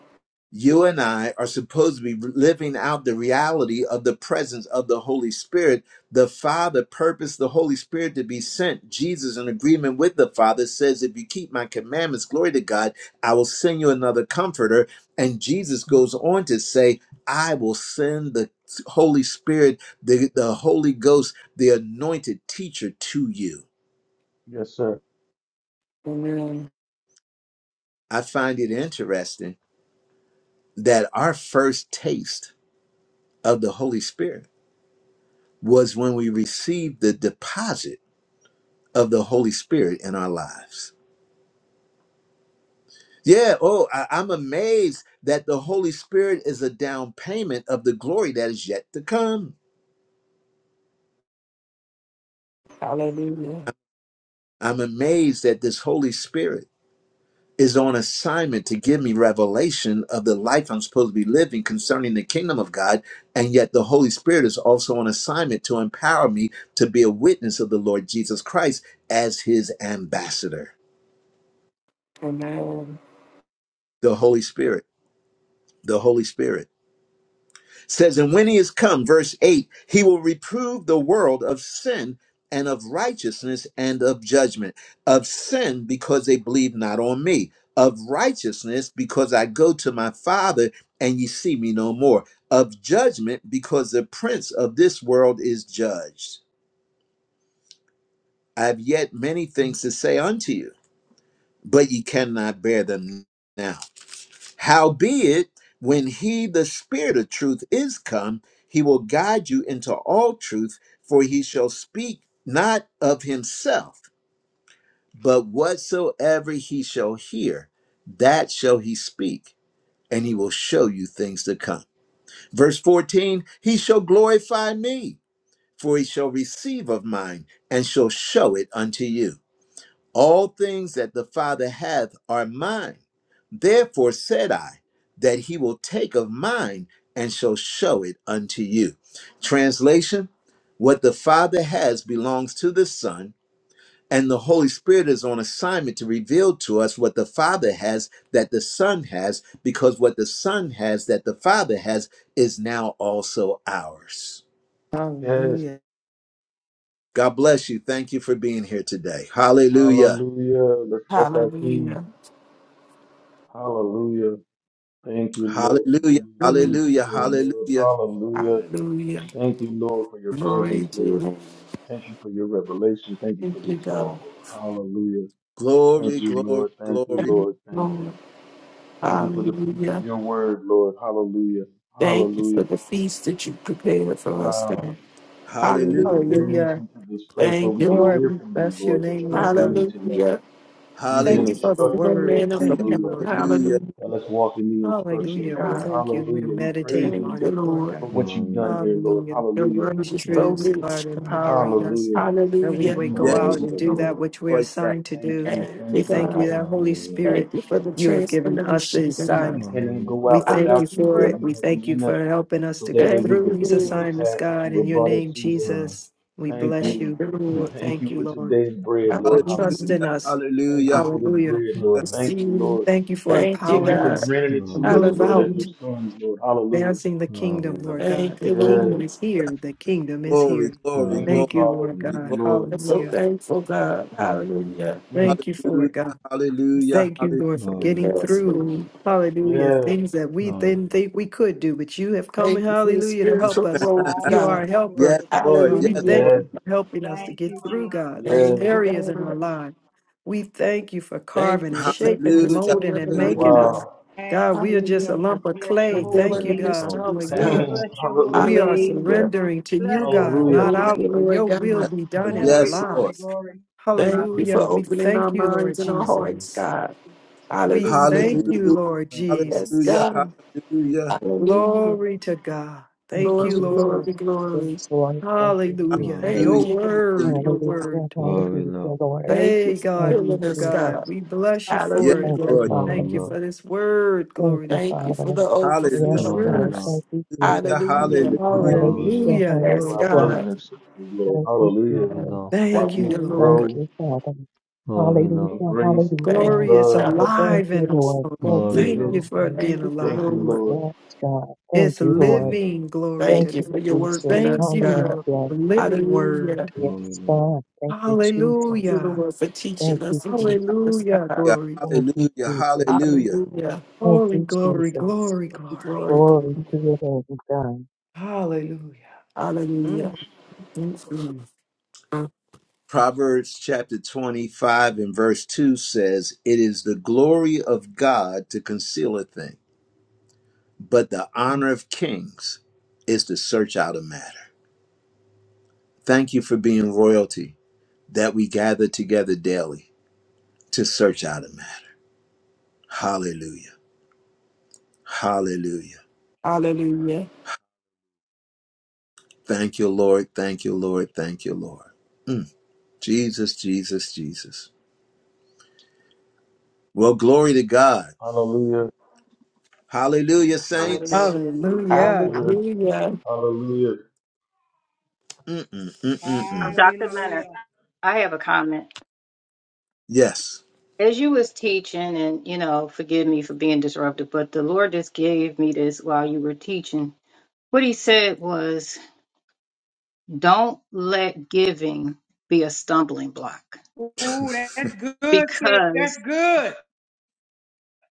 you and I are supposed to be living out the reality of the presence of the Holy Spirit. The Father purposed the Holy Spirit to be sent. Jesus, in agreement with the Father, says, If you keep my commandments, glory to God, I will send you another comforter. And Jesus goes on to say, I will send the Holy Spirit, the, the Holy Ghost, the anointed teacher to you. Yes, sir. Amen. I find it interesting that our first taste of the Holy Spirit was when we received the deposit of the Holy Spirit in our lives. Yeah, oh, I, I'm amazed that the Holy Spirit is a down payment of the glory that is yet to come. Hallelujah. I'm amazed that this Holy Spirit is on assignment to give me revelation of the life I'm supposed to be living concerning the kingdom of God. And yet the Holy Spirit is also on assignment to empower me to be a witness of the Lord Jesus Christ as his ambassador. Amen. The Holy Spirit, the Holy Spirit. says, And when he is come, verse 8, he will reprove the world of sin and of righteousness and of judgment. Of sin, because they believe not on me. Of righteousness, because I go to my Father and ye see me no more. Of judgment, because the prince of this world is judged. I have yet many things to say unto you, but ye cannot bear them now. Howbeit, when he, the Spirit of truth, is come, he will guide you into all truth, for he shall speak not of himself, but whatsoever he shall hear, that shall he speak, and he will show you things to come. Verse 14 He shall glorify me, for he shall receive of mine, and shall show it unto you. All things that the Father hath are mine. Therefore said I, that he will take of mine and shall show it unto you. Translation What the Father has belongs to the Son, and the Holy Spirit is on assignment to reveal to us what the Father has that the Son has, because what the Son has that the Father has is now also ours. Yes. Hallelujah. God bless you. Thank you for being here today. Hallelujah. Hallelujah. That's, that's our King. Hallelujah. Hallelujah. Thank you, Lord, for Hallelujah. being you Hallelujah. Hallelujah. today, Lord. Hallelujah. Hallelujah. Hallelujah. Thank you, Lord, for your Glory presence, to your Lord. name. Thank you for your revelation. Thank you for Thank you, this God. walk, Lord. Hallelujah. Thank Glory, you, glory, Lord. Thank you, Thank glory. you, Lord. Thank you. Lord. Thank you for the peace of Hallelujah. your word, Lord. Hallelujah. Thank you Hallelujah. for the feast that you prepared for us, Wow. God. Thank you Hallelujah. for Hallelujah. bringing us Hallelujah. into this place where Thank we you, can Lord, Lord. hear we from you, bless your Lord, the name, truth Lord we God. need to know. Hallelujah. We've been Thank Hallelujah. you for the instructed, No word. We Lord. manner from thank you, Hallelujah. heaven. Lord God. Hallelujah. Hallelujah. Now let's walk in the Thank you, instructions, Hallelujah. We Lord. God. thank you. We Hallelujah. We praise meditate Thank you on you, it, Lord Lord. God. for what you've Glory, done Lord. here, Lord. Hallelujah. Your Hallelujah. word These is so truths, Glory, God, rich, God. empowering us Hallelujah. that we Thank Hallelujah. may you, go Yes, Lord. Lord. out Thank Thank and you, do you, that Lord. Lord. which we are Lord. Yes. assigned to Thank do. you, Thank We you, thank you, thank you God. thank that you, Glory, Holy thank Lord. you. Thank Spirit, you for the you have given us the transformation, God. We assignment Glory, Lord. cannot go We out thank you without you, for Lord. it. Hallelujah. We We have thank you you in us for helping us so to that get way Thank we through can you, these complete Glory, the Lord. assignments, task that God. you In have your brought us name, to, Lord. Lord. Jesus, we Thank bless Thank you. you. you, We Lord. Thank thank you you, for Lord, today's Lord, Lord, bread, for Lord. Lord. Hallelujah. Hallelujah. trusting Hallelujah. us. Thank you Hallelujah. for this Hallelujah. bread, Lord. Thank you, Receive. Lord. Thank you for Thank you, Thank you empowering for God. us granting it to Glory, to Lord. Glory, us, move Lord. Lord, as your Hallelujah. out, sons, Lord. Hallelujah. advancing the Glory, Lord. Glory, Lord. Glory, Lord. kingdom, Lord Thank God. The you, Yes. kingdom Lord. is here. The kingdom is Glory, here. Glory, glory, Thank you, glory, Thank you, Father. Lord Thank God. you, glory, Lord. I'm so glory. Hallelujah. thankful, God. Lord. Hallelujah. Mm. Thank you for Hallelujah. it, God. Hallelujah. Thank you, Lord, for Hallelujah. getting Yes, through. Lord. Hallelujah. Yes. Things that we Glory, didn't Lord. think we could do, but you have come, Thank you for the hallelujah, to help spiritual us. growth, Thank You are a God. you, Hallelujah. Glory helper. Yes, to God. Lord. And we Yes, Hallelujah. thank Hallelujah. Lord. Yes. you for helping us to Thank get you, Jesus. through, God, those Thank Yes. you, areas in our God. life. We thank you for Thank carving you and for shaping taking and this to Hallelujah. molding and another Lord. level, making Lord, Hallelujah. God. us. Wow. praise God, we are just a Hallelujah. lump of Bless your I clay. need holy to Thank Revealing you, the leap name. God. over the mysteries, Come God. Hallelujah. barriers. Bless on. *laughs* your holy We Hallelujah. are name. Hallelujah. surrendering to Bless you, your God, Mhm. Hallelujah. holy not Thank Yes, our, you, name. Lord your will God. be Lord. done in our Glory, Yes, Mhm. glory, Lord. lives. glory. Yes. Thank you for Hallelujah. We opening our thank you, Lord minds and our Hallelujah. hearts, Jesus. God. We Hallelujah. thank Thank you, you, Hallelujah. Lord. Lord Thank you, Lord. Yes, Hallelujah. Jesus. God. Hallelujah. Hallelujah. Glory to God. Thank Thank you, you, Glory, Lord. glory, Jesus. glory. Yes, Lord. Thank you, Hallelujah. Glory, Jesus. Your Thank Lord. Hallelujah. you. God. word, Hallelujah. your Hallelujah. word. Glory, Hallelujah, Lord. Lord. Thank you Hey, for God, Thank we you, filling to us, God. God. Jesus. We bless you Yes, for it, Thank Hallelujah. you, Lord. Lord. Glory, Father. Thank you Lord. for this word. Thank Glory to you, Thank God. you Father. for the The Yes, Hallelujah. overflow, Glory, God. Lord. Lord. truth. Thank you, Jesus. Thank you for Hallelujah. the Hallelujah. Love confirmation. Hallelujah. below, Hallelujah. Thank you for Yes, Glory our to Hallelujah. brothers God. God. and sisters, Lord. Thank you, love Hallelujah. Jesus. below, Thank Thank Watching you, us you, Lord. Thank God. Lord. grow you, Father. love below, in Hallelujah. grace, Oh, Thank Hallelujah. glory you, is love, God. Thank alive you, in us, Lord. Lord. Thank and you, Thank you witness. for it Jesus. being Thank you, Thank you, alive. Lord. Lord. Yes, God. It's Thank you, love Lord. below, living glory Thank to Thank you God. you, for your work Jesus. in Thank us, you, God. Lord, Hallelujah. for the living word. Hallelujah. love Yes, below. God. Thank you, Thank Jesus. you, Hallelujah. Lord, for Thank teaching you, us and Jesus. keeping us, Hallelujah. God. Glory. Thank you, Hallelujah. Jesus. Hallelujah. Hallelujah. Thank Glory, you, glory, Jesus. glory, glory. Glory, Glory glory. to your name, God. Hallelujah. Mm, Hallelujah. mm, mm. Proverbs chapter 25 and verse 2 says, It is the glory of God to conceal a thing, but the honor of kings is to search out a matter. Thank you for being royalty that we gather together daily to search out a matter. Hallelujah. Hallelujah. Hallelujah. Thank you, Lord. Thank you, Lord. Thank you, Lord. Jesus, Jesus, Jesus. Well, glory to God. Hallelujah. Hallelujah, saints. Hallelujah. Yes, Hallelujah. sir. Hallelujah. Hallelujah. Mm-mm, Um, mm Dr. Leonard, Hallelujah. I have a comment. Yes. As you was teaching, and you know, forgive me for being disruptive, but the Lord just gave me this while you were teaching. What he said was, don't let giving be a stumbling block Ooh, that's good, sis. That's because good.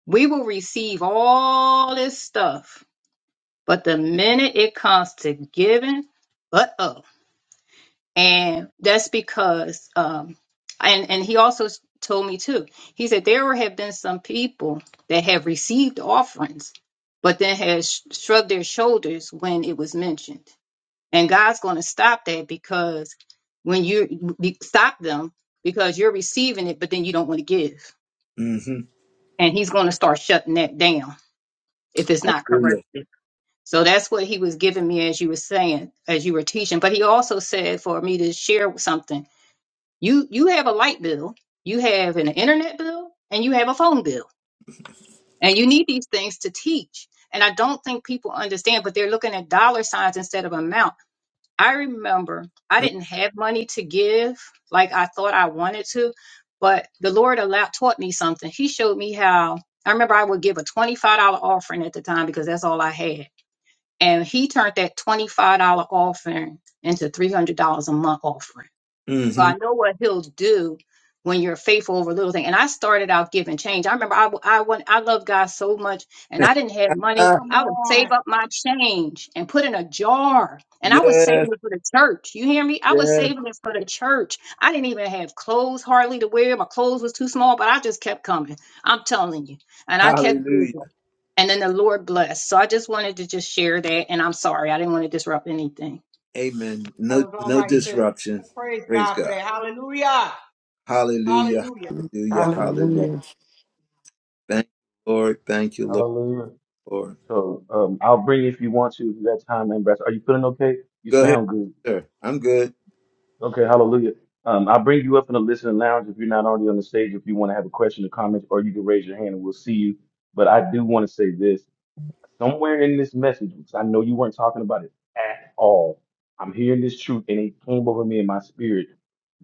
we will receive all this stuff, but the minute it comes to giving, but up. And that's because, um, and, and he also s- told me too, he said there have been some people that have received offerings, but then has shrugged their shoulders when it was mentioned. And God's going to stop that because when you be, stop them, because you're receiving it, but then you don't want to give. Mm-hmm. And he's going to start shutting that down if it's not Hallelujah. corrected. So that's what he was giving me as you were saying, as you were teaching. But he also said for me to share something you you have a light bill, you have an internet bill, and you have a phone bill. And you need these things to teach. And I don't think people understand, but they're looking at dollar signs instead of amount. I remember I didn't have money to give like I thought I wanted to, but the Lord allowed taught me something. He showed me how I remember I would give a $25 offering at the time because that's all I had. And he turned that $25 offering into $300 a month offering so Mm-hmm. I know what he'll do when you're faithful over little things. And I started out giving change. I remember I I went, I love God so much and *laughs* I didn't have money. Ah, Come I would on. save up my change and put in a jar. And I was yes, saving it for the church. You hear me? I was yes. saving it for the church. I didn't even have clothes hardly to wear. My clothes was too small, but I just kept coming. I'm telling you. And I kept Hallelujah. giving. And then the Lord blessed. So I just wanted to just share that. And I'm sorry. I didn't want to disrupt anything. Amen. That No, was all no right, sis. disruption. Praise Praise God for God. that. Hallelujah. Hallelujah. Hallelujah. Mm, Hallelujah. Hallelujah. Hallelujah. Hallelujah. Thank you, Lord. Thank you, Lord. Hallelujah. Lord. So um, I'll bring you if you want to if you got time, Ambassador. Are you feeling okay? You Go ahead, sound good. sir. I'm good. Okay, hallelujah. Um, I'll bring you up in the listening lounge if you're not already on the stage. If you want to have a question or comment, or you can raise your hand and we'll see you. But I do want to say this somewhere in this message, because I know you weren't talking about it at all. I'm hearing this truth and it came over me in my spirit.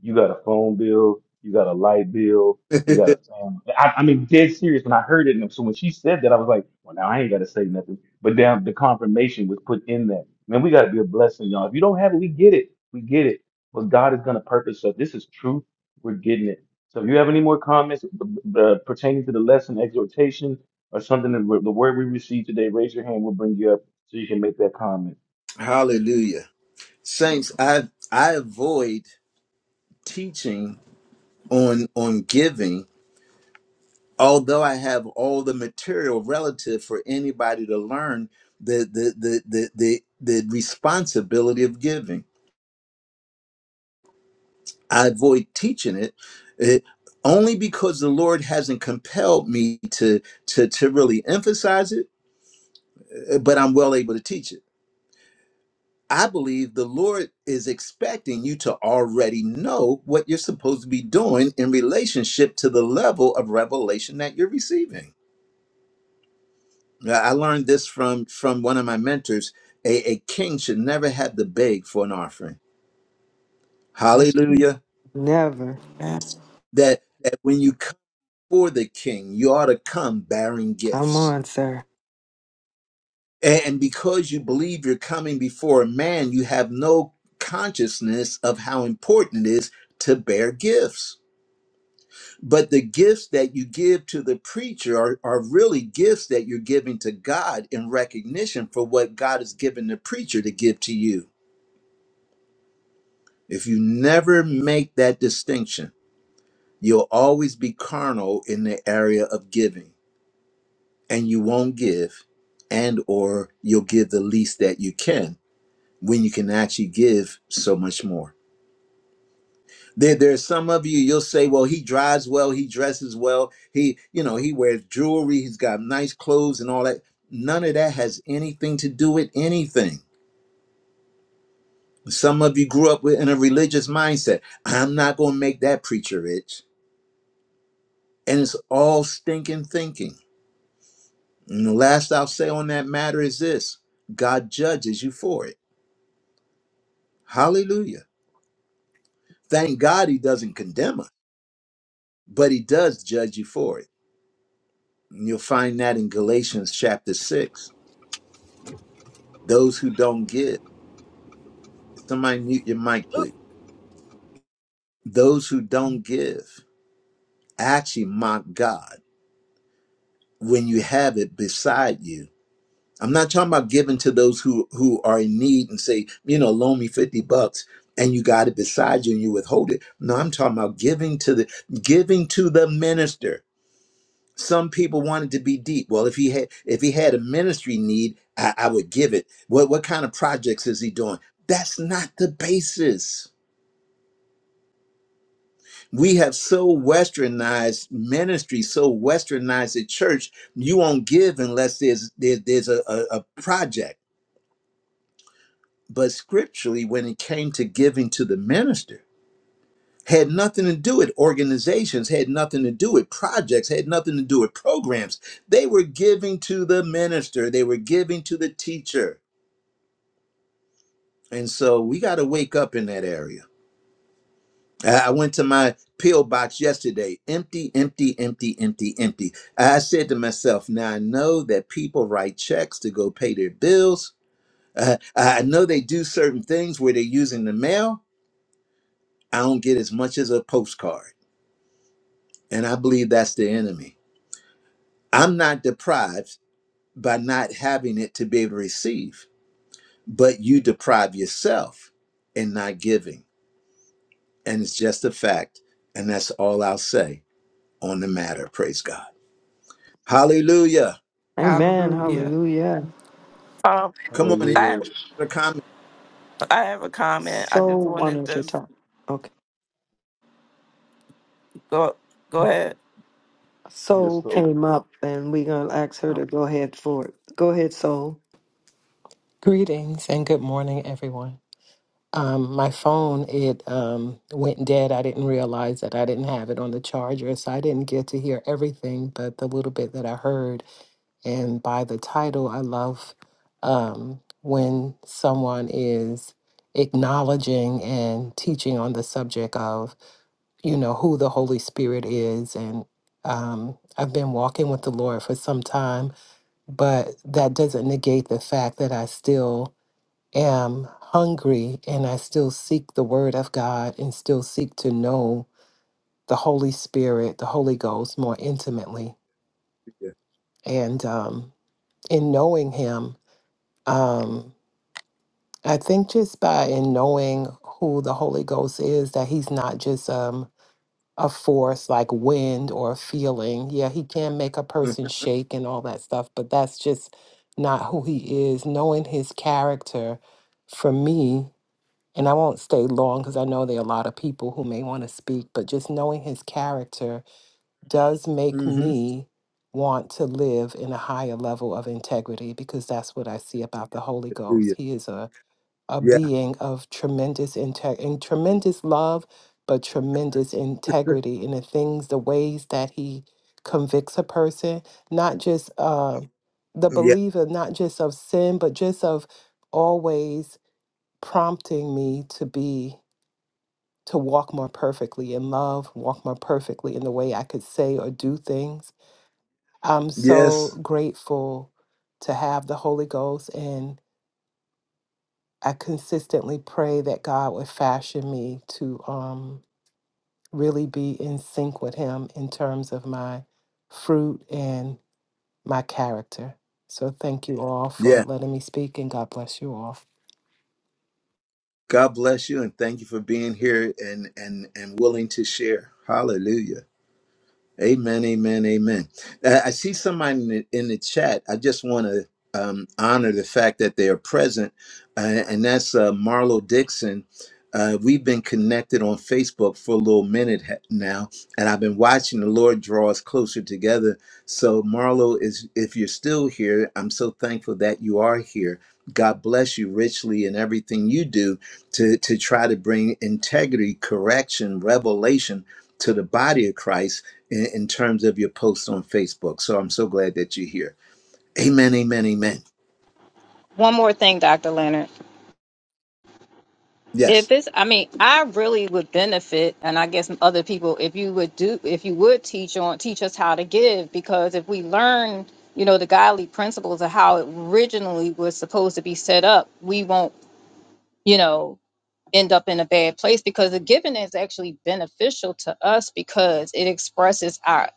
You got a phone bill, you got a light bill, you got a *laughs* family. I, I mean, dead serious when I heard it. And so when she said that, I was like, well, now I ain't got to say nothing. But then the confirmation was put in there. Man, we got to be a blessing, y'all. If you don't have it, we get it. We get it. But God is going to purpose. So this is truth. We're getting it. So if you have any more comments uh, pertaining to the lesson, exhortation, or something that we- the word we receive today, raise your hand, we'll bring you up so you can make that comment. Hallelujah. Saints, I I avoid teaching on on giving although I have all the material relative for anybody to learn the the the the the, the responsibility of giving. I avoid teaching it, it only because the Lord hasn't compelled me to to to really emphasize it, uh, but I'm well able to teach it. I believe the Lord is expecting you to already know what you're supposed to be doing in relationship to the level of revelation that you're receiving. Uh, I learned this from from one of my mentors. A, a king should never have to beg for an offering. That's Hallelujah. never. Yes. That that when you come for the king, you ought to come bearing Come gifts. on, sir. And, and because you believe you're coming before a man, you have no consciousness of how important it is to bear gifts. But the gifts that you give to the preacher are, are really gifts that you're giving to God in recognition for what God has given the preacher to give to you. If you never make that distinction, you'll always be carnal in the area of giving and you won't give and or you'll give the least that you can when you can actually give so much more. There, there's some of you you'll say, well, he drives well, he dresses well, he, you know, he wears jewelry, he's got nice clothes and all that. None of that has anything to do with anything. Some of you grew up with in a religious mindset. I'm not going to make that preacher rich. And it's all stinking thinking. And the last I'll say on that matter is this God judges you for it. Hallelujah. Thank God he doesn't condemn us, but he does judge you for it. And you'll find that in Galatians chapter 6. Those who don't give, somebody mute your mic, please. Those who don't give actually mock God when you have it beside you I'm not talking about giving to those who who are in need and say, you know, loan me 50 bucks and you got it beside you and you withhold it. No, I'm talking about giving to the giving to the minister. Some people want it to be deep. Well, if he had if he had a ministry need, I, I would give it. What what kind of projects is he doing? That's not the basis. We have so westernized ministry, so westernized the church. You won't give unless there's there, there's a, a a project but scripturally when it came to giving to the minister had nothing to do with organizations had nothing to do with projects had nothing to do with programs they were giving to the minister they were giving to the teacher and so we got to wake up in that area i I went to my pill box yesterday empty empty empty empty empty i said to myself now i know that people write checks to go pay their bills Uh, i know they do certain things where they're using the mail I don't get as much as a postcard. And I believe that's the enemy. I'm not deprived by not having it to be able to receive, but you deprive yourself in not giving. And it's just a fact. And that's all I'll say on the matter. Praise God. Hallelujah. Amen. Hallelujah. Hallelujah. Um, Come on, any I Hallelujah. have other comment I have a comment. I So just wanted wanted to to s- talk. Okay. go go ahead. Yes, Soul sir. came up, and we're gonna ask her to Um, go ahead for it. Go ahead, Soul. Greetings and good morning, everyone. Um, my phone it um, went dead. I didn't realize that I didn't have it on the charger, so I didn't get to hear everything, but the little bit that I heard. And by the title, I love um, when someone is acknowledging and teaching on the subject of you know who the Holy Spirit is. And um, I've been walking with the Lord for some time, but that doesn't negate the fact that I still am hungry and I still seek the Word of God and still seek to know the Holy Spirit, the Holy Ghost more intimately. here? And um, in knowing Him, um, I think just by in knowing who the Holy Ghost is, that He's not just um, a force like wind or a feeling. Yeah, He can make a person shake and all that stuff, but that's just not who He is. Knowing His character for me And I won't stay long because I know there are a lot of people who may want to speak, but just knowing his character does make Mm-hmm. me want to live in a higher level of integrity because that's what I see about the Holy Ghost. Hallelujah. He is a, a Yeah. being of tremendous inte- and tremendous love, but tremendous integrity in the things, the ways that he convicts a person, not just uh, the Yeah. believer, not just of sin, but just of always prompting me to be to walk more perfectly in love, walk more perfectly in the way I could say or do things. I'm so Yes. grateful to have the Holy Ghost, and I consistently pray that God would fashion me to um, really be in sync with Him in terms of my fruit and my character. So, thank you all for Yeah. letting me speak, and God bless you all. God bless you and thank you for being here and and and willing to share. Hallelujah. Amen, amen, amen. Uh, I see somebody in the, in the chat. I just want to um, honor the fact that they are present, uh, and that's uh, Marlo Dixon. Uh, we've been connected on Facebook for a little minute ha- now, and I've been watching the Lord draw us closer together so, Marlo, is if you're still here, I'm so thankful that you are here. God bless you richly in everything you do to, to try to bring integrity, correction, revelation to the body of Christ in, in terms of your posts on Facebook. So I'm so glad that you're here. Amen, amen, amen. One more thing, Dr. Leonard. If Yes. it's, I mean, I really would benefit, and I guess other people, if you would do, if you would teach on, teach us how to give, because if we learn, you know, the godly principles of how it originally was supposed to be set up, we won't, you know, end up in a bad place because the giving is actually beneficial to us because it expresses our,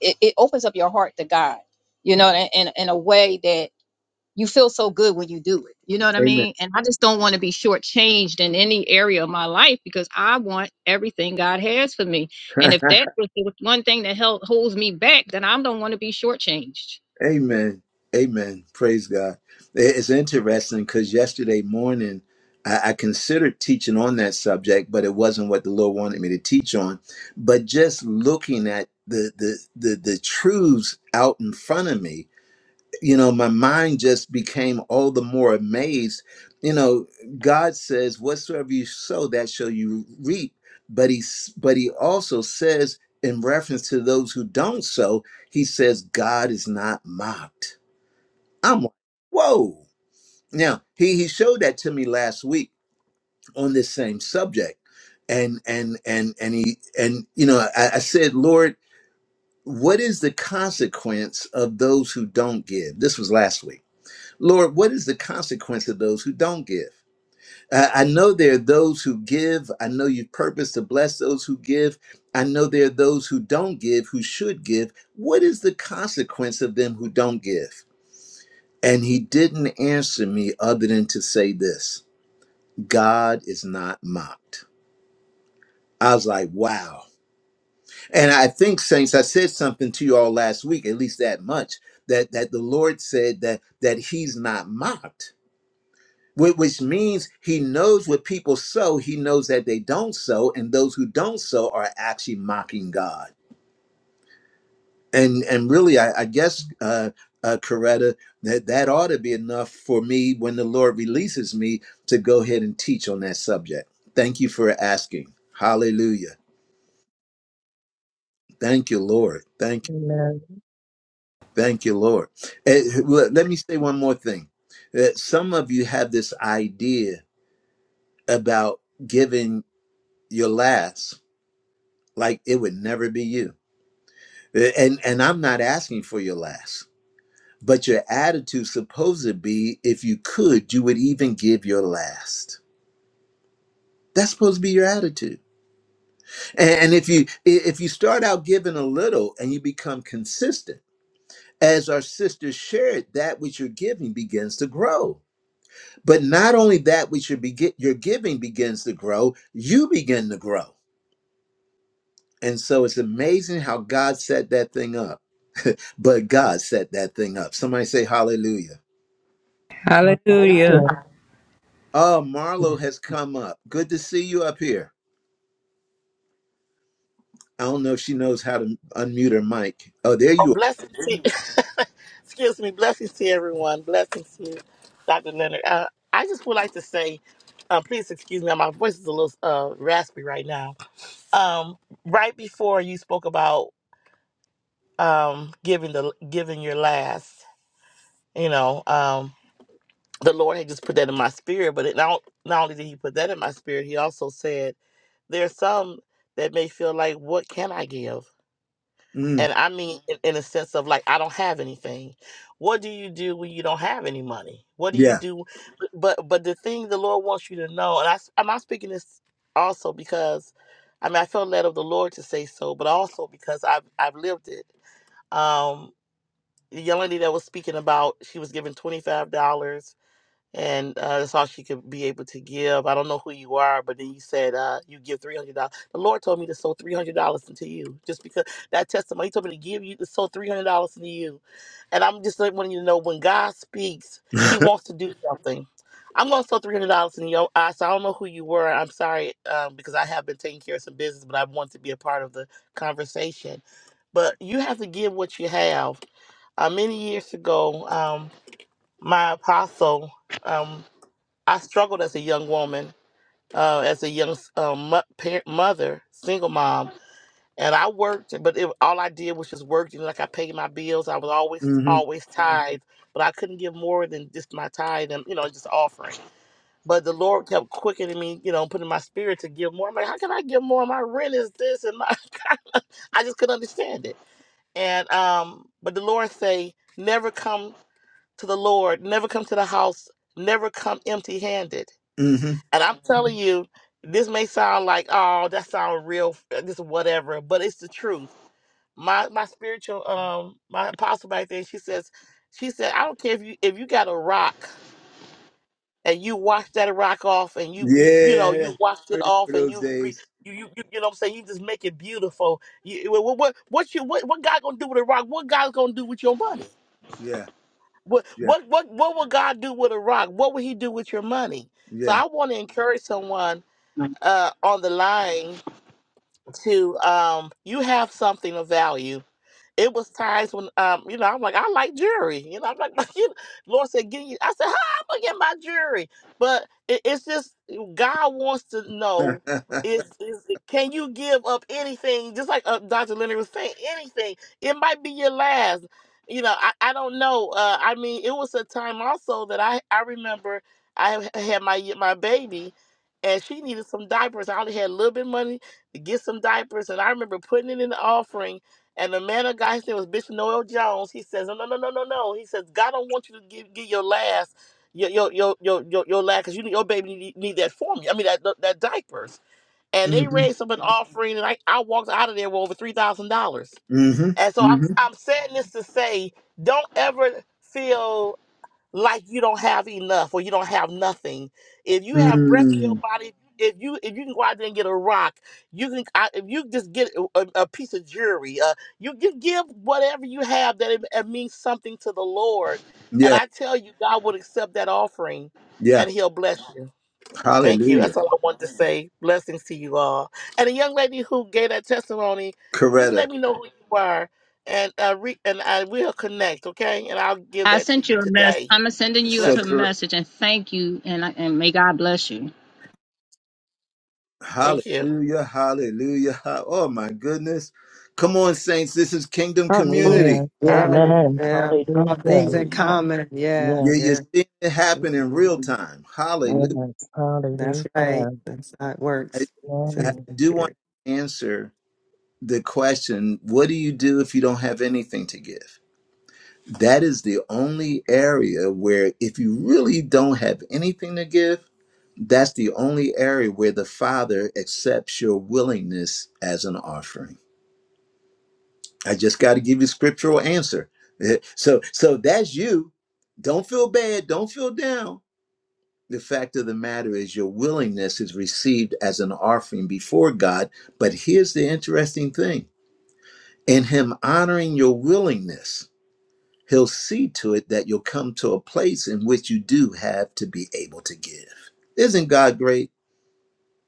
it, it opens up your heart to God, you know, in, in, in a way that you feel so good when you do it. You know what I Amen. mean? And I just don't want to be shortchanged in any area of my life because I want everything God has for me. *laughs* And if that was the one thing that held, holds me back, then I don't want to be shortchanged. Amen. Amen. Praise God. It- It's interesting because yesterday morning I, I considered teaching on that subject, but it wasn't what the Lord wanted me to teach on. But just looking at the the the, the truths out in front of me, you know, my mind just became all the more amazed. You know, God says, "Whatsoever you sow, that shall you reap." But he, s- but he also says, in reference to those who don't sow, he says, "God is not mocked." I'm like, whoa. Now he he showed that to me last week on this same subject, and and and and he and you know, I, I said, Lord. What is the consequence of those who don't give? This was last week. Lord, what is the consequence of those who don't give? I I know there are those who give. I know you purpose to bless those who give. I know there are those who don't give who should give. What is the consequence of them who don't give? And he didn't answer me other than to say this God is not mocked. I was like, wow. And I think, Saints, I said something to you all last week, at least that much, that, that the Lord said that, that he's not mocked Wh- which means he knows what people sow he knows that they don't sow and those who don't sow are actually mocking god and and really i, I guess uh uh, Coretta, that that ought to be enough for me when the Lord releases me to go ahead and teach on that subject. Thank you for asking. Hallelujah. Thank you, Lord. Thank you. Amen. Thank you, Lord. Eh, let let me say one more thing. Eh, Some of you have this idea about giving your last like it would never be you and and i'm not asking for your last but your attitude supposed to be if you could you would even give your last that's supposed to be your attitude and, and if you if you start out giving a little and you become consistent as our sisters shared that which you're giving begins to grow but not only that which you're, begi- you're giving begins to grow you begin to grow and so it's amazing how god set that thing up but God set that thing up. Somebody say hallelujah. Hallelujah. Hallelujah. Oh, Marlo has come up. Good to see you up here. I don't know if she knows how to unmute her mic. Oh, there Oh, you are. blessings to *laughs* excuse me, blessings to everyone. Blessings to you, Dr. Leonard. Uh, I just would like to say, uh, please excuse me, my voice is a little uh, raspy right now. Um, right before you spoke about um, giving the giving your last, you know, um, the Lord had just put that in my spirit. But it not not only did He put that in my spirit, He also said there are some that may feel like, what can I give? Mm, and I mean in, in a sense of like I don't have anything. What do you do when you don't have any money? What do you yeah. do? But but the thing the Lord wants you to know, and I s- I'm not speaking this also because I mean I felt led of the Lord to say so, but also because I've I've lived it. Um, the young lady that was speaking about she was given twenty five dollars and uh, that's all she could be able to give. I don't know who you are, but then you said uh, you give three hundred dollars. The Lord told me to sow three hundred dollars into you, just because that testimony He told me to give you to sow three hundred dollars into you, and I'm just like wanting you to know when God speaks, He wants to do something. I'm gonna sow three hundred dollars in your eyes. So I don't know who you were. I'm sorry um, because I have been taking care of some business, but I want to be a part of the conversation. But you have to give what you have. Uh, many years ago, um, my apostle. um, I struggled as a young woman, uh, as a young um, mo- parent, mother, single mom, and I worked, but it, all I did was just work. You know, like I paid my bills. I was always hmm always Mhm. tithe, but I couldn't give more than just my tithe and you know just offering. But the Lord kept quickening me, you know, putting my spirit to give more. I'm like, how can I give more? My rent is this, and my *laughs* I just couldn't understand it. And um, but the Lord say, never come to the Lord, never come to the house, never come empty-handed hmm and I'm telling you, this may sound like, oh, that sound real, uh, this whatever, but it's the truth. My my spiritual um my apostle back there, she says, she said, I don't care if you if you got a rock and you washed that rock off and you you you know you Yeah. washed I it remember off and those you bre- days. you you you, you know what I'm saying you just make it beautiful. You, what what what you what, what God gonna do with a rock? What God's gonna do with your money? Yeah. What Yeah. what what what will God do with a rock? What will He do with your money? So Yeah. I want to encourage someone uh, on the line to um, you have something of value it was times when, um, you know, I'm like, I like jury. You know, I'm like, *laughs* you Lord said, get you. I said, how am gonna get my jury? But it, it's just mm, God wants to *laughs* know hmm is is can you give up anything? Just like uh, Dr. Leonard was saying, anything. It might be your last. You know, I, I don't know. Uh, I mean, it was a time also that I I remember I ha- had my my baby, and she needed some diapers. I only had a little bit of money to get some diapers, and I remember putting it in the offering and the man of God, his name was Bishop Noel Jones. He says, No, no, no, no, no, no. He says, God don't want you to give, give your last, your your your your your, your last, because you your baby need, need that formula. I mean that that diapers. And they raised up an offering, and I, I walked out of there with over three thousand dollars. hmm And so I'm hmm I'm saying this to say, don't ever feel like you don't have enough or you don't have nothing. If you have breath in your Mm. body, if you if you can go out there and get a rock, you can I, if you just get a, a a piece of jewelry, uh, you can give whatever you have that it, it means something to the Lord. And Yeah. I tell you, God will accept that offering, Yeah. and He'll bless you. Thank you. Hallelujah. That's all I want to say. Blessings to you all. And the young lady who gave that testimony, just Coretta. let me know who you are, and uh, re- and I will connect, okay? And I'll give I that to sent you you a mess. today. I'm sending you So a Blessings. message and thank you and, I- and may God bless you. Thank you. Hallelujah, hallelujah. ha- Oh my goodness. Come on, saints. This is kingdom Hallelujah. community. Yes. Yeah, Amen. hallelujah. yeah. All things Hallelujah. in Hallelujah. common. Yeah, You're, Yes. you're yeah. seeing it happen in real time. Hallelujah. Yes. That's right. Hallelujah. That's how it I, works. That's I Yes. do want it. to answer the question what do you do if you don't have anything to give? That is the only area where, if you really don't have anything to give, that's the only area where the Father accepts your willingness as an offering. I just got to give you a scriptural answer. Eh, So so that's you. Don't feel bad. Don't feel down. The fact of the matter is your willingness is received as an offering before God. But here's the interesting thing. In him honoring your willingness, he'll see to it that you'll come to a place in which you do have to be able to give. Isn't God great?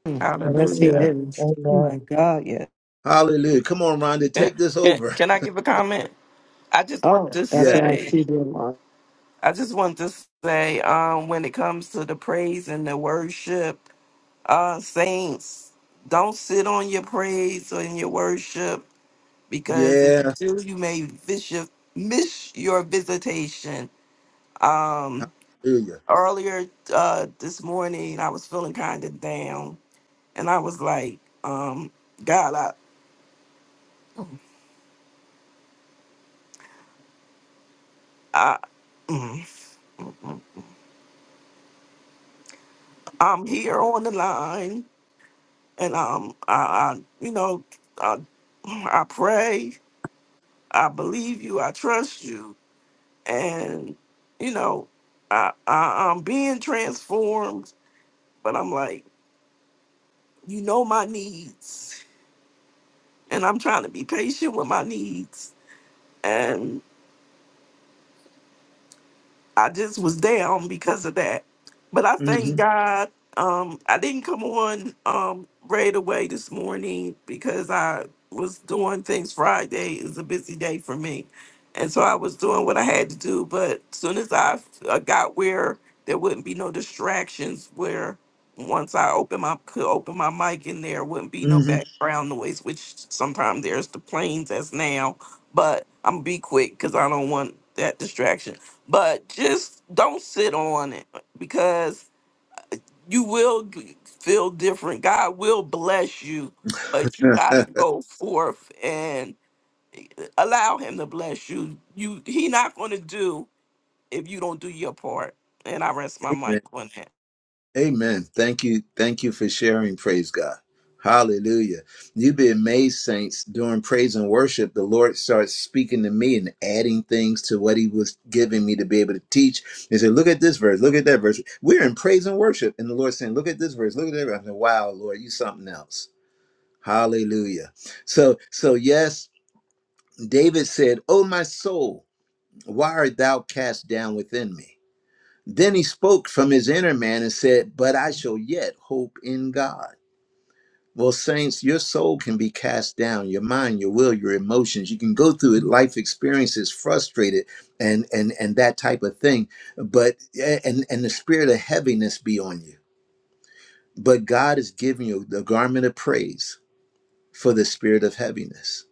Mm, That's Yes, he it. Hallelujah. is. Oh Amen. my God, yeah. Hallelujah. Come on, Rhonda, Can, take this can, over. *laughs* can I give a comment? I just wanted Oh, to that's Yeah. right. say, He did. Lord. I just wanted to say, um, when it comes to the praise and the worship, uh, saints, don't sit on your praise or in your worship because if you Yeah. do, you may miss your, miss your visitation. Um, Hallelujah. earlier uh, this morning, I was feeling kind of down, and I was like, um, God, I, I. mm. mm. I'm here on the line, and um, I, I you know, I, I pray, I believe you, I trust you, and you know, I, I I'm being transformed, but I'm like, you know, my needs, and I'm trying to be patient with my needs, I just was down because of that. But I thank hmm God. Um, I didn't come on um, right away this morning because I was doing things. Friday is a busy day for me. And so I was doing what I had to do. But soon as I uh, got where there wouldn't be no distractions, where once I open my could open my mic in there wouldn't be no background noise, which sometimes there's the planes as now. But I'm gonna be quick because I don't want that distraction but just don't sit on it because you will g- feel different. God will bless you, but you got to go forth and allow him to bless you. You he not going to do if you don't do your part. And I rest my hmm *laughs* mic on that. Amen. Thank you. Thank you for sharing. Praise God. Hallelujah. You'd be amazed, saints, during praise and worship, the Lord starts speaking to me and adding things to what He was giving me to be able to teach. He said, Look at this verse, look at that verse. We're in praise and worship. And the Lord's saying, Look at this verse, look at that verse. I said, Wow, Lord, you something else. Hallelujah. So, so yes, David said, Oh my soul, why art thou cast down within me? Then he spoke from his inner man and said, But I shall yet hope in God. Well, saints, your soul can be cast down, your mind, your will, your emotions. You can go through it, life experiences, frustrated and and and that type of thing. But eh, and and the spirit of heaviness be on you. But God is giving you the garment of praise for the spirit of heaviness.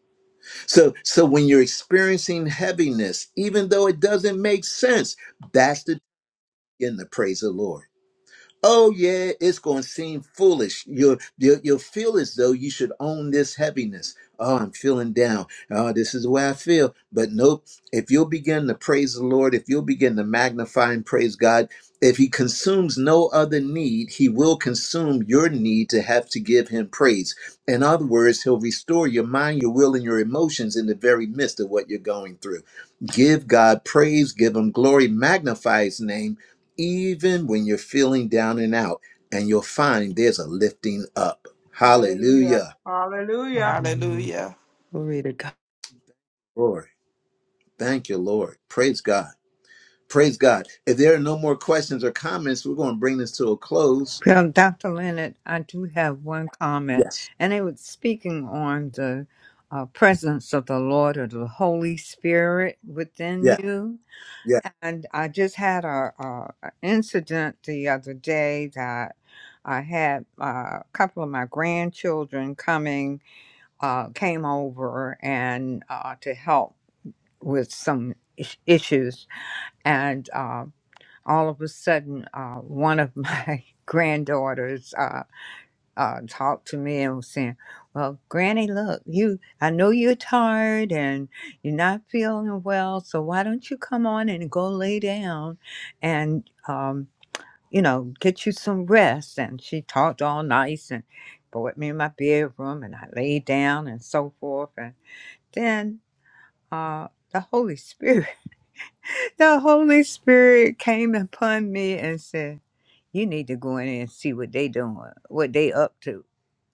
So so when you're experiencing heaviness, even though it doesn't make sense, that's the in the praise of the Lord. Oh yeah, it's going to seem foolish. You'll, you'll you'll feel as though you should own this heaviness. Oh, I'm feeling down. Oh, this is the way I feel. But nope. If you'll begin to praise the Lord, if you'll begin to magnify and praise God, if He consumes no other need, He will consume your need to have to give Him praise. In other words, He'll restore your mind, your will, and your emotions in the very midst of what you're going through. Give God praise. Give Him glory. Magnify His name even when you're feeling down and out, and you'll find there's a lifting up. Hallelujah. Hallelujah. Hallelujah. Hallelujah. Hallelujah. Glory to God. Glory. Thank you, Lord. Praise God. Praise God. If there are no more questions or comments, we're going to bring this to a close. Well, Dr. Leonard, I do have one comment, Yes. and it was speaking on the uh, presence of the Lord or the Holy Spirit within Yeah. you. Yeah. And I just had a, a a incident the other day that I had uh, a couple of my grandchildren coming uh, came over and uh, to help with some is- issues, and uh, all of a sudden, uh, one of my *laughs* granddaughters. uh, uh, talked to me and was saying, "Well, Granny, look, you. I know you're tired and you're not feeling well, so why don't you come on and go lay down, and um, you know, get you some rest?" And she talked all nice and brought me in my bedroom, and I laid down and so forth. And then uh, the Holy Spirit, *laughs* the Holy Spirit came upon me and said, "You need to go in and see what they doing, what they up to."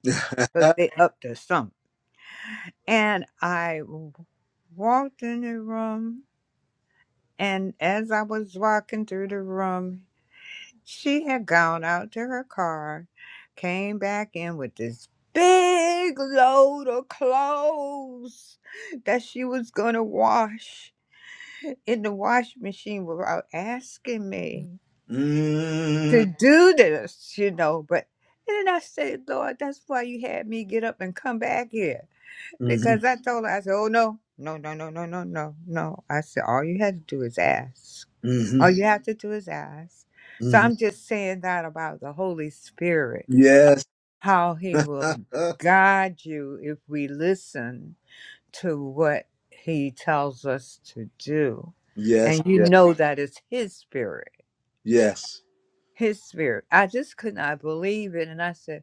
*laughs* 'cause they up to something And I w- walked in the room, and as I was walking through the room, she had gone out to her car, came back in with this big load of clothes that she was going to wash in the washing machine without asking me mm-hmm. to do this, you know. But and then I said, Lord, that's why you had me get up and come back here hmm Because I told her, I said, oh, no, no, no, no, no, no, no, no. I said, all you had to do is ask. hmm All you have to do is ask. So hmm I'm just saying that about the Holy Spirit, Yes. how he *laughs* yes. will guide you if we listen to what he tells us to do. Yes. And you know that it's his spirit, Yes. his spirit. I just could not believe it. And I said,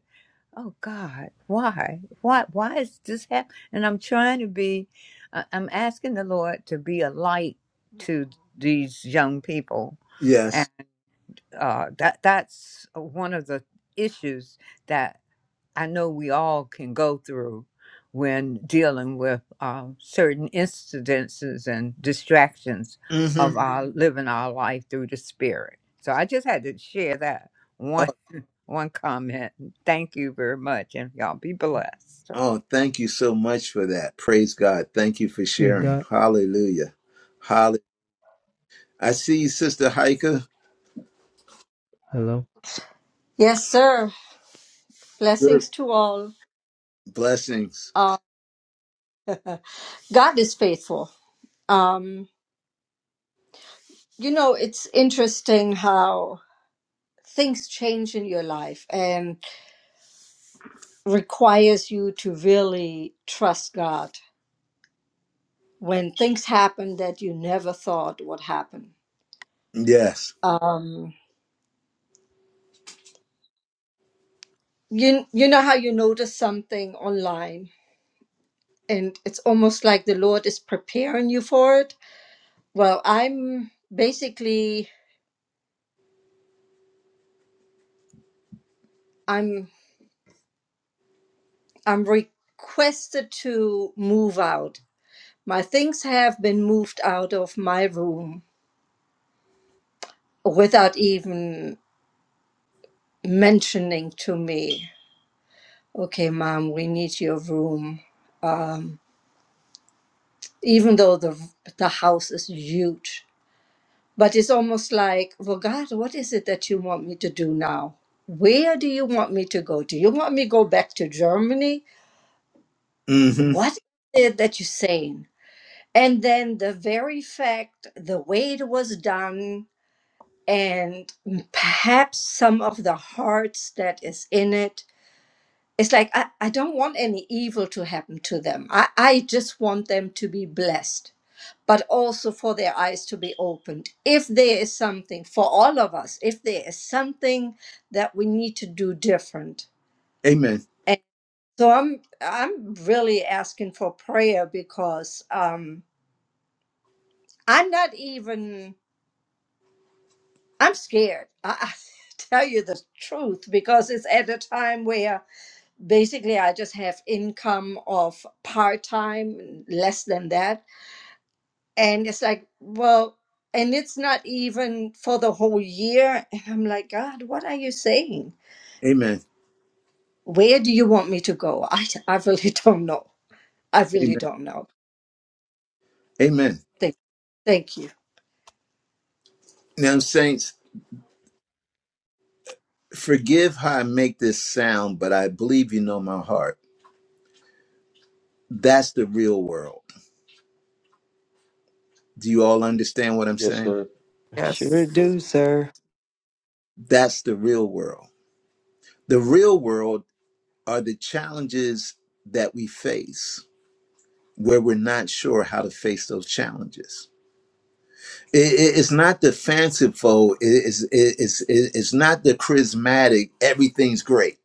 oh God, why, why, why is this happening? And I'm trying to be, I- I'm asking the Lord to be a light to these young people, and Yes. uh, that that's one of the issues that I know we all can go through when dealing with uh, certain incidences and distractions hmm of our Mhm. living our life through the Spirit. So I just had to share that Oh, one one comment. Thank you very much, and y'all be blessed. oh, thank you so much for that. Praise God. Thank you for Hey, sharing. Doc. Hallelujah. Hallelujah. I see you, Sister Heike. Hello. Yes, sir. Good Blessings to all. blessings. Uh, God is faithful. Um, you know, it's interesting how things change in your life and requires you to really trust God when things happen that you never thought would happen. Yes. Um, you, you know how you notice something online and it's almost like the Lord is preparing you for it? Well, I'm basically, I'm I'm requested to move out. My things have been moved out of my room without even mentioning to me, okay, mom, we need your room. Um, even though the, the house is huge. But it's almost like, well, God, what is it that you want me to do now? Where do you want me to go? Do you want me to go back to Germany? hmm What is it that you're saying? And then the very fact, the way it was done, and perhaps some of the hearts that is in it, it's like, I, I don't want any evil to happen to them. I, I just want them to be blessed, but also for their eyes to be opened. If there is something for all of us, if there is something that we need to do different. Amen. And so I'm I'm really asking for prayer because um, I'm not even I'm scared. I, I *laughs* tell you the truth because it's at a time where basically I just have income of part time, less than that. And it's like, well, and it's not even for the whole year. And I'm like, God, what are you saying? Amen. Where do you want me to go? *laughs* I, I really don't know. I really Amen. don't know. Amen. Thank, thank you. Now, saints, forgive how I make this sound, but I believe you know my heart. That's the real world. Do you all understand what I'm Yes, saying? sir. Sure Yes. do, sir. That's the real world. The real world are the challenges that we face where we're not sure how to face those challenges. it, it- it's not the fanciful it- it's it- it's it- it's not the charismatic everything's great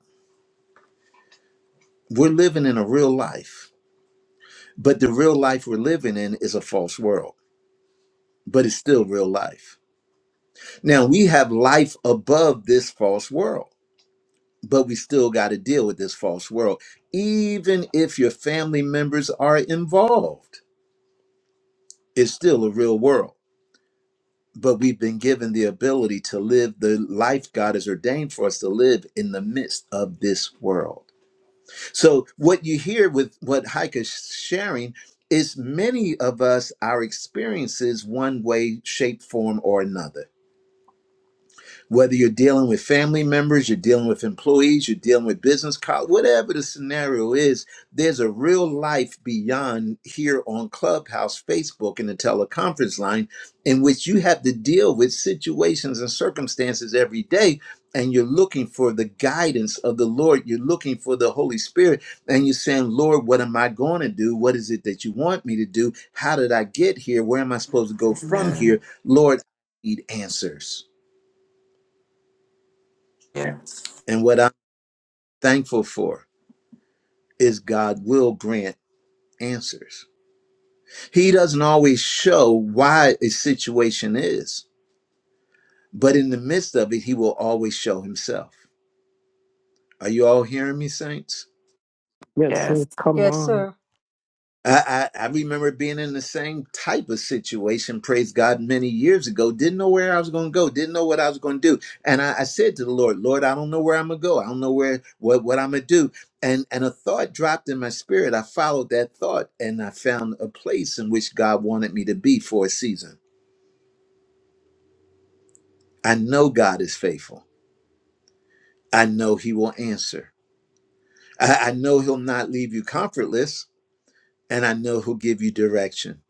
we're living in a real life but the real life we're living in is a false world but it's still real life now we have life above this false world but we still got to deal with this false world even if your family members are involved it's still a real world but we've been given the ability to live the life God has ordained for us to live in the midst of this world. So, what you hear with what Heike is sharing is many of us, our experiences, one way, shape, form, or another whether you're dealing with family members, you're dealing with employees, you're dealing with business colleagues, whatever the scenario is, there's a real life beyond here on Clubhouse, Facebook, and the teleconference line in which you have to deal with situations and circumstances every day. And you're looking for the guidance of the Lord. You're looking for the Holy Spirit. And you're saying, Lord, what am I going to do? What is it that you want me to do? How did I get here? Where am I supposed to go from Amen. here? Lord, I need answers. Yes. and what thankful for is God will grant answers. He doesn't always show why a situation is, but in the midst of it, He will always show Himself. Are you all hearing me, saints? Yes, Yes. sir. Come Yes, on. sir. I, I, I remember being in the same type of situation, praise God, many years ago. Didn't know where I was going to go. Didn't know what I was going to do. And I, I said to the Lord, Lord, I don't know where I'm going to go. I don't know where what, what I'm going to do. And, and a thought dropped in my spirit. I followed that thought and I found a place in which God wanted me to be for a season. I know God is faithful. I know he will answer. I, I know he'll not leave you comfortless. And I know he'll give you direction.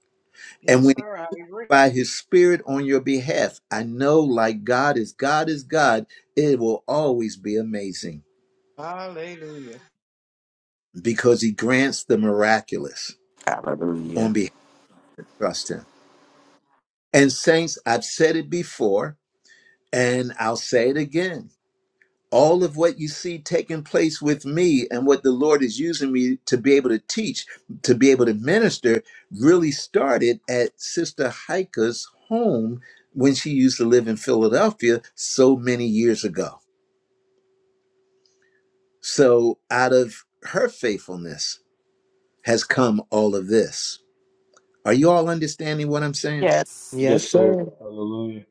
And Yes, when sir. I agree. by his spirit on your behalf. I know, like God is God is God, it will always be amazing Hallelujah. because he grants the miraculous on Hallelujah. behalf of trust him. And saints, I've said it before and I'll say it again. All of what you see taking place with me and what the Lord is using me to be able to teach, to be able to minister, really started at Sister Heike's home when she used to live in Philadelphia so many years ago. So out of her faithfulness has come all of this. Are you all understanding what I'm saying? Yes. Yes, Yes, sir. sir. Hallelujah.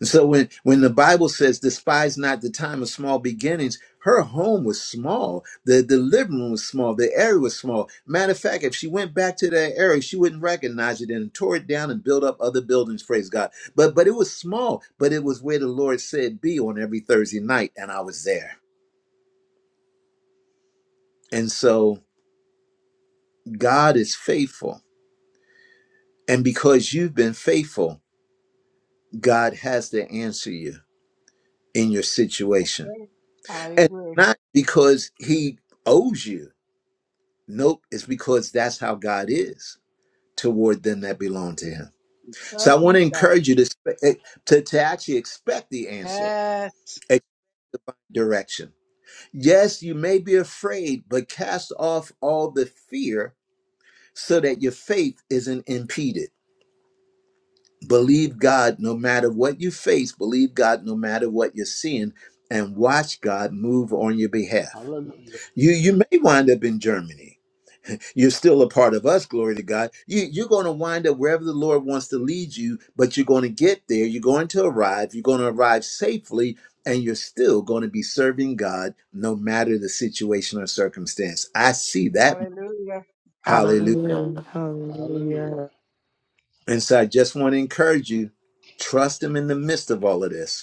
And so when when the Bible says despise not the time of small beginnings, her home was small. The the living room was small. The area was small. Matter of fact, if she went back to that area, she wouldn't recognize it and tore it down and built up other buildings, praise God. But but it was small, but it was where the Lord said be on every Thursday night, and I was there. And so God is faithful. And because you've been faithful, God has to answer you in your Yes, situation. I And agree. not because he owes you. Nope, it's because that's how God is toward them that belong to him. Trust So I want these to God. encourage you to spe- to, to actually expect the answer, Yes. a direction. Yes, you may be afraid, but cast off all the fear so that your faith isn't impeded. Believe God no matter what you face, believe God no matter what you're seeing, and watch God move on your behalf. Hallelujah. You you may wind up in Germany. You're still a part of us, glory to God. You, you're going to wind up wherever the Lord wants to lead you, but you're going to get there. You're going to arrive. You're going to arrive safely, and you're still going to be serving God no matter the situation or circumstance. I see that. Hallelujah. Hallelujah. Hallelujah. Hallelujah. Hallelujah. Hallelujah. And so I just want to encourage you trust Him in the midst of all of this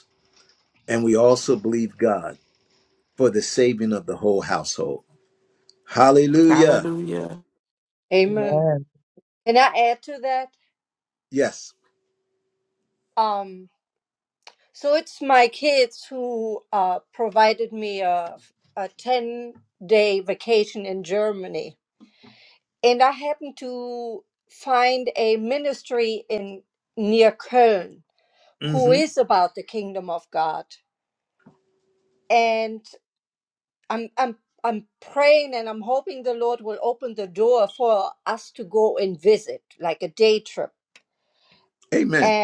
and we also believe God for the saving of the whole household. Hallelujah. Hallelujah. Amen. Amen. Can I add to that? Yes. Um. So it's my kids who uh, provided me a, a 10 day vacation in Germany. And I happened to find a ministry in near Köln who hmm is about the kingdom of God. And I'm, I'm, I'm praying and I'm hoping the Lord will open the door for us to go and visit, like a day trip. Amen.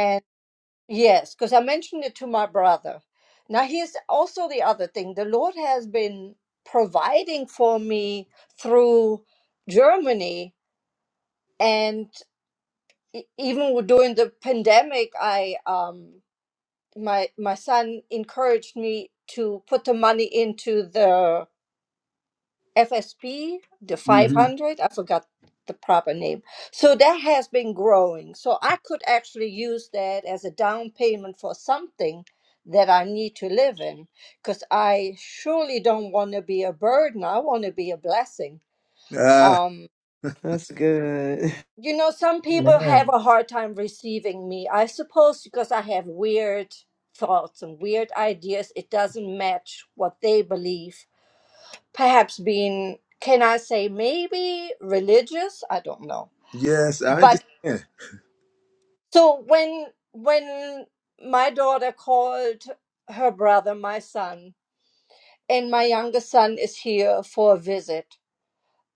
Yes, because I mentioned it to my brother. Now, here's also the other thing the Lord has been providing for me through Germany, and e- even with- during the pandemic, I um my my son encouraged me to put the money into the FSP, the 500, I forgot the proper name. So that has been growing. So I could actually use that as a down payment for something that I need to live in because I surely don't want to be a burden. I want to be a blessing. Uh, Um, That's good. you know, some people have Amen. a hard time receiving me, I suppose, because I have weird thoughts and weird ideas. It doesn't match what they believe perhaps being can i say maybe religious i don't know yes, I but understand. so when when my daughter called her brother my son and my younger son is here for a visit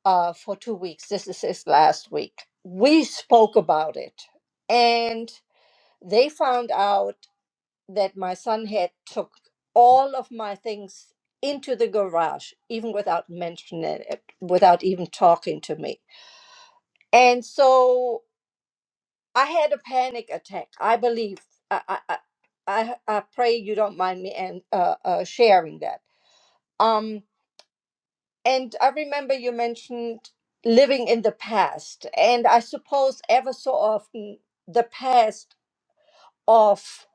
uh, for two weeks this is his last week we spoke about it and they found out that my son had took all of my things into the garage even without mentioning it without even talking to me and so I had a panic attack. I believe I I I, I I pray you don't mind me and uh, uh, sharing that. Um, and I remember you mentioned living in the past, and I suppose ever so often the past of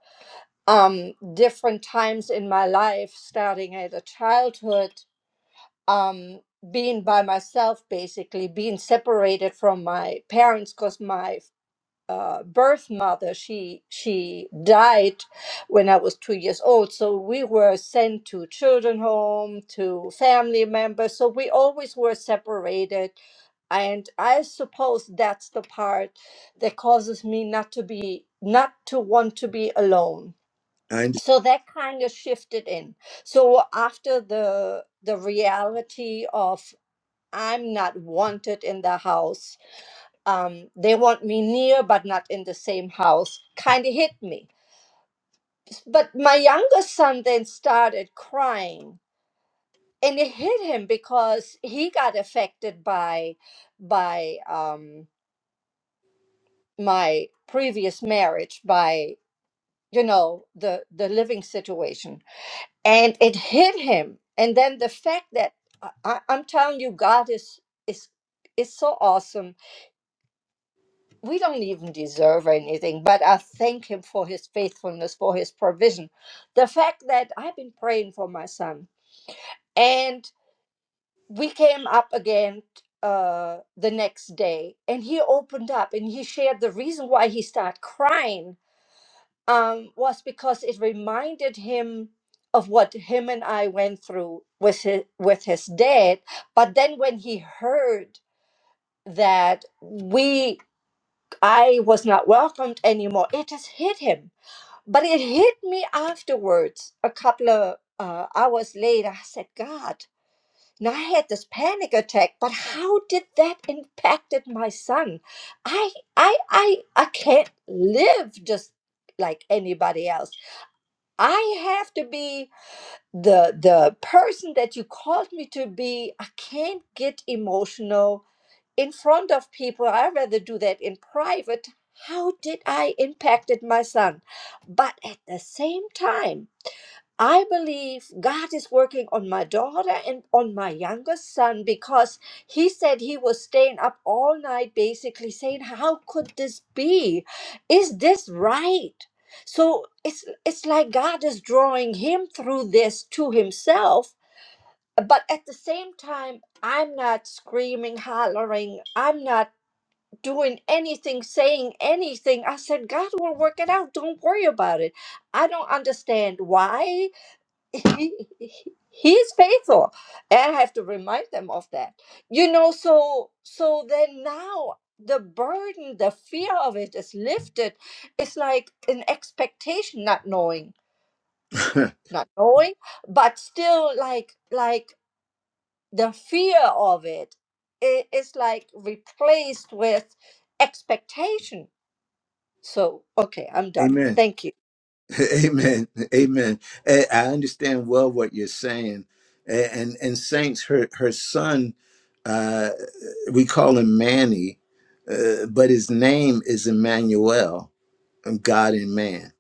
um different times in my life, starting at a childhood, um being by myself basically being separated from my parents because my uh, birth mother she she died when i was two years old so we were sent to children home to family members so we always were separated and i suppose that's the part that causes me not to be not to want to be alone I so that kind of shifted in so after the the reality of i'm not wanted in the house um, they want me near but not in the same house kind of hit me but my younger son then started crying and it hit him because he got affected by by um, my previous marriage by you know the the living situation and it hit him and then the fact that I, I- i'm telling you god is is is so awesome we don't even deserve anything, but I thank him for his faithfulness, for his provision. The fact that I've been praying for my son, and we came up again uh, the next day, and he opened up and he shared the reason why he started crying um, was because it reminded him of what him and I went through with his, with his dad. But then when he heard that we. I was not welcomed anymore. It just hit him. But it hit me afterwards, a couple of uh, hours later. I said, God, now I had this panic attack, but how did that impacted my son? I, I, I, I can't live just like anybody else. I have to be the the person that you called me to be. I can't get emotional in front of people i rather do that in private how did i impacted my son but at the same time i believe god is working on my daughter and on my youngest son because he said he was staying up all night basically saying how could this be is this right so it's it's like god is drawing him through this to himself but at the same time i'm not screaming hollering i'm not doing anything, saying anything. I said, God will work it out. Don't worry about it. I don't understand why. *laughs* He, he is faithful. And I have to remind them of that. You know, so so then now the burden, the fear of it is lifted. It's like an expectation, not knowing, understand. not knowing, but still like like the fear of it. It is like replaced with expectation so, okay, I'm *laughs* done. Amen. Thank you. *laughs* Amen. Amen. Eh, I understand well what you're saying. Eh, And and saints, her her son, we call him Manny, uh, but his name is Emmanuel, um, God and man.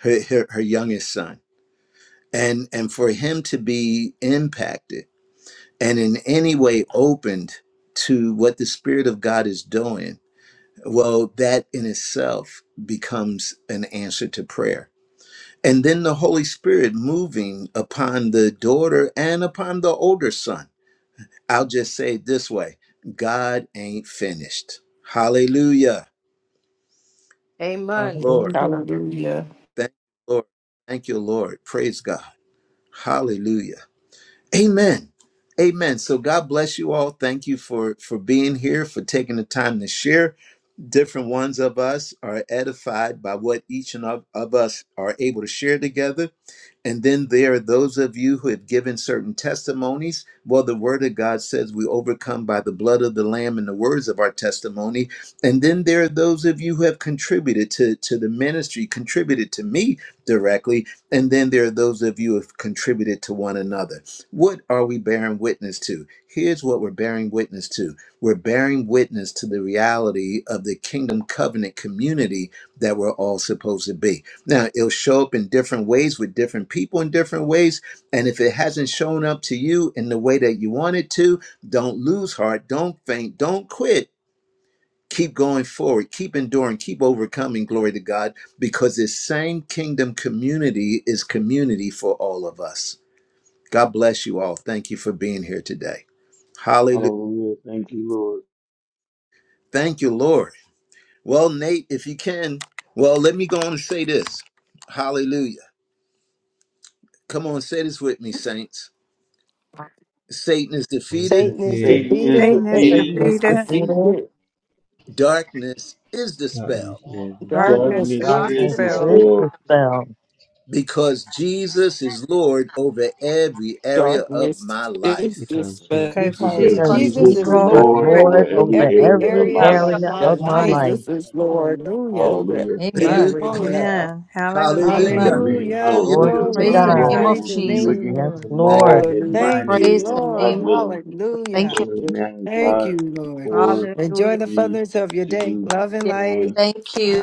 Her, her her youngest son, and and for him to be impacted. and in any way opened to what the Spirit of God is doing, well, that in itself becomes an answer to prayer. And then the Holy Spirit moving upon the daughter and upon the older son. I'll just say it this way God ain't finished. Hallelujah. Amen. Lord. Hallelujah. Hallelujah. Thank you, Lord. Thank you, Lord. Praise God. Hallelujah. Amen. Amen. So God bless you all. Thank you for for being here, for taking the time to share. different ones of us are edified by what each and of, of us are able to share together. And then there are those of you who have given certain testimonies. Well, the word of God says we overcome by the blood of the Lamb and the words of our testimony. And then there are those of you who have contributed to, to the ministry, contributed to me directly. And then there are those of you who have contributed to one another. What are we bearing witness to? Here's what we're bearing witness to we're bearing witness to the reality of the kingdom covenant community that we're all supposed to be. Now, it'll show up in different ways with different people in different ways. And if it hasn't shown up to you in the way that you want it to, don't lose heart, don't faint, don't quit. Keep going forward, keep enduring, keep overcoming. Glory to God, because this same kingdom community is community for all of us. God bless you all. Thank you for being here today. Hallelujah. Hallelujah. Thank you, Lord. Thank you, Lord. Well, Nate, if you can, well, let me go on and say this. Hallelujah. Come on, say this with me, saints. *laughs* Satan is It's defeated, the Satan is feeling Satan is defeated, Satan is defeated. Satan Satan is is defeated. The defeated. defeated. darkness is that is dispelled in this Darkness Darkness now. darkness is is Darkness is is Darkness Darkness is dispelled dispelled is dispelled dispelled dispelled dispelled. because Jesus is Lord over every area of Darkness my is life. Because dispelled because Jesus because Jesus is because Because the is because because Jesus Jesus Lord Jesus is of is Jesus Jesus is Lord every Lord is is Lord over area. over Lord Lord over every over over every area every of every the my every ally area of area life. area of my area of because of my my my life. life. life. Jesus life. is Lord Hallelujah. over Amen. Hallelujah. Hallelujah. Amen. of Glory to area. God. of men. My life. Amen. Hallelujah. Hallelujah. Amen. Hallelujah. Hallelujah. Glory Hallelujah. to Praise Love Glory the you Glory. to God. God. name Hallelujah. all. of Praise We'll your see you Jesus. name, Yes, again Lord. Thank Lord. tomorrow you, at Lord. 9 Thank you, Praise a.m. the hallelujah. Lord. God name of willing. Jesus. Thank Hallelujah. you. Closing it now in Thank five, you, Lord. four, Enjoy Hallelujah. the three, furtherance of your day. two, Love and Yeah. one. light. Thank you.